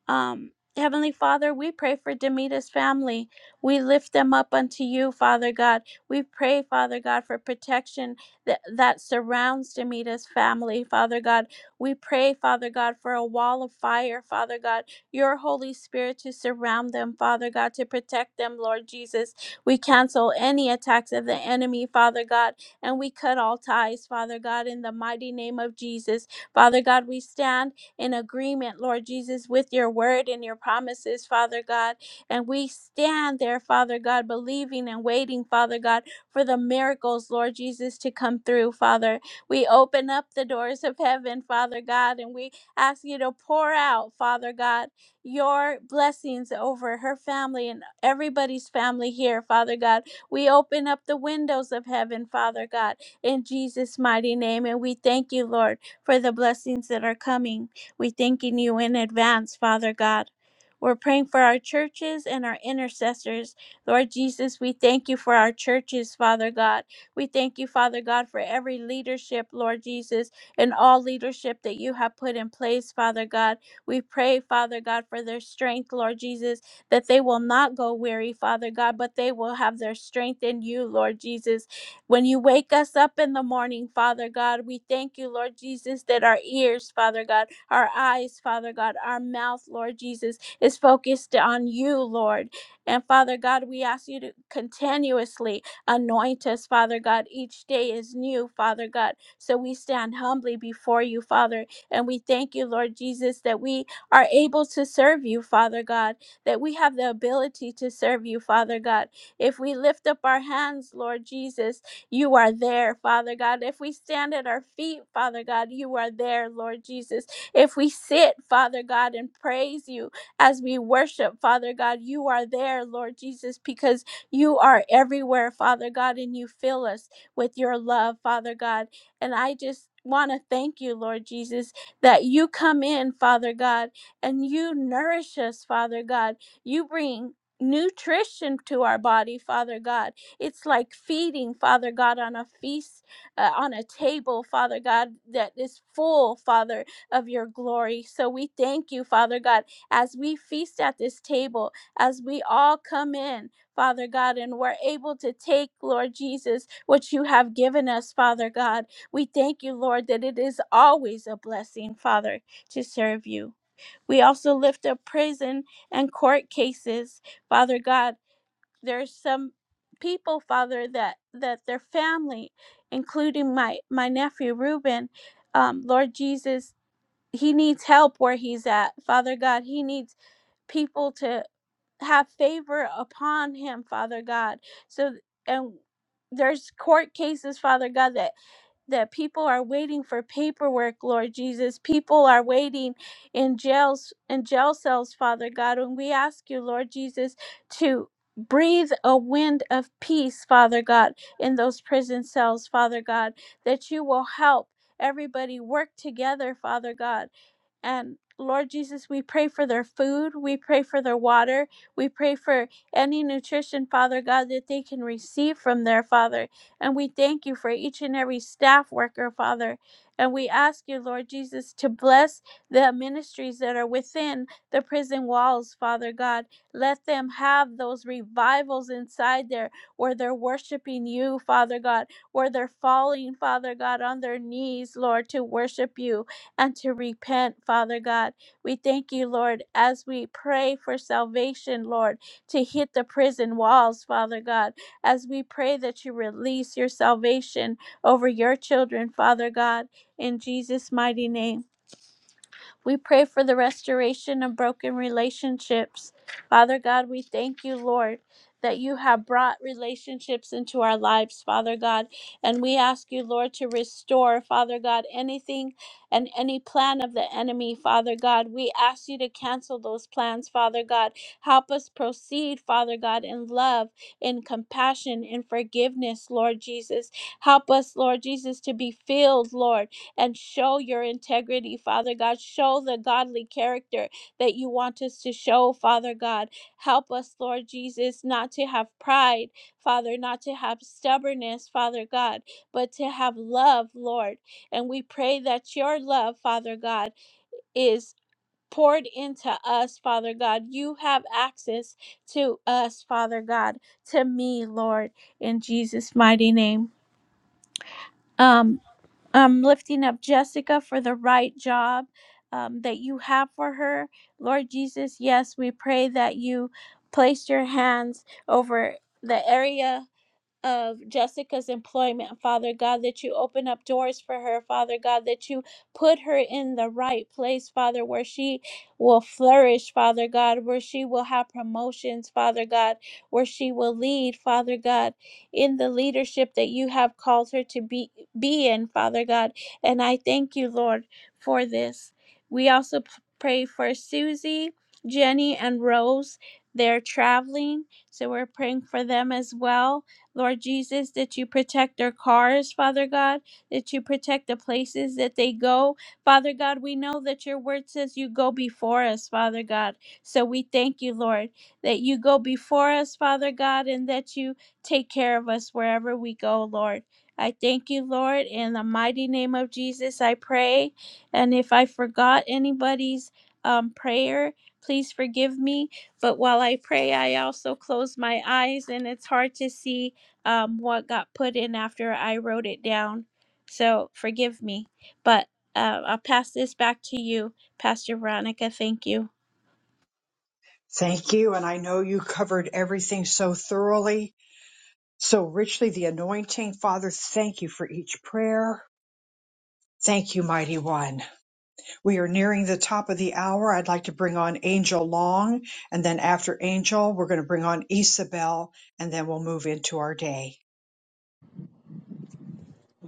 Um, Heavenly Father, we pray for Demita's family. We lift them up unto you, Father God. We pray, Father God, for protection that, that surrounds Demita's family, Father God. We pray, Father God, for a wall of fire, Father God, your Holy Spirit to surround them, Father God, to protect them, Lord Jesus. We cancel any attacks of the enemy, Father God, and we cut all ties, Father God, in the mighty name of Jesus. Father God, we stand in agreement, Lord Jesus, with your word and your promises, Father God. And we stand there, Father God, believing and waiting, Father God, for the miracles, Lord Jesus, to come through, Father. We open up the doors of heaven, Father God, and we ask you to pour out, Father God, your blessings over her family and everybody's family here, Father God. We open up the windows of heaven, Father God, in Jesus' mighty name. And we thank you, Lord, for the blessings that are coming. We're thanking you in advance, Father God. We're praying for our churches and our intercessors. Lord Jesus, we thank you for our churches, Father God. We thank you, Father God, for every leadership, Lord Jesus, and all leadership that you have put in place, Father God. We pray, Father God, for their strength, Lord Jesus, that they will not go weary, Father God, but they will have their strength in you, Lord Jesus. When you wake us up in the morning, Father God, we thank you, Lord Jesus, that our ears, Father God, our eyes, Father God, our mouth, Lord Jesus, is focused on you, Lord. And Father God, we ask you to continuously anoint us, Father God. Each day is new, Father God. So we stand humbly before you, Father. And we thank you, Lord Jesus, that we are able to serve you, Father God, that we have the ability to serve you, Father God. If we lift up our hands, Lord Jesus, you are there, Father God. If we stand at our feet, Father God, you are there, Lord Jesus. If we sit, Father God, and praise you as we worship, Father God, you are there, Lord Jesus, because you are everywhere, Father God, and you fill us with your love, Father God. And I just want to thank you, Lord Jesus, that you come in, Father God, and you nourish us, Father God. You bring nutrition to our body father god it's like feeding father god on a feast uh, on a table father god that is full father of your glory. So we thank you, Father God, as we feast at this table, as we all come in, Father God, and we're able to take, Lord Jesus, what you have given us, Father God. We thank you, Lord, that it is always a blessing, Father, to serve you. We also lift up prison and court cases, Father God. There's some people, Father, that that their family, including my my nephew Reuben, um, Lord Jesus he needs help where he's at father god he needs people to have favor upon him father god so and there's court cases father god that that people are waiting for paperwork lord jesus people are waiting in jails in jail cells father god and we ask you lord jesus to breathe a wind of peace father god in those prison cells father god that you will help everybody work together father god and Lord Jesus, we pray for their food. We pray for their water. We pray for any nutrition, Father God, that they can receive from their Father. And we thank you for each and every staff worker, Father. And we ask you, Lord Jesus, to bless the ministries that are within the prison walls, Father God. Let them have those revivals inside there where they're worshiping you, Father God, where they're falling, Father God, on their knees, Lord, to worship you and to repent, Father God. We thank you, Lord, as we pray for salvation, Lord, to hit the prison walls, Father God, as we pray that you release your salvation over your children, Father God, in Jesus' mighty name. We pray for the restoration of broken relationships. Father God, we thank you, Lord, that you have brought relationships into our lives, Father God. And we ask you, Lord, to restore, Father God, anything and any plan of the enemy, Father God. We ask you to cancel those plans, Father God. Help us proceed, Father God, in love, in compassion, in forgiveness, Lord Jesus. Help us, Lord Jesus, to be filled, Lord and show your integrity, Father God. Show the godly character that you want us to show, Father God. Help us, Lord Jesus, not to have pride, Father, not to have stubbornness, Father God, but to have love, Lord. And we pray that your love, Father God, is poured into us, Father God. You have access to us, Father God, to me, Lord, in Jesus' mighty name. Um, um, lifting up Jessica for the right job um, that you have for her. Lord Jesus, yes, we pray that you place your hands over the area of Jessica's employment, Father God, that you open up doors for her, Father God, that you put her in the right place, Father, where she will flourish, Father God, where she will have promotions, Father God, where she will lead, Father God, in the leadership that you have called her to be be in, Father God. And I thank you, Lord, for this. We also p- pray for Susie, Jenny, and Rose. They're traveling, so we're praying for them as well Lord Jesus, that you protect their cars, Father God, that you protect the places that they go. Father God, we know that your word says you go before us, Father God. So we thank you, Lord, that you go before us, Father God, and that you take care of us wherever we go, Lord. I thank you, Lord. In the mighty name of Jesus, I pray. And if I forgot anybody's um, prayer, please forgive me. But while I pray, I also close my eyes, and it's hard to see um, what got put in after I wrote it down. So forgive me. But uh, I'll pass this back to you, Pastor Veronica. Thank you. Thank you. And I know you covered everything so thoroughly, so richly the anointing. Father, thank you for each prayer. Thank you, mighty one. We are nearing the top of the hour. I'd like to bring on Angel Long, and then after Angel, we're going to bring on Isabel, and then we'll move into our day.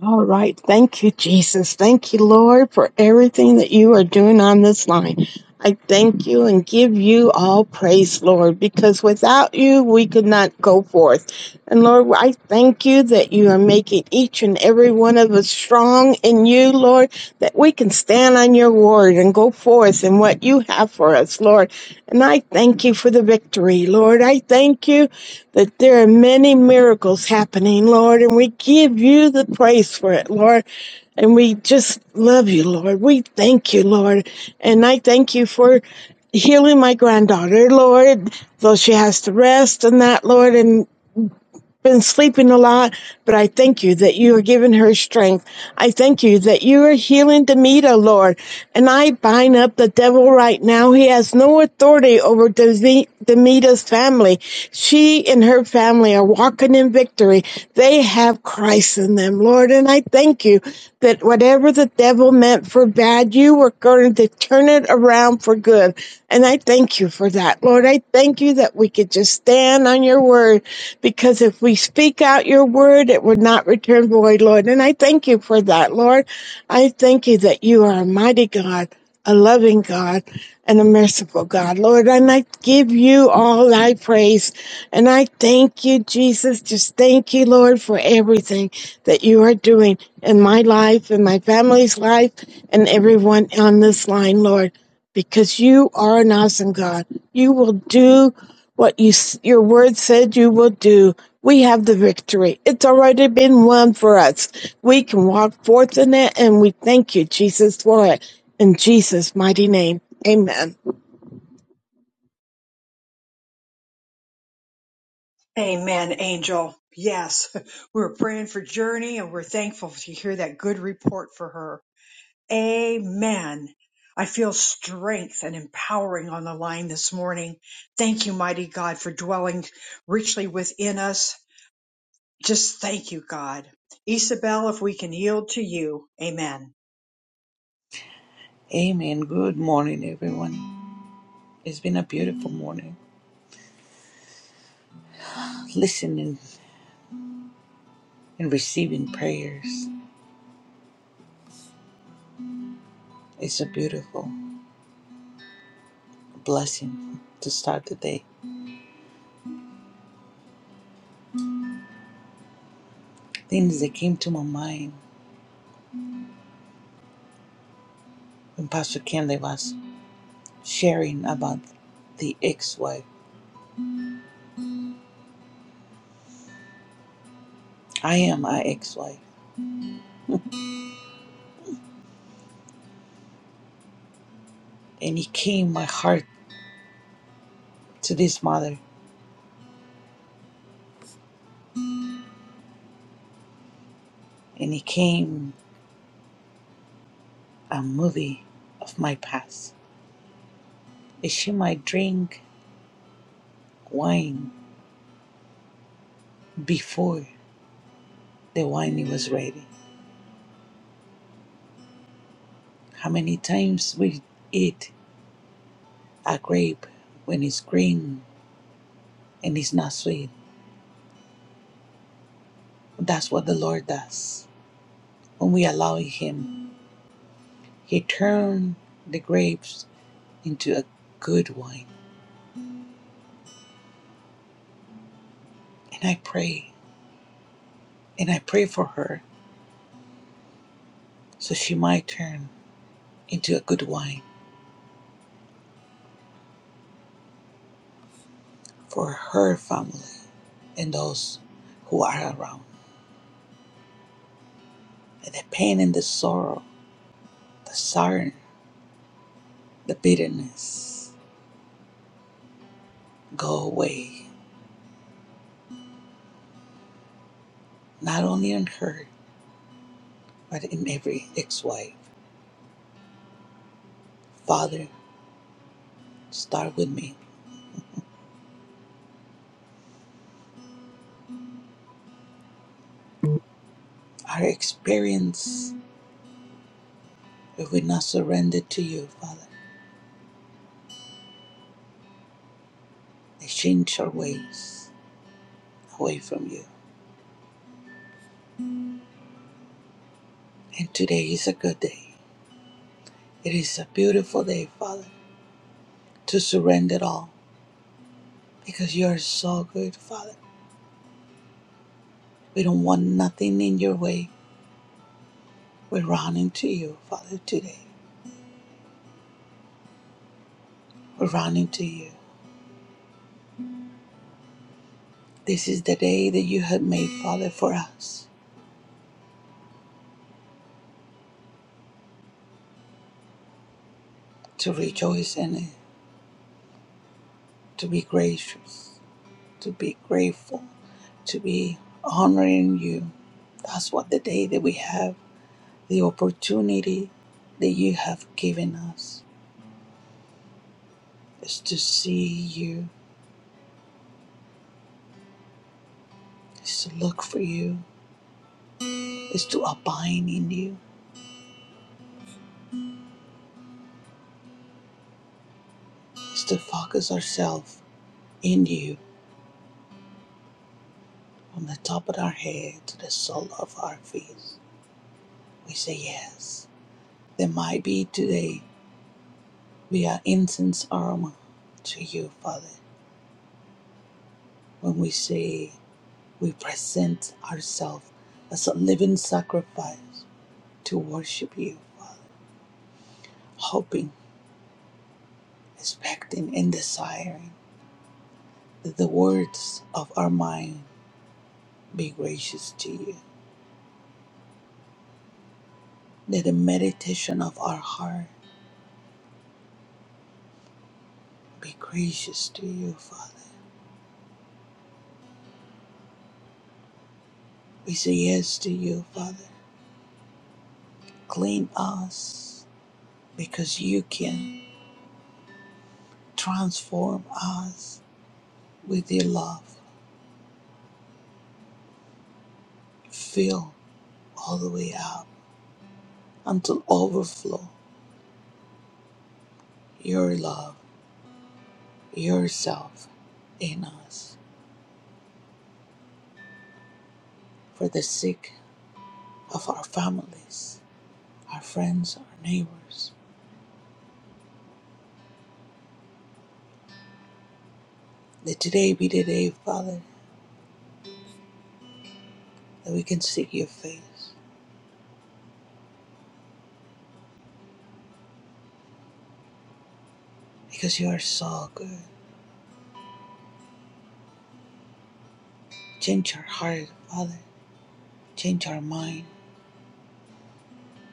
All right. Thank you, Jesus. Thank you, Lord, for everything that you are doing on this line. I thank you and give you all praise, Lord, because without you, we could not go forth. And Lord, I thank you that you are making each and every one of us strong in you, Lord, that we can stand on your word and go forth in what you have for us, Lord. And I thank you for the victory, Lord. I thank you that there are many miracles happening, Lord, and we give you the praise for it, Lord. And we just love you, Lord. We thank you, Lord. And I thank you for healing my granddaughter, Lord, though she has to rest and that, Lord. And been sleeping a lot, but I thank you that you are giving her strength. I thank you that you are healing Demita, Lord. And I bind up the devil right now. He has no authority over Deme- Demita's family. She and her family are walking in victory. They have Christ in them, Lord. And I thank you that whatever the devil meant for bad, you were going to turn it around for good. And I thank you for that, Lord. I thank you that we could just stand on your word because if we speak out your word, it would not return void, Lord. And I thank you for that, Lord. I thank you that you are a mighty God, a loving God, and a merciful God, Lord. And I give you all thy praise. And I thank you, Jesus. Just thank you, Lord, for everything that you are doing in my life, in my family's life, and everyone on this line, Lord because you are an awesome God. You will do what you your word said you will do. We have the victory. It's already been won for us. We can walk forth in it, and we thank you, Jesus, for it. In Jesus' mighty name, Amen. Amen, Angel. Yes, we're praying for Journey, and we're thankful to hear that good report for her. Amen. I feel strength and empowering on the line this morning. Thank you, mighty God, for dwelling richly within us. Just thank you, God. Isabel, if we can yield to you. Amen. Amen. Good morning, everyone. It's been a beautiful morning. Listening and receiving prayers is a beautiful blessing to start the day. Things that came to my mind when Pastor Kenley was sharing about the ex wife. I am an ex wife. And it came my heart to this mother, and it came a movie of my past. And she might drink wine before the wine was ready How many times we eat a grape when it's green and it's not sweet? That's what the Lord does. When we allow Him, He turns the grapes into a good wine. And I pray, and I pray for her so she might turn into a good wine for her family and those who are around. Let the pain and the sorrow, the sorrow, the bitterness go away, not only on her, but in every ex wife. Father, start with me. Our experience, if we not surrender to you, Father, they change our ways away from you. And today is a good day. It is a beautiful day, Father, to surrender it all because you are so good, Father. We don't want nothing in your way. We're running to you, Father, today. We're running to you. This is the day that you have made, Father, for us to rejoice in it, to be gracious to be grateful, to be honoring you. That's what the day that we have the opportunity that you have given us is to see you, is to look for you, is to abide in you, is to focus ourselves in you from the top of our head to the sole of our feet. We say yes. There might be today we are incense aroma to you, Father, when we say we present ourselves as a living sacrifice to worship you, Father, hoping, expecting, and desiring that the words of our mind be gracious to you, that the meditation of our heart be gracious to you, Father. We say yes to you, Father. Clean us because you can transform us with your love. Fill all the way up until overflow your love yourself in us for the sake of our families, our friends, our neighbors. That today be the day, Father, that we can seek your face because you are so good. Change our heart, Father. Change our mind.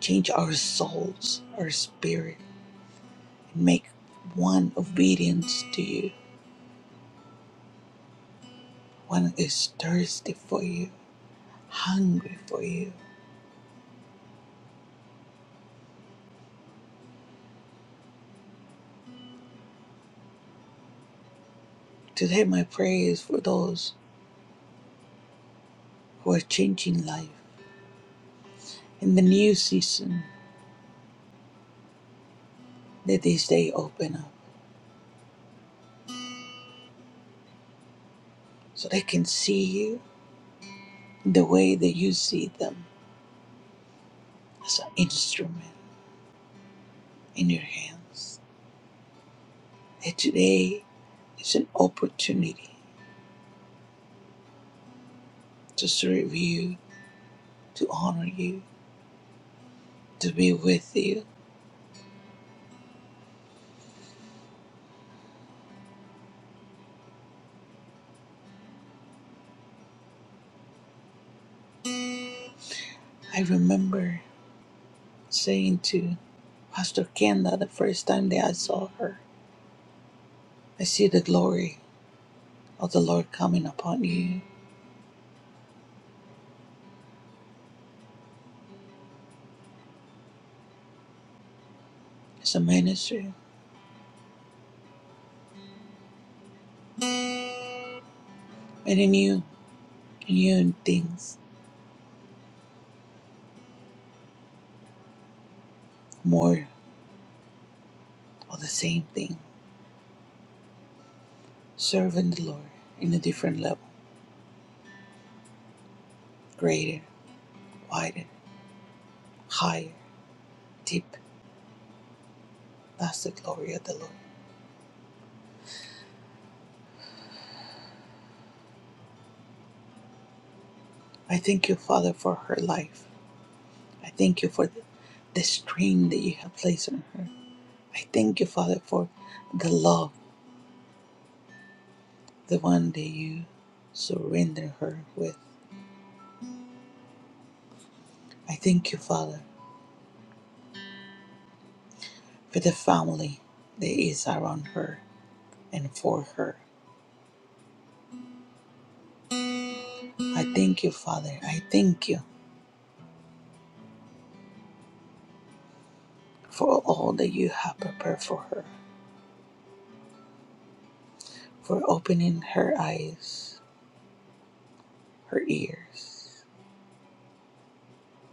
Change our souls, our spirit, and make one obedience to you. One is thirsty for you, hungry for you. Today, my prayer is for those who are changing life in the new season Let this day open up so they can see you the way that you see them as an instrument in your hands. That today is an opportunity to serve you, to honor you, to be with you. I remember saying to Pastor Kenda the first time that I saw her, I see the glory of the Lord coming upon you as a minister, and in you, new things, more of the same thing. serving the Lord in a different level, greater, wider, higher, deep. That's the glory of the Lord. I thank you, Father, for her life. I thank you for the, the strain that you have placed on her. I thank you, Father, for the love, the one that you surrender her with. I thank you, Father, for the family that is around her and for her. I thank you, Father. I thank you for all that you have prepared for her. for opening her eyes, her ears,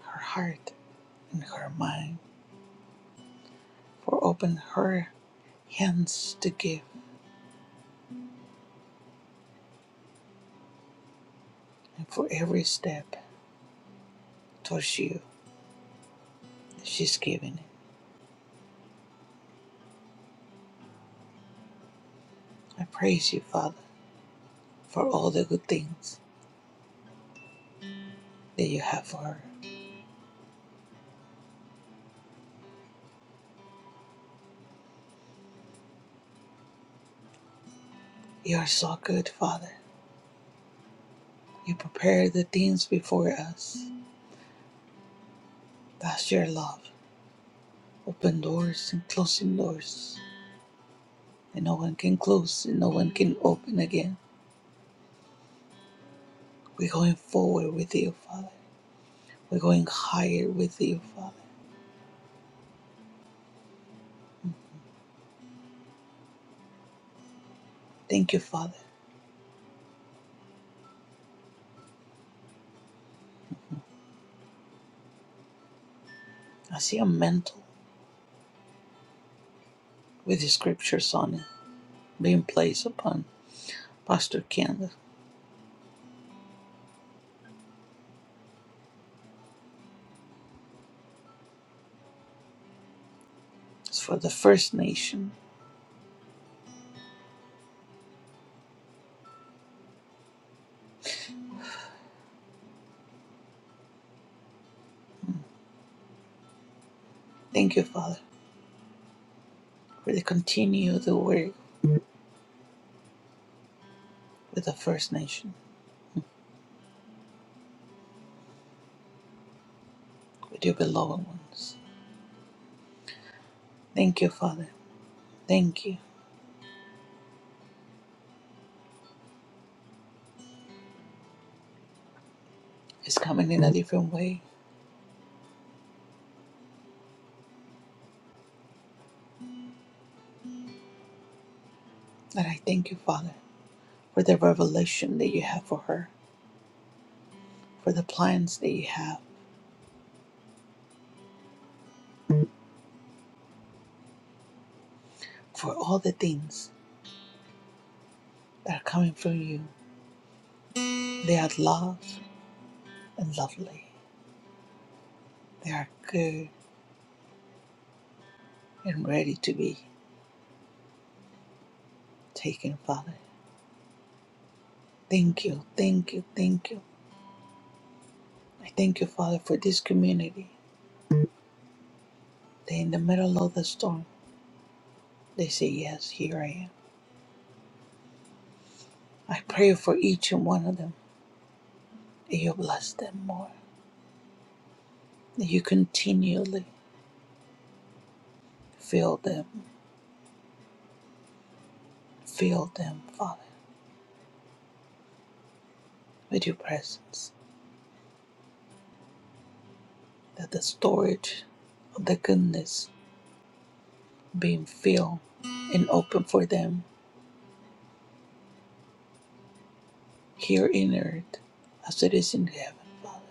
her heart, and her mind, for open her hands to give, and for every step towards you she's giving. it. I praise you, Father, for all the good things that you have for her. You are so good, Father. You prepare the things before us. That's your love. Open doors and closing doors, and no one can close, and no one can open again. We're going forward with you, Father. We're going higher with you, Father. Thank you, Father. I see a mantle with the scriptures on it being placed upon Pastor Ken. It's for the First Nation. Mm. Thank you, Father, for the continue the work with the First Nation, with your beloved ones. Thank you, Father. Thank you. It's coming in a different way. And I thank you, Father, for the revelation that you have for her, for the plans that you have, for all the things that are coming from you. They are love, and lovely. They are good and ready to be taken, Father. Thank you, thank you, thank you. I thank you, Father, for this community. They in the middle of the storm. They say, Yes, here I am. I pray for each and one of them that you bless them more. That you continually fill them, fill them, Father, with your presence. That the storage of the goodness being filled and open for them here in earth as it is in heaven, Father.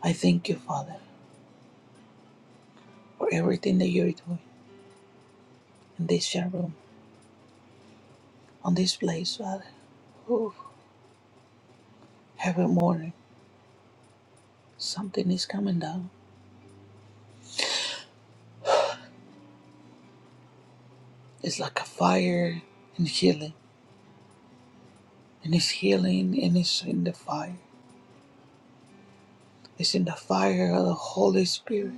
I thank you, Father, for everything that you're doing in this chat room, on this place, Father. Ooh, every morning, something is coming down. It's like a fire and healing, and it's healing, and it's in the fire. It's in the fire of the Holy Spirit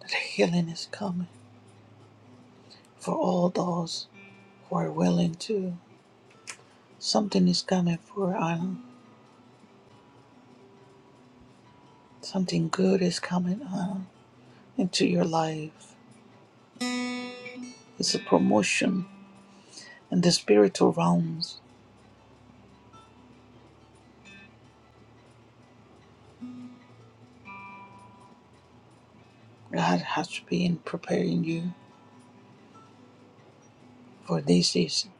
that the healing is coming for all those who are willing to. Something is coming for Anna. Something good is coming Anna, into your life. It's a promotion in the spiritual realms God has been preparing you for this season.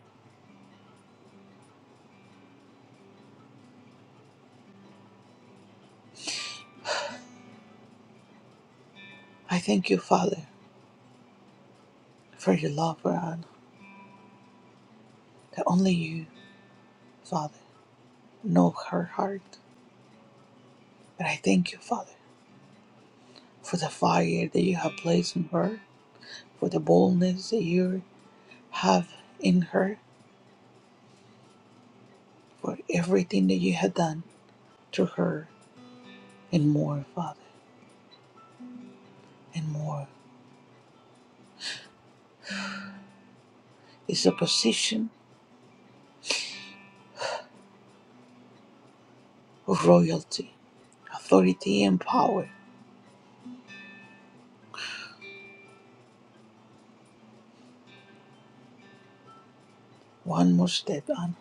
I thank you, Father, for your love for Anna, that only you, Father, know her heart. But I thank you, Father, for the fire that you have placed in her, for the boldness that you have in her, for everything that you have done to her, and more, Father, and more. It's a position of royalty, authority, and power. One more step, Anna,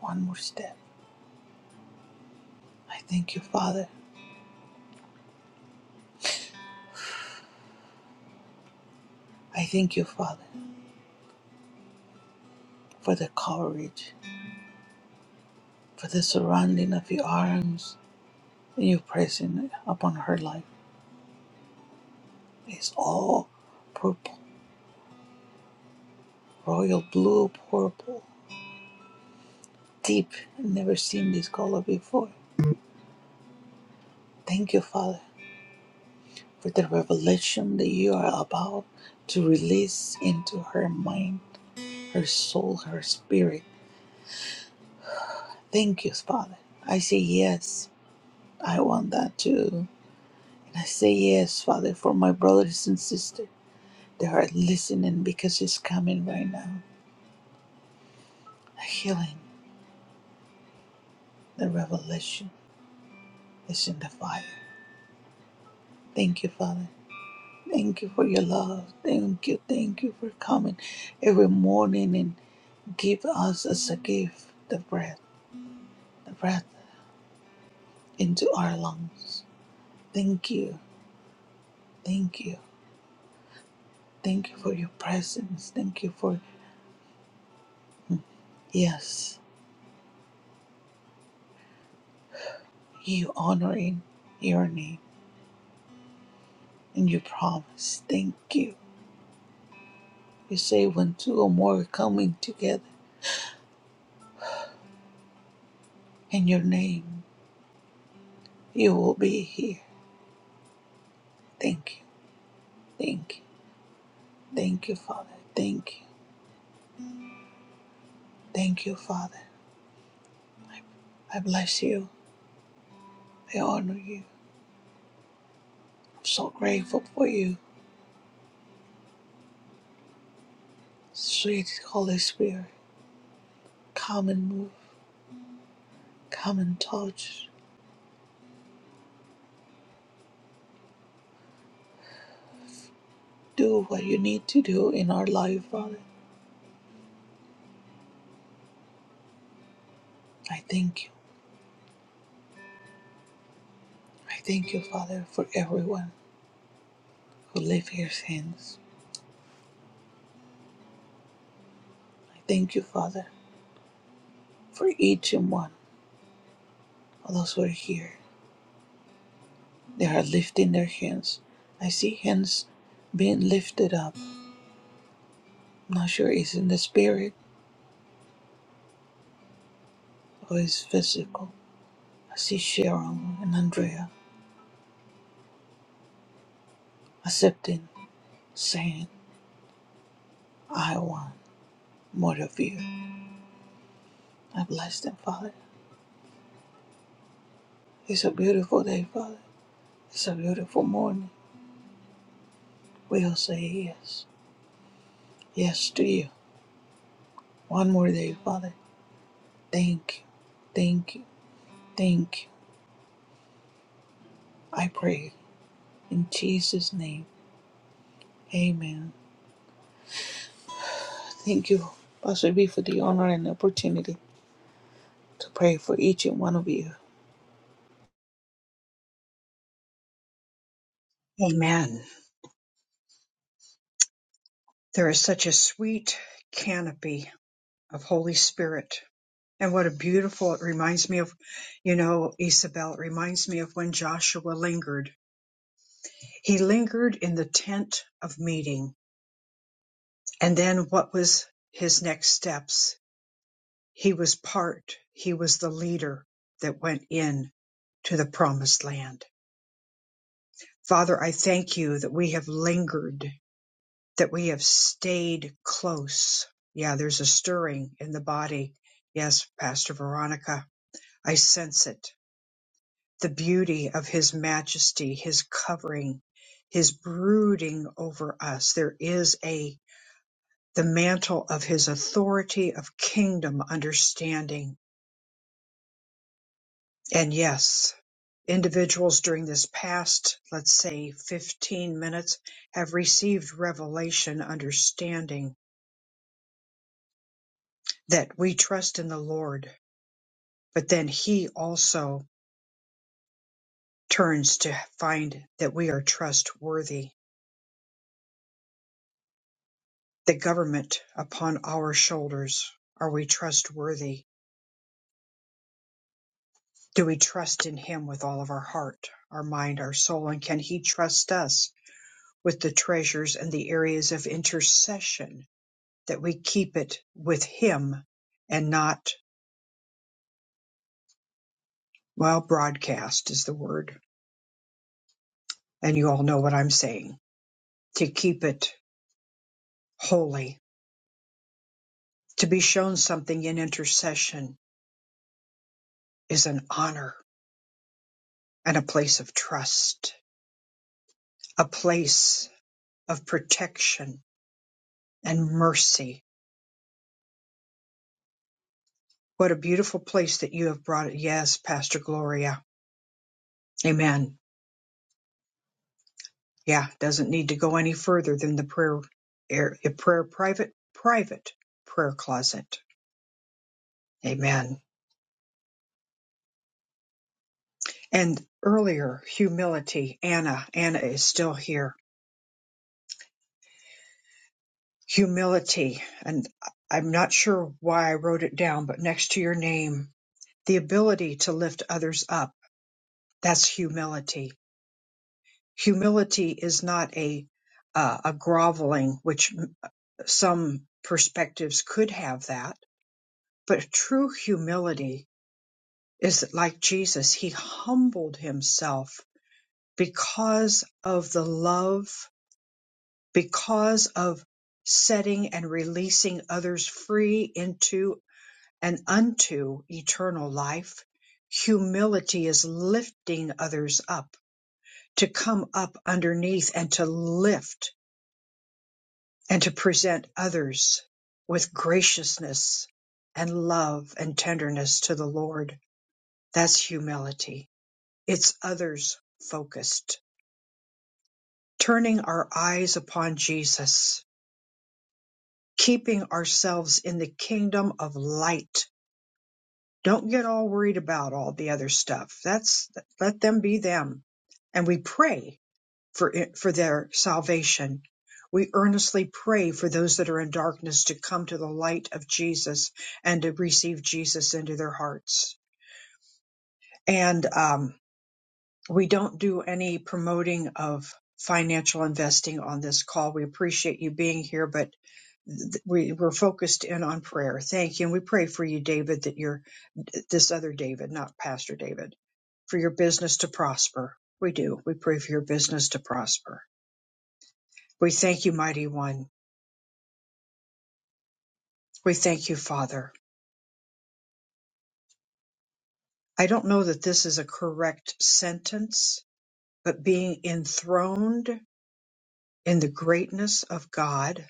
one more step. I thank you, Father. I thank you, Father, for the courage, for the surrounding of your arms and your presence upon her life. It's all purple, royal blue purple, deep, I've never seen this color before. Thank you, Father, for the revelation that you are about to release into her mind, her soul, her spirit. Thank you, Father. I say yes, I want that too. And I say yes, Father, for my brothers and sisters. They are listening because it's coming right now. The healing, the revelation is in the fire. Thank you, Father. Thank you for your love. Thank you. Thank you for coming every morning and give us as a gift the breath, the breath into our lungs. Thank you. Thank you. Thank you for your presence. Thank you for, yes, you honoring your name and your promise. Thank you. You say when two or more are coming together. In your name, you will be here. Thank you. Thank you. Thank you, Father. Thank you. Thank you, Father. I bless you. I honor you. I'm so grateful for you. Sweet Holy Spirit, come and move. Come and touch. Do what you need to do in our life, Father. I thank you. I thank you, Father, for everyone who lives here since. I thank you, Father, for each and one of those who are here. They are lifting their hands. I see hands being lifted up. I'm not sure it's in the spirit or it's physical. I see Cheryl and Andrea accepting, saying, I want more of you. I bless them, Father. It's a beautiful day, Father. It's a beautiful morning. We'll say yes. Yes to you. One more day, Father. Thank you. Thank you. Thank you. I pray in Jesus' name. Amen. Thank you, Pastor B, for the honor and opportunity to pray for each and one of you. Amen. There is such a sweet canopy of Holy Spirit. And what a beautiful, it reminds me of, you know, Isabel, it reminds me of when Joshua lingered. He lingered in the tent of meeting. And then what was his next steps? He was part, he was the leader that went in to the promised land. Father, I thank you that we have lingered that we have stayed close. Yeah, there's a stirring in the body. Yes, Pastor Veronica, I sense it. The beauty of His majesty, His covering, His brooding over us. There is a, the mantle of His authority of kingdom understanding. And yes, individuals during this past, let's say 15 minutes have received revelation understanding that we trust in the Lord but then he also turns to find that we are trustworthy. The government upon our shoulders. Are we trustworthy? Do we trust in him with all of our heart, our mind, our soul? And can he trust us with the treasures and the areas of intercession that we keep it with him and not, well, broadcast is the word. And you all know what I'm saying to keep it holy, to be shown something in intercession is an honor and a place of trust, a place of protection and mercy. What a beautiful place that you have brought it. Yes, Pastor Gloria. Amen. Yeah, doesn't need to go any further than the prayer, air, prayer private, private prayer closet. Amen. And earlier, humility. Anna, Anna is still here. Humility. And I'm not sure why I wrote it down, but next to your name, the ability to lift others up That's humility. Humility is not a uh, a groveling, which m- some perspectives could have that, but true humility is like Jesus. He humbled himself because of the love, because of setting and releasing others free into and unto eternal life. Humility is lifting others up to come up underneath and to lift and to present others with graciousness and love and tenderness to the Lord. That's humility. It's others focused, turning our eyes upon Jesus, keeping ourselves in the kingdom of light. Don't get all worried about all the other stuff. That's let them be them. And we pray for, it- for their salvation. We earnestly pray for those that are in darkness to come to the light of Jesus and to receive Jesus into their hearts. And um, we don't do any promoting of financial investing on this call. We appreciate you being here, but th- we, we're focused in on prayer. Thank you. And we pray for you, David, that you're this other David, not Pastor David, for your business to prosper. We do. We pray for your business to prosper. We thank you, mighty one. We thank you, Father. I don't know that this is a correct sentence, but being enthroned in the greatness of God,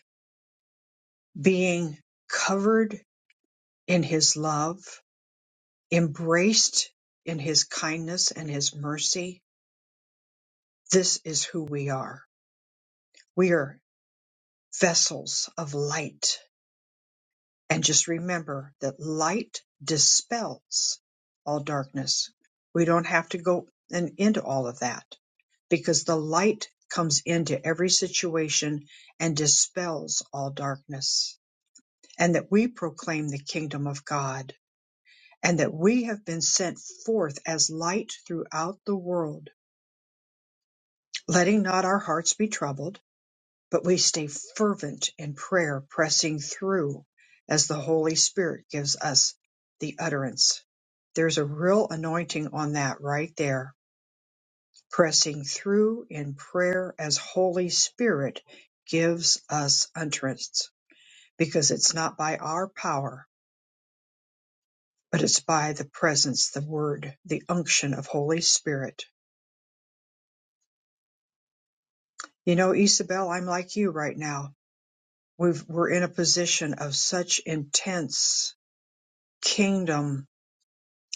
being covered in his love, embraced in his kindness and his mercy, this is who we are. We are vessels of light And just remember that light dispels all darkness. We don't have to go and into all of that because the light comes into every situation and dispels all darkness. And that we proclaim the kingdom of God and that we have been sent forth as light throughout the world, letting not our hearts be troubled but we stay fervent in prayer, pressing through as the Holy Spirit gives us the utterance. There's a real anointing on that right there, pressing through in prayer as Holy Spirit gives us utterance, because it's not by our power, but it's by the presence, the word, the unction of Holy Spirit. You know, Isabel, I'm like you right now. We've, we're in a position of such intense kingdom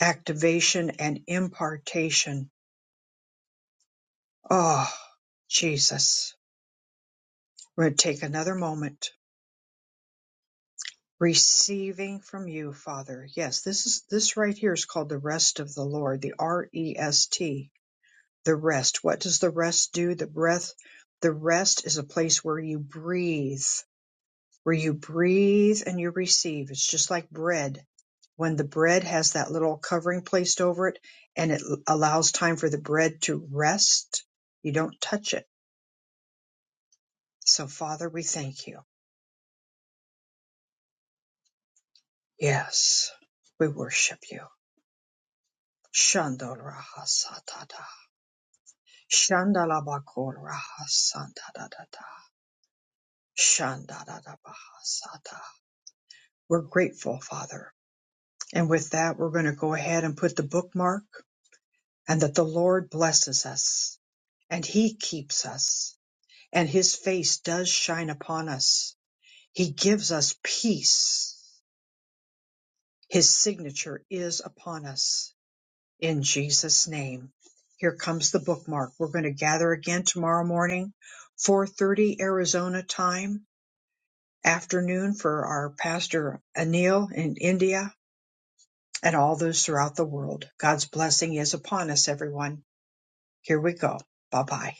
activation and impartation. Oh, Jesus. We're going to take another moment. Receiving from you, Father. Yes, this is this right here is called the rest of the Lord, the R E S T, the rest. What does the rest do? The breath, the rest is a place where you breathe, where you breathe and you receive. It's just like bread. When the bread has that little covering placed over it and it allows time for the bread to rest, you don't touch it So, Father, we thank you. Yes, we worship you. Shandorahasatata. Shandalabakorahasantadadada. Shandadadabahasata. We're grateful, Father. And with that, we're going to go ahead and put the bookmark and that the Lord blesses us and he keeps us and his face does shine upon us. He gives us peace. His signature is upon us in Jesus' name. Here comes the bookmark. We're going to gather again tomorrow morning, 4:30 Arizona time, afternoon for our pastor Anil in India and all those throughout the world. God's blessing is upon us everyone. Here we go. Bye-bye.